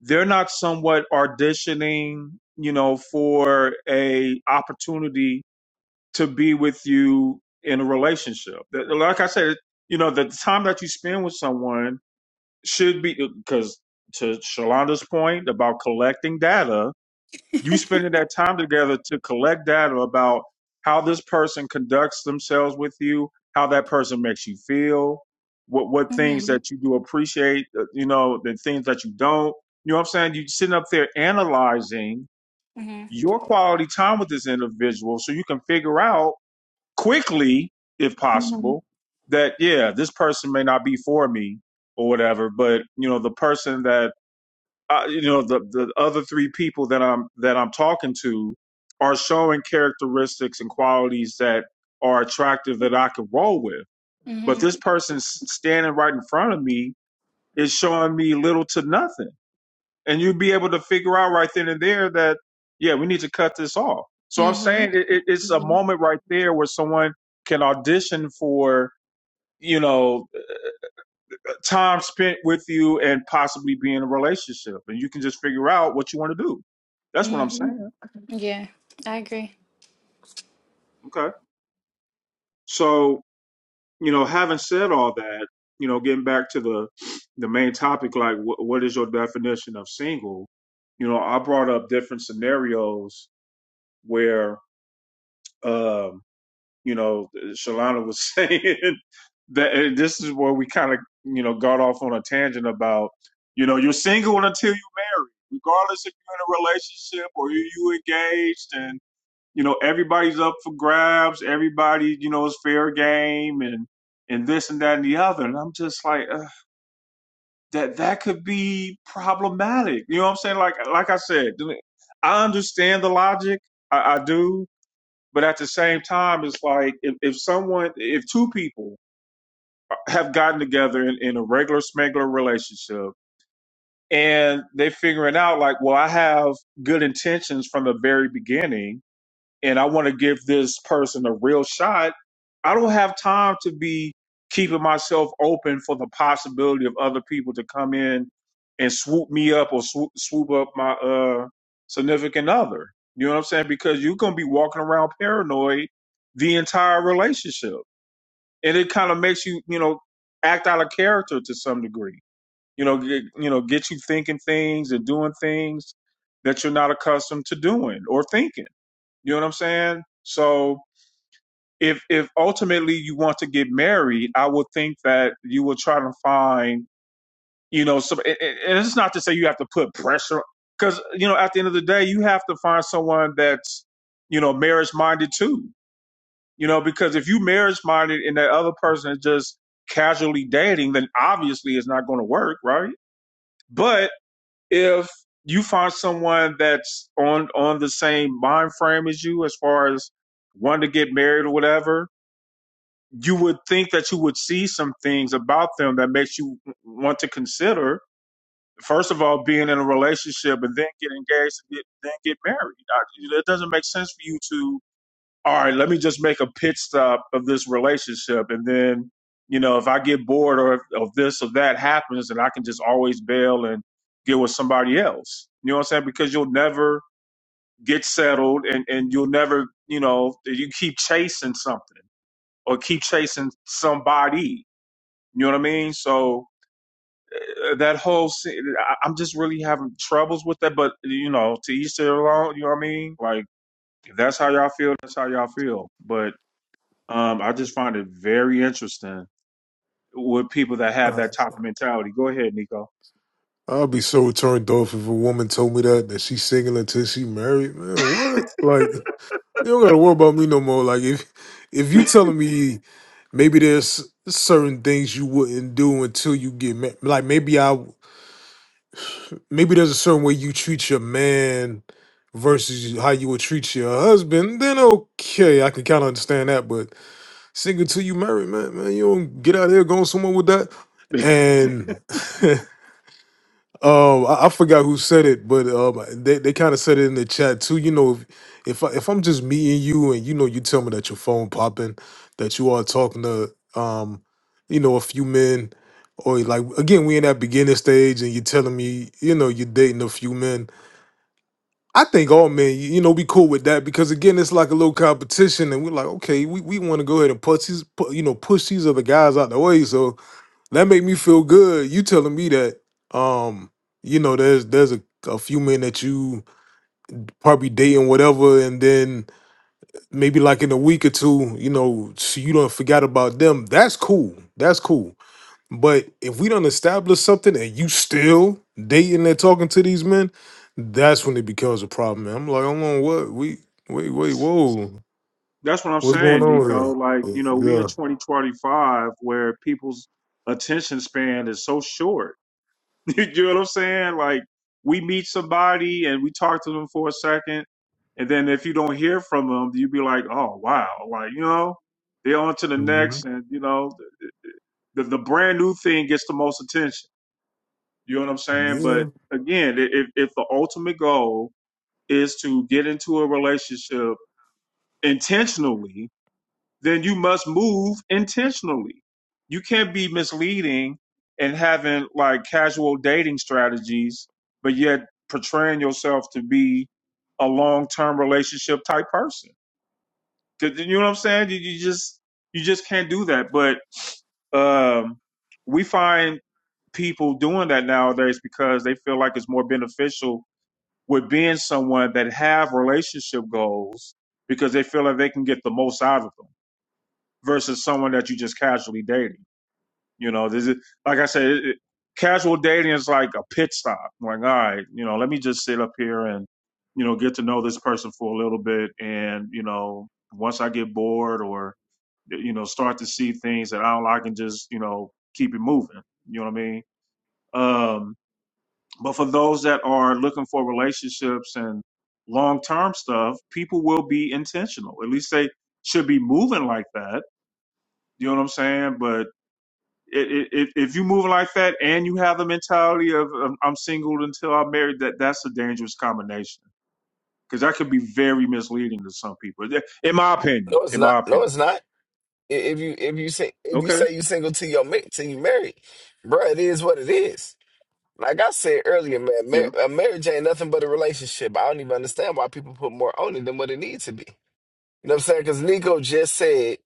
B: they're not somewhat auditioning, you know, for a opportunity to be with you in a relationship. Like I said, you know, the time that you spend with someone should be because to Shalanda's point about collecting data, you spending that time together to collect data about how this person conducts themselves with you, how that person makes you feel, what what things
H: Mhm.
B: that you do appreciate, uh, you know, the things that you don't. You know what I'm saying? You sitting up there analyzing
H: Mhm.
B: your quality time with this individual so you can figure out quickly, if
H: Mhm.
B: possible, that yeah, this person may not be for me or whatever, but you know, the person that I, you know, the the other three people that I'm that I'm talking to are showing characteristics and qualities that are attractive that I can roll with. But
H: Mhm.
B: this person s- standing right in front of me is showing me little to nothing and you'd be able to figure out right then and there that yeah we need to cut this off so i'm
H: Mhm.
B: saying it, it, it's a
H: Mhm.
B: moment right there where someone can audition for you know time spent with you and possibly be in a relationship and you can just figure out what you want to do that's what i'm
H: Mhm.
B: saying
H: Yeah, I agree.
B: okay so you know having said all that you know getting back to the the main topic like wh- what is your definition of single you know i brought up different scenarios where um you know, Shalana was saying that and this is where we kind of, you know, got off on a tangent about, you know, you're single until you marry, regardless if you're in a relationship or you you engaged, and you know, everybody's up for grabs, everybody, you know, is fair game, and and this and that and the other, and I'm just like, uh, that that could be problematic. You know what I'm saying? Like like I said, I understand the logic, I, I do, but at the same time, it's like if, if someone, if two people have gotten together in, in a regular smuggler relationship and they're figuring out, like, well, I have good intentions from the very beginning and I want to give this person a real shot, I don't have time to be keeping myself open for the possibility of other people to come in and swoop me up or swoop, swoop up my uh, significant other. You know what I'm saying? Because you're going to be walking around paranoid the entire relationship. And it kind of makes you, you know, act out of character to some degree. You know, get, you know, get you thinking things and doing things that you're not accustomed to doing or thinking. You know what I'm saying? So if if ultimately you want to get married, I would think that you will try to find, you know, some. And and- it's not to say you have to put pressure, because you know, at the end of the day, you have to find someone that's, you know, marriage minded too. You know, because if you marriage minded and that other person is just casually dating, then obviously it's not going to work, right? But if you find someone that's on on the same mind frame as you as far as wanting to get married or whatever you would think that you would see some things about them that makes you want to consider first of all being in a relationship and then get engaged and get, then get married it doesn't make sense for you to all right, let me just make a pit stop of this relationship. And then, you know, if I get bored or if, if this or that happens, then I can just always bail and get with somebody else. You know what I'm saying? Because you'll never get settled and, and you'll never, you know, you keep chasing something or keep chasing somebody. You know what I mean? So uh, that whole, se- I- I'm just really having troubles with that. But you know, to each their own. You know what I mean? Like if that's how y'all feel, that's how y'all feel. But. Um, I just find it very interesting with people that
I: Uh,
B: have
I: uh.
B: that type of mentality. Go ahead, Nico.
I: I'd be so turned off if a woman told me that that she's single until she married. Man, what? Like you don't gotta worry about me no more. Like if if you telling me maybe there's certain things you wouldn't do until you get married. Like maybe I maybe there's a certain way you treat your man versus how you would treat your husband, then okay, I can kind of understand that. But single till you married, man, man, you don't get out here going somewhere with that. And um, I, I forgot who said it, but um, they, they kind of said it in the chat too. You know, if if, I, if I'm just meeting you and you know you tell me that your phone popping, that you are talking to um, you know, a few men, or like again we in that beginning stage, and you're telling me you know you're dating a few men I think all men, you you know, be cool with that because again, it's like a little competition, and we're like, okay, we, we want to go ahead and push these, pu- you know, push these other guys out the way. So that made me feel good. You telling me that, um, you know, there's there's a, a few men that you probably dating whatever, and then maybe like in a week or two, you know, so you don't forget about them. That's cool. That's cool. But if we don't establish something and you still dating and talking to these men, that's when it becomes a problem. man. I'm like, hold on, what? We wait, wait, whoa,
B: That's what I'm
I: what's going
B: saying, Nico.
I: on
B: Like, you
I: here?
B: know, we in
I: Yeah,
B: 2025 where people's attention span is so short. you know what I'm saying? Like, we meet somebody and we talk to them for a second, and then if you don't hear from them, you be like, oh wow, like you know, they're on to the next, and you know, the the brand new thing gets the most attention. You know what I'm saying? But
I: Mhm.
B: again, i- if if the ultimate goal is to get into a relationship intentionally, then you must move intentionally. You can't be misleading and having like casual dating strategies, but yet portraying yourself to be a long-term relationship type person. 'Cause you know what I'm saying? You, you just you just can't do that. But um, we find people doing that nowadays because they feel like it's more beneficial with being someone that have relationship goals because they feel that they can get the most out of them versus someone that you just casually dating. You know, this is like I said, it, it, casual dating is like a pit stop. Like, all right, you know, let me just sit up here and you know get to know this person for a little bit, and you know, once I get bored or you know start to see things that I don't like, and just you know keep it moving. You know what I mean? Um, but for those that are looking for relationships and long term stuff, people will be intentional. At least they should be moving like that. You know what I'm saying? But it, it, it, if you move like that and you have the mentality of um, I'm single until I'm married, that that's a dangerous combination because that could be very misleading to some people. Th- In my opinion,
G: No, it's
B: in
G: not.
B: my
G: No,
B: opinion.
G: it's not. If you if you say if you
B: Okay.
G: say you single till your mate till you married, bro, it is what it is. Like I said earlier, man,
B: Yeah.
G: mar- a marriage ain't nothing but a relationship. I don't even understand why people put more on it than what it needs to be. You know what I'm saying? Because Nico just said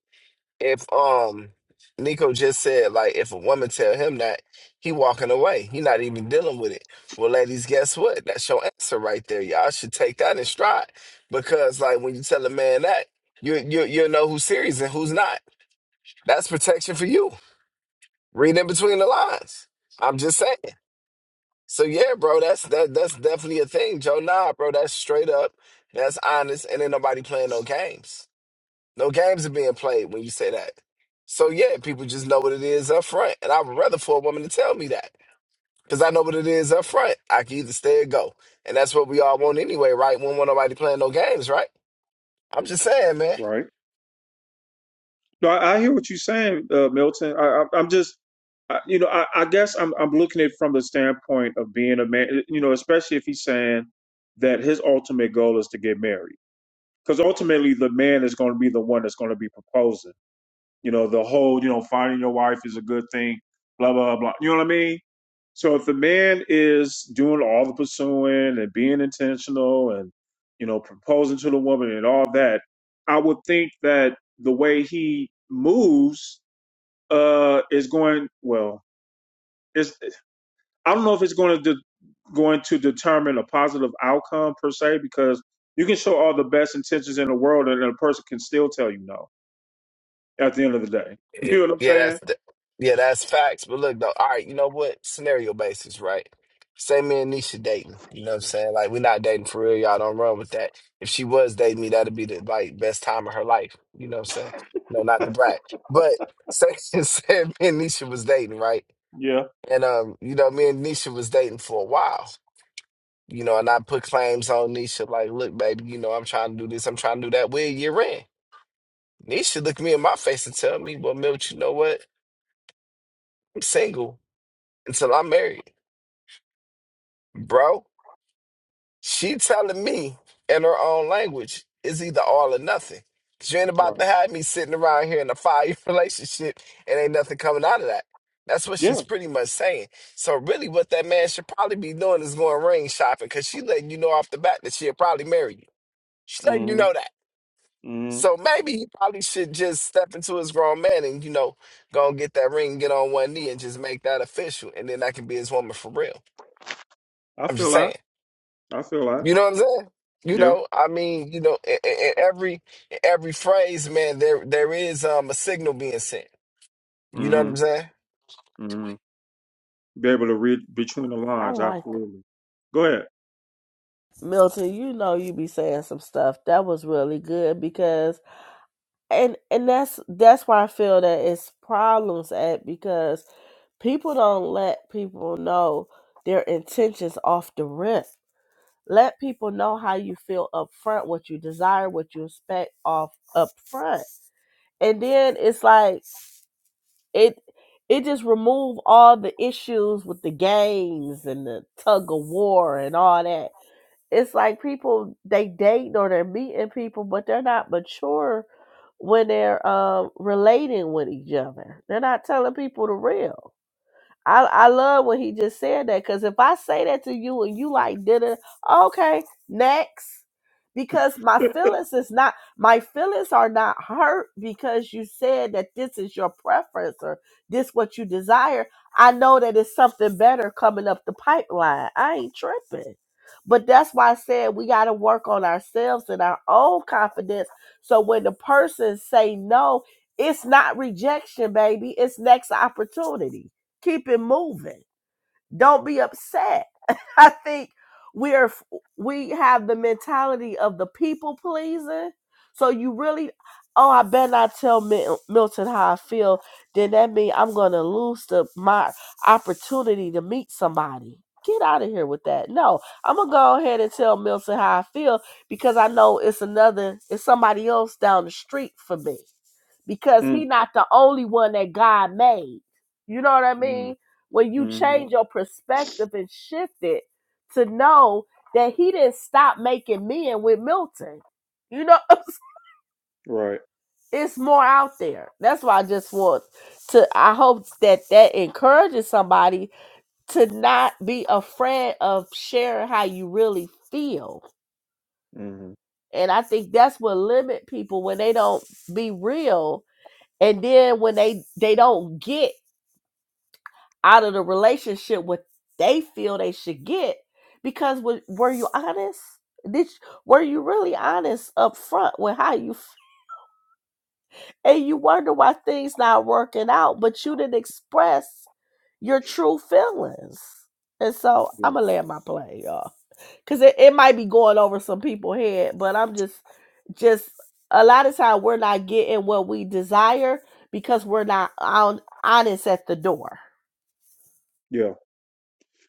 G: if um Nico just said like if a woman tell him that he walking away, he not even dealing with it. Well, ladies, guess what? That's your answer right there. Y'all should take that in stride because like when you tell a man that you you you know who's serious and who's not. That's protection for you. Read in between the lines. I'm just saying. So yeah, bro, that's that that's definitely a thing, Joe. Nah, bro, that's straight up. That's honest. And ain't nobody playing no games. No games are being played when you say that. So yeah, people just know what it is up front. And I would rather for a woman to tell me that. Because I know what it is up front. I can either stay or go. And that's what we all want anyway, right? We don't want nobody playing no games, right? I'm just saying, man.
B: Right. No, I, I hear what you're saying, uh, Milton. I, I, I'm just, I, you know, I, I guess I'm I'm looking at it from the standpoint of being a man. You know, especially if he's saying that his ultimate goal is to get married, because ultimately the man is going to be the one that's going to be proposing. You know, the whole, you know, finding your wife is a good thing, blah, blah, blah. You know what I mean? So if the man is doing all the pursuing and being intentional and, you know, proposing to the woman and all that, I would think that the way he moves uh is going well, it's I don't know if it's going to de- going to determine a positive outcome per se because you can show all the best intentions in the world and a person can still tell you no at the end of the day. You
G: Eh,
B: know what I'm
G: Yeah,
B: saying?
G: that's th- yeah, that's facts. But look though, all right, you know what? Scenario basis, right? Say me and Nisha dating. You know what I'm saying? Like we're not dating for real, y'all don't run with that. If she was dating me, that'd be the like best time of her life. You know what I'm saying? No, not the brat. But say say me and Nisha was dating, right? And um, you know, me and Nisha was dating for a while. You know, and I put claims on Nisha, like, look, baby, you know, I'm trying to do this, I'm trying to do that. Where you're in. Nisha look me in my face and tell me, well, Milt, you know what? I'm single until I'm married. Bro, she telling me in her own language is either all or nothing. 'Cause you ain't about
B: Right.
G: to have me sitting around here in a five year relationship and ain't nothing coming out of that. That's what she's
B: Yeah.
G: pretty much saying. So really what that man should probably be doing is going ring shopping because she letting you know off the bat that she'll probably marry you. She's letting you
B: hmm
G: know that.
B: hmm
G: So maybe he probably should just step into his grown man and, you know, go and get that ring, get on one knee and just make that official. And then that can be his woman for real.
B: I
G: I'm just
B: feel that.
G: saying.
B: I feel that.
G: You know what I'm saying? You
B: Yeah.
G: know, I mean, you know, in, in every in every phrase, man, there there is um a signal being sent. You know what
B: hmm
G: I'm saying?
B: hmm Be able to read between the
E: I
B: lines.
E: like that.
B: Absolutely. Go ahead.
E: Milton, you know you be saying some stuff that was really good because and and that's that's why I feel that it's problems at because people don't let people know their intentions off the rip. Let people know how you feel up front, what you desire, what you expect off up front. And then it's like it it just remove all the issues with the games and the tug of war and all that. It's like people they date or they're meeting people, but they're not mature when they're um, relating with each other. They're not telling people the real I, I love what he just said that because if I say that to you and you like did it, okay, next. Because my feelings is not my feelings are not hurt because you said that this is your preference or this what you desire. I know that it's something better coming up the pipeline. I ain't tripping. But that's why I said we gotta work on ourselves and our own confidence. So when the person say no, it's not rejection, baby. It's next opportunity keep it moving don't be upset i think we're we have the mentality of the people pleasing so you really oh i better not tell Mil- milton how i feel then that means i'm gonna lose the my opportunity to meet somebody get out of here with that no i'm gonna go ahead and tell milton how i feel because i know it's another it's somebody else down the street for me because he
B: Mm.
E: not the only one that God made. You know what I
B: Mm.
E: mean? When you
B: hmm
E: change your perspective and shift it to know that he didn't stop making men with Milton. You know,
B: Right.
E: it's more out there. That's why I just want to I hope that that encourages somebody to not be afraid of sharing how you really feel.
B: hmm
E: And I think that's what limit people when they don't be real and then when they they don't get out of the relationship what they feel they should get because wa- were you honest did were you really honest up front with how you f- and you wonder why things not working out but you didn't express your true feelings and so
B: Yeah.
E: i'm gonna land my plane y'all because it, it might be going over some people's head but i'm just just a lot of time we're not getting what we desire because we're not on, honest at the door
B: Yeah.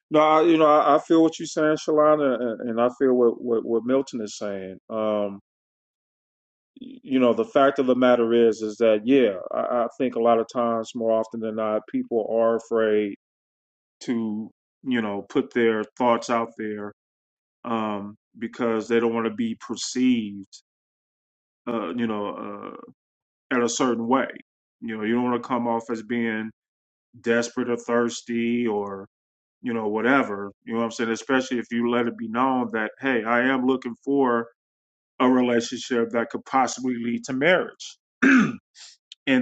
B: No, I, you know, I, I feel what you're saying, Shalana, and, and I feel what, what, what Milton is saying. Um, y- you know, the fact of the matter is, is that, yeah, I, I think a lot of times, more often than not, people are afraid to, you know, put their thoughts out there um, because they don't want to be perceived, uh, you know, uh, at a certain way. You know, you don't want to come off as being desperate or thirsty or you know whatever. You know what I'm saying? Especially if you let it be known that hey, I am looking for a relationship that could possibly lead to marriage, and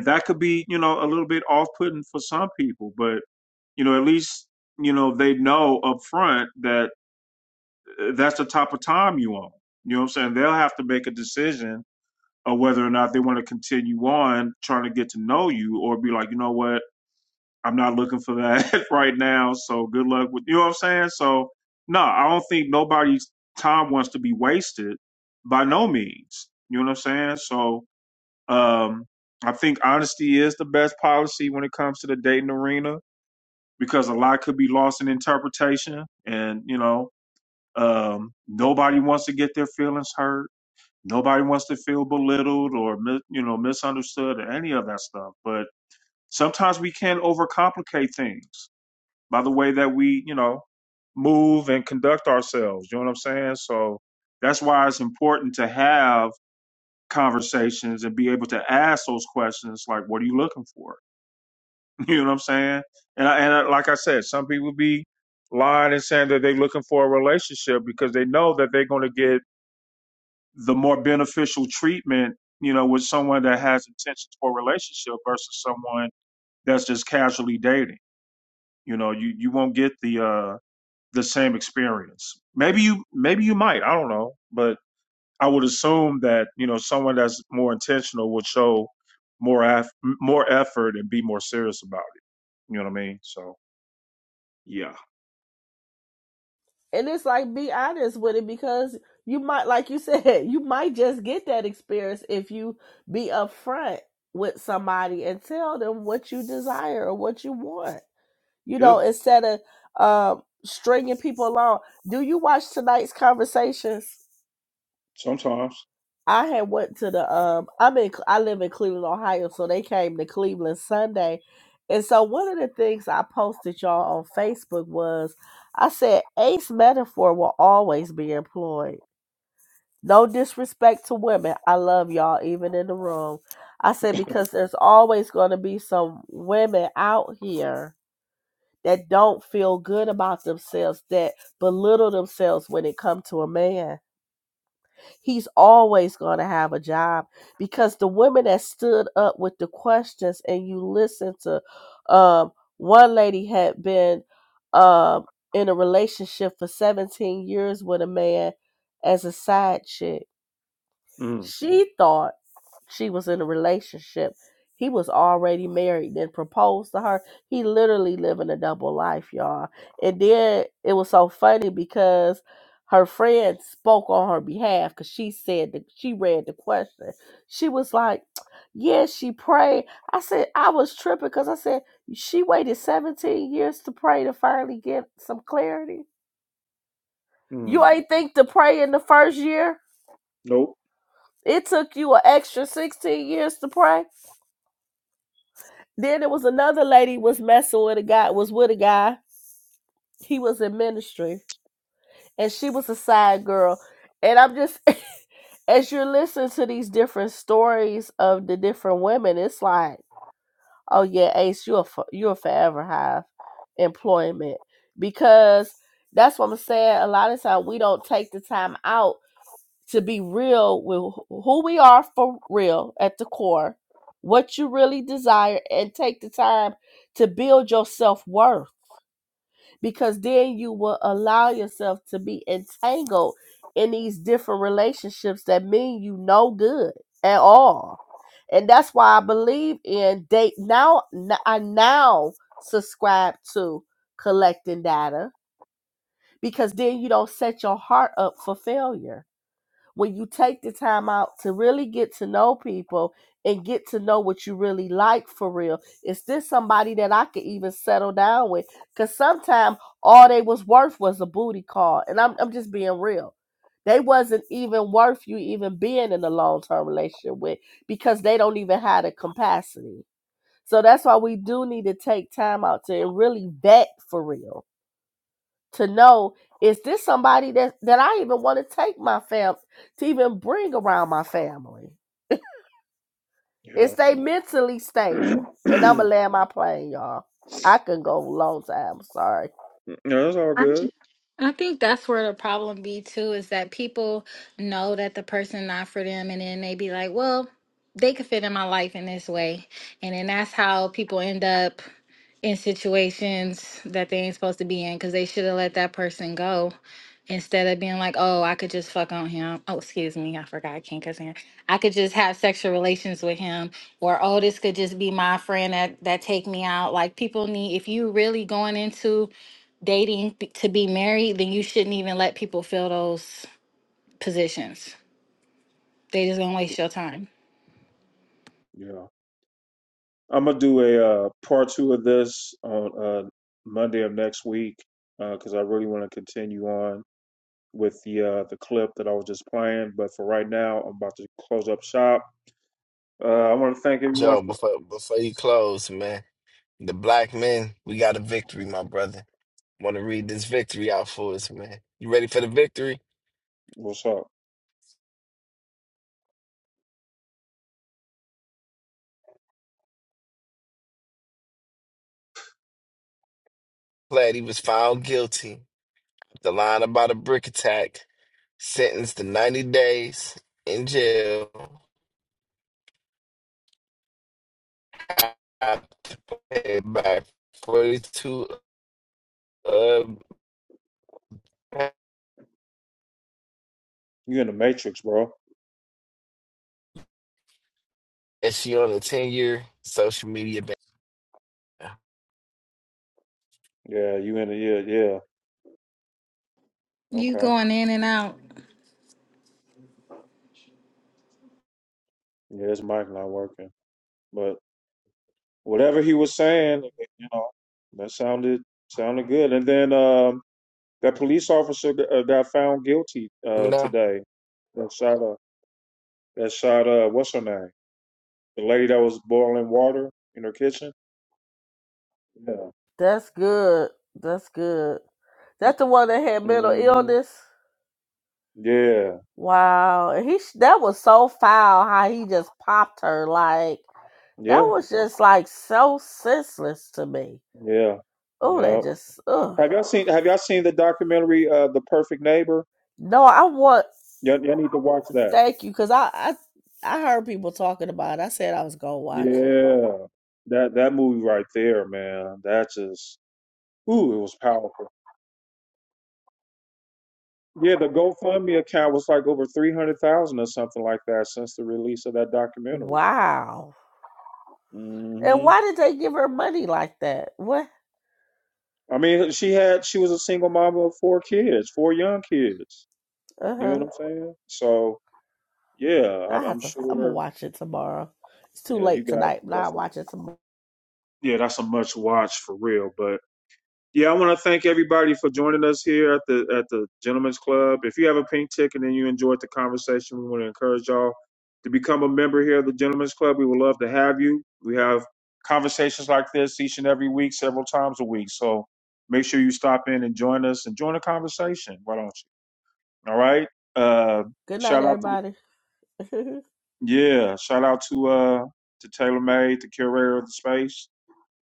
B: that could be you know a little bit off-putting for some people, but you know at least you know they know up front that that's the type of time you own. You know what I'm saying? They'll have to make a decision of whether or not they want to continue on trying to get to know you or be like, you know what, I'm not looking for that right now. So good luck with you know what I'm saying? So no, I don't think nobody's time wants to be wasted by no means. You know what I'm saying? So um I think honesty is the best policy when it comes to the dating arena because a lot could be lost in interpretation and you know um, nobody wants to get their feelings hurt. Nobody wants to feel belittled or mi- you know misunderstood or any of that stuff. But sometimes we can overcomplicate things by the way that we you know move and conduct ourselves. You know what I'm saying? So that's why it's important to have conversations and be able to ask those questions like, "What are you looking for?" You know what I'm saying? And I, and I, like I said, some people be lying and saying that they're looking for a relationship because they know that they're going to get the more beneficial treatment, you know, with someone that has intentions for a relationship versus someone that's just casually dating. You know, you you won't get the uh the same experience. Maybe you maybe you might, I don't know, but I would assume that, you know, someone that's more intentional would show more af- more effort and be more serious about it. You know what I mean? So, yeah.
E: And it's like be honest with it because you might like you said, you might just get that experience if you be upfront with somebody and tell them what you desire or what you want. You
B: Yeah,
E: know, instead of um stringing people along. Do you watch tonight's conversations?
B: sometimes.
E: I had went to the um I'm in I live in Cleveland, Ohio, so they came to Cleveland Sunday. And so one of the things I posted y'all on Facebook was I said ace metaphor will always be employed. No disrespect to women. I love y'all even in the room. I said because there's always going to be some women out here that don't feel good about themselves, that belittle themselves when it comes to a man. He's always going to have a job because the women that stood up with the questions and you listen to, um, one lady had been um, in a relationship for 17 years with a man as a side chick
B: Mm.
E: she thought she was in a relationship. He was already married, then proposed to her. He literally living a double life, y'all. And then it was so funny because her friend spoke on her behalf because she said that she read the question. She was like, "Yeah, she prayed. I said, I was tripping because I said, She waited 17 years to pray to finally get some clarity. You
B: Mm.
E: ain't think to pray in the first year?
B: Nope.
E: It took you an extra 16 years to pray. Then there was another lady was messing with a guy, was with a guy. He was in ministry and she was a side girl. And I'm just as you're listening to these different stories of the different women, it's like, oh yeah, Ace, you will you will forever have employment because that's what I'm saying. A lot of times we don't take the time out to be real with who we are for real at the core, what you really desire, and take the time to build your self worth because then you will allow yourself to be entangled in these different relationships that mean you no good at all. And that's why I believe in date now. I now subscribe to collecting data because then you don't set your heart up for failure when you take the time out to really get to know people and get to know what you really like for real. Is this somebody that I could even settle down with? Because sometimes all they was worth was a booty call. And I'm, I'm just being real. They wasn't even worth you even being in a long term relationship with because they don't even have the capacity. So that's why we do need to take time out to really vet for real to know is this somebody that that I even want to take my family to even bring around my family Is
B: Yeah.
E: they mentally stable. And I'm
B: yeah,
E: gonna land my plane, y'all. I can go a long time. Sorry.
B: that's all
H: I
B: good.
H: think I think that's where the problem be too is that people know that the person not for them and then they be like, well, they could fit in my life in this way. And then that's how people end up in situations that they ain't supposed to be in because they should have let that person go instead of being like, oh, I could just fuck on him. Oh, excuse me, I forgot I can't cuss here. I could just have sexual relations with him or oh, this could just be my friend that that take me out. Like people need if you really going into dating b- to be married, then you shouldn't even let people fill those positions. They just gonna waste your time.
B: Yeah. I'm gonna do a uh, part two of this on uh, Monday of next week because I really want to continue on with the uh, the clip that I was just playing. But for right now, I'm about to close up shop. Uh, I want to thank everyone.
G: Joe,
B: For,
G: before before you close, man, the black men, we got a victory, my brother. Want to read this victory out for us, man? You ready for the victory?
B: what's up?
G: Glad he was found guilty. The line about a brick attack, sentenced to 90 days in jail. Have to pay back 42. Uh,
B: You in the matrix, bro?
G: Is she on a 10 year social media ban.
B: Yeah, you in the yeah yeah.
H: You
B: Okay,
H: going in and out
B: yeah, his mic not working, but whatever he was saying, you know, that sounded sounded good. And then um, that police officer that uh, got found guilty
G: You
B: uh,
G: know?
B: today. that shot up. that shot uh what's her name? The lady that was boiling water in her kitchen. Yeah.
E: That's good. That's good. That's the one that had mental
B: hmm
E: illness.
B: Yeah.
E: Wow, and he that was so foul how he just popped her like that
B: Yeah.
E: was just like so senseless to me.
B: Yeah.
E: Oh, that
B: Yep.
E: just ugh.
B: Have y'all seen Have y'all seen the documentary uh The Perfect Neighbor?
E: No, I want.
B: Y'all, y'all need to watch that.
E: Thank you, because I, I I heard people talking about it. I said I was gonna watch it.
B: Yeah. That that movie right there, man. That just ooh, it was powerful. Yeah, the GoFundMe account was like over three hundred thousand or something like that since the release of that documentary.
E: Wow.
B: hmm
E: And why did they give her money like that? What?
B: I mean, she had she was a single mom of four kids, four young kids.
E: Uh
B: You know what
E: huh.
B: I'm saying? So yeah, I'm,
E: I
B: I'm
E: have to. I'm gonna
B: sure.
E: watch it tomorrow. It's too
B: Yeah, you
E: late
B: got
E: tonight, but
B: that's
E: I'll
B: a,
E: watch it tomorrow.
B: yeah that's a much watch for real. But yeah, I want to thank everybody for joining us here at the at the Gentlemen's Club. If you have a pink ticket and you enjoyed the conversation, we want to encourage y'all to become a member here at the Gentlemen's Club. We would love to have you. We have conversations like this each and every week, several times a week. So make sure you stop in and join us and join the conversation. Why don't you? All right. Uh,
E: Good night,
B: shout out to the,
E: everybody.
B: yeah, shout out to uh to Taylor May, the curator of the space.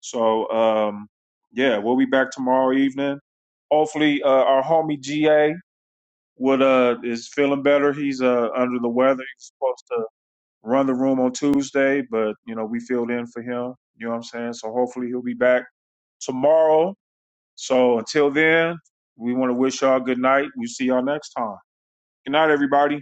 B: So um yeah, we'll be back tomorrow evening. Hopefully uh our homie GA would uh is feeling better. He's uh under the weather. He's supposed to run the room on Tuesday, but you know, we filled in for him. You know what I'm saying? So hopefully he'll be back tomorrow. So until then, we want to wish y'all good night. We'll see y'all next time. Good night, everybody.